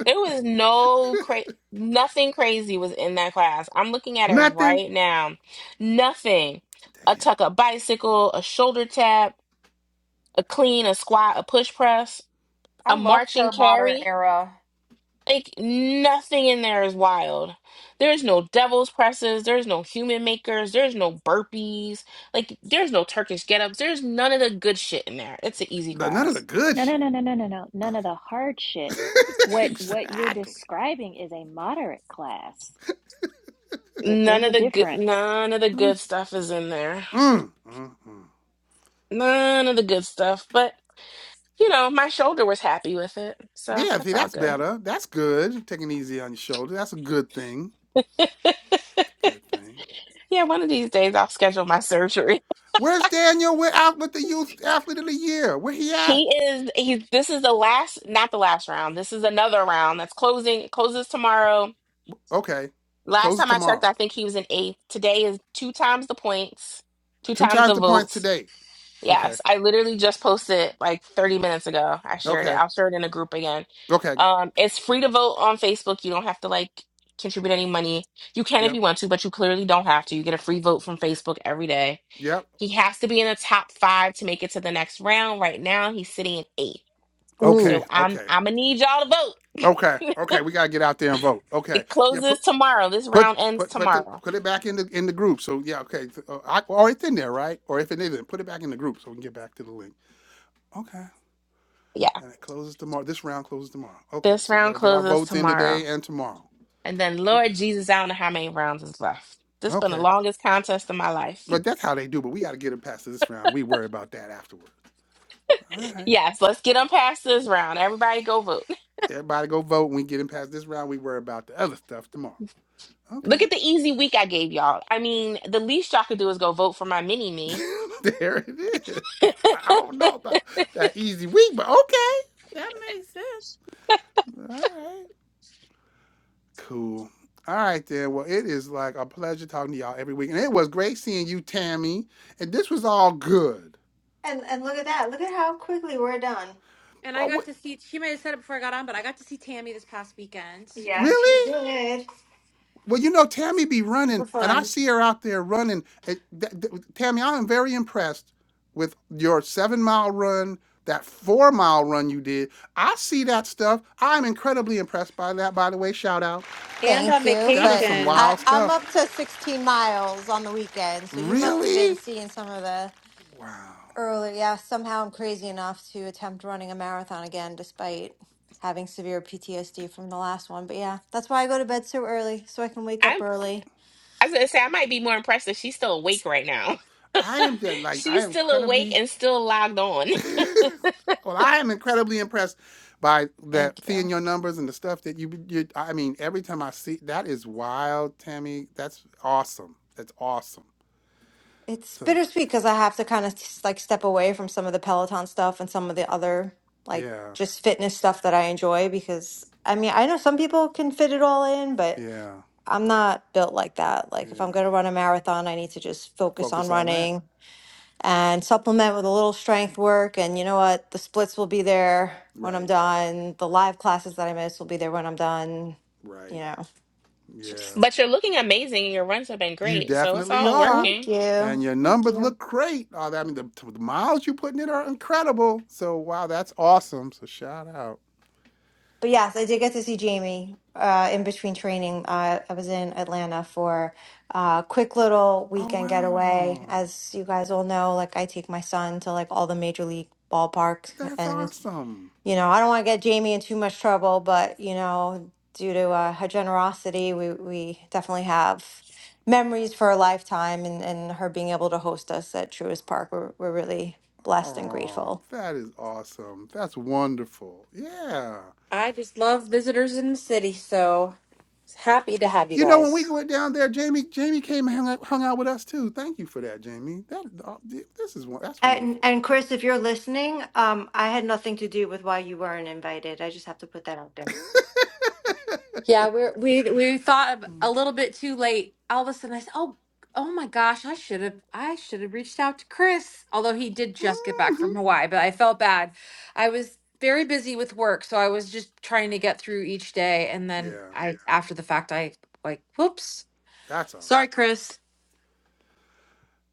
It was no cra nothing crazy was in that class. I'm looking at it
Nothing.
right now. Nothing. A
Damn.
tuck up bicycle, a shoulder tap, a clean, a squat, a push press,
I
a
loved
marching
her modern
carry.
era.
Like nothing in there is wild. There's no devil's presses, there's no human makers, there's no burpees, like there's no Turkish get ups, there's none of the good shit in there. It's an easy
The- None of the
class.
good
no no
shit.
no no no no no
Okay.
none of the hard shit what what you're
exactly.
describing is a moderate class There-
None
there's a
of the good,
difference
none of the good stuff is in there.
Mm, mm, mm.
None of the good stuff, but you know, my shoulder was happy with it, so
Yeah, see,
that's all
that's
good.
better. That's good. Taking it easy on your shoulder. That's a good thing. It's a good thing.
Yeah, one of these days I'll schedule my surgery.
Where's Daniel with, out with the Youth Athlete of the Year? Where he at?
He is he's this is the last, not the last round. This is another round that's closing. It closes tomorrow.
Okay.
Last
Close it
time I checked,
tomorrow.
I think he was in eighth. Today is two times the points, two
Two
times
times
the
the points
votes.
today. Okay.
Yes, I literally just posted like 30 minutes ago. I shared it.
Okay.
I'll share it in a group again.
Okay.
Um, it's free to vote on Facebook. You don't have to like contribute any money. You can if
Yep.
you want to, but you clearly don't have to. You get a free vote from Facebook every day.
Yep.
He has to be in the top five to make it to the next round. Right now, he's sitting in eighth.
Okay.
Ooh,
So I'm
Okay.
I'm gonna need y'all to vote.
Okay. Okay. We got to get out there and vote. Okay.
It
Yeah. Put,
closes tomorrow. This
Put
round ends
put put the,
tomorrow.
put it back in the in the group. So yeah, okay. So, uh, I, or it's in there, right? Or if it isn't, put it back in the group so we can get back to the link. Okay.
Yeah,
And it closes tomorrow. This round closes tomorrow. Okay.
this
So we got
round
to get our
closes
votes in
tomorrow.
today and tomorrow.
And then
Okay.
Lord Jesus, I don't know how many rounds is left. This has been the
Okay.
longest contest of my life.
But that's how they do. But we got to get them past this round. We worry about that afterward. All right.
Yes, let's get on past this round. Everybody go vote.
Everybody go vote. When we get them past this round, we worry about the other stuff tomorrow. Okay.
Look at the easy week I gave y'all. I mean, the least y'all could do is go vote for my mini me.
there it is. I I don't know about that easy week, but okay. That's it. All right. Cool. All right then. Well, it is like a pleasure talking to y'all every week, and it was great seeing you, Tammy. And this was all good.
and and look at that. Look at how quickly we're done.
And I
Oh,
got
what?
to see, she may have said it before I got on, but I got to see Tammy this past weekend. She came
Yes, you
Really?
did.
Well, you know, Tammy be
super
running, and I
fun.
see her out there running. And th- th- Tammy, I am very impressed with your seven mile run, that four mile run you did. I see that stuff. I'm incredibly impressed by that. By the way, shout out.
And on
Thank you,
That is
but
some
vacation,
I
wild
I'm up
stuff.
to 16 miles on the weekend, so you must have been
Really?
seeing some of the.
Wow.
Earlier, yeah, somehow I'm crazy enough to attempt running a marathon again despite having severe PTSD from the last one. But yeah, that's why I go to bed so early so I can wake
I
up early.
I was gonna say I might be more impressed that she's still awake right now.
I am just like I
she's
am
still awake
incredibly
and still logged on.
well, I am incredibly impressed by that
Thank
seeing
you.
your numbers and the stuff that you you. I mean, every time I see that is wild, Tammy. That's awesome. That's awesome.
It's
So
bittersweet because I have to kind of like step away from some of the Peloton stuff and some of the other like
yeah,
just fitness stuff that I enjoy because I mean, I know some people can fit it all in, but
yeah,
I'm not built like that. Like if
yeah.
I'm going to run a marathon, I need to just focus on
Focus on that.
running and supplement with a little strength work. And you know what? The splits will be there when I'm
Right,
done. The live classes that I miss will be there when I'm done. You
right.
know, it's
Yeah,
just
But you're looking amazing and your runs have been
you
great. So it's
definitely
all
are.
thank
working.
you.
And your
Thank
numbers
you.
look great. Oh, that- I mean, the, the miles you're putting in are incredible. So, wow, that's awesome. So, shout out.
But yes, I did get to see Jamie uh, in between training. Uh, I was in Atlanta for a quick little
Oh,
weekend
wow.
getaway. As you guys all know, like I take my son to like all the major league ballparks
That's
and.
awesome.
you know, I don't want to get Jamie in too much trouble, but you know, due to uh, her generosity, we we definitely have memories for a lifetime, and and her being able to host us at Truist Park, we're we're really blessed and
Oh,
grateful.
that is awesome. That's wonderful. Yeah.
I just love visitors in the city. So happy to have you
You know, when
guys.
we went down there, Jamie, Jamie came and hung out, hung out with us too. Thank you for that, Jamie. That uh, this is one that's
And
wonderful
and
stuff.
Chris, if you're listening, um, I had nothing to do with why you weren't invited. I just have to put that out there.
Yeah, we're, we we thought of a little bit too late. All of a sudden, I said, "Oh, oh my gosh, I should have I should have reached out to Chris." Although he did just get back
Mhm.
from Hawaii, but I felt bad. I was very busy with work, so I was just trying to get through each day. And then
Yeah,
I, after the fact, I like, "Whoops,
that's all right.
sorry, Chris."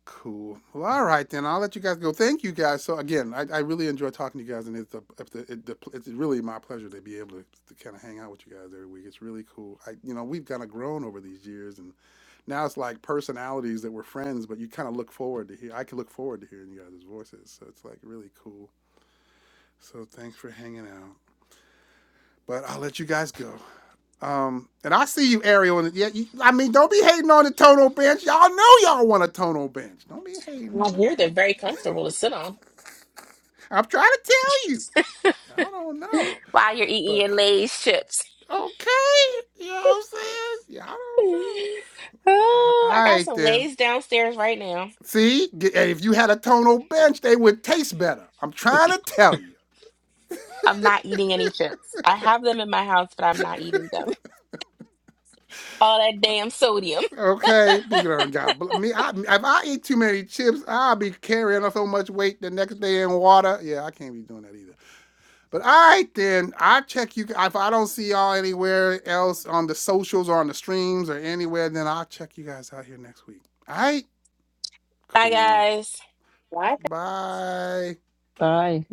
Cool. Well, all right then. I'll let you guys go. Thank you guys. So again, I, I really enjoy talking to you guys, and it's a, it's, a- it, the- it's really my pleasure to be able to, to kind of hang out with you guys every week. It's really cool. I you know we've kind of grown over these years, and now it's like personalities that were friends, but you kind of look forward to hear. I can look forward to hearing you guys' voices. So it's like really cool. So thanks for hanging out. But I'll let you guys go. Um, and I see you, Ariel. And yeah, you, I mean, don't be hating on the tonal bench. Y'all know y'all want a tonal bench. Don't be hating
I
on the
hear they're
tonal.
very comfortable to sit on
I'm trying to tell you. I don't know,
while you're eating
but
your Lay's chips.
Okay. You know what I'm saying? Yeah, I don't
oh,
know. All
I got
right,
some
then.
Lay's downstairs right now.
See, if you had a tonal bench, they would taste better. I'm trying to tell you.
I'm not eating any chips. I have them in my house, but I'm not eating them. All that damn sodium.
Okay, God. bl- Me, I, if I eat too many chips, I'll be carrying so much weight the next day in water. Yeah, I can't be doing that either. But all right, then I check you. If I don't see y'all anywhere else on the socials or on the streams or anywhere, then I'll check you guys out here next week. All right.
Bye,
Cool.
guys.
Bye.
bye.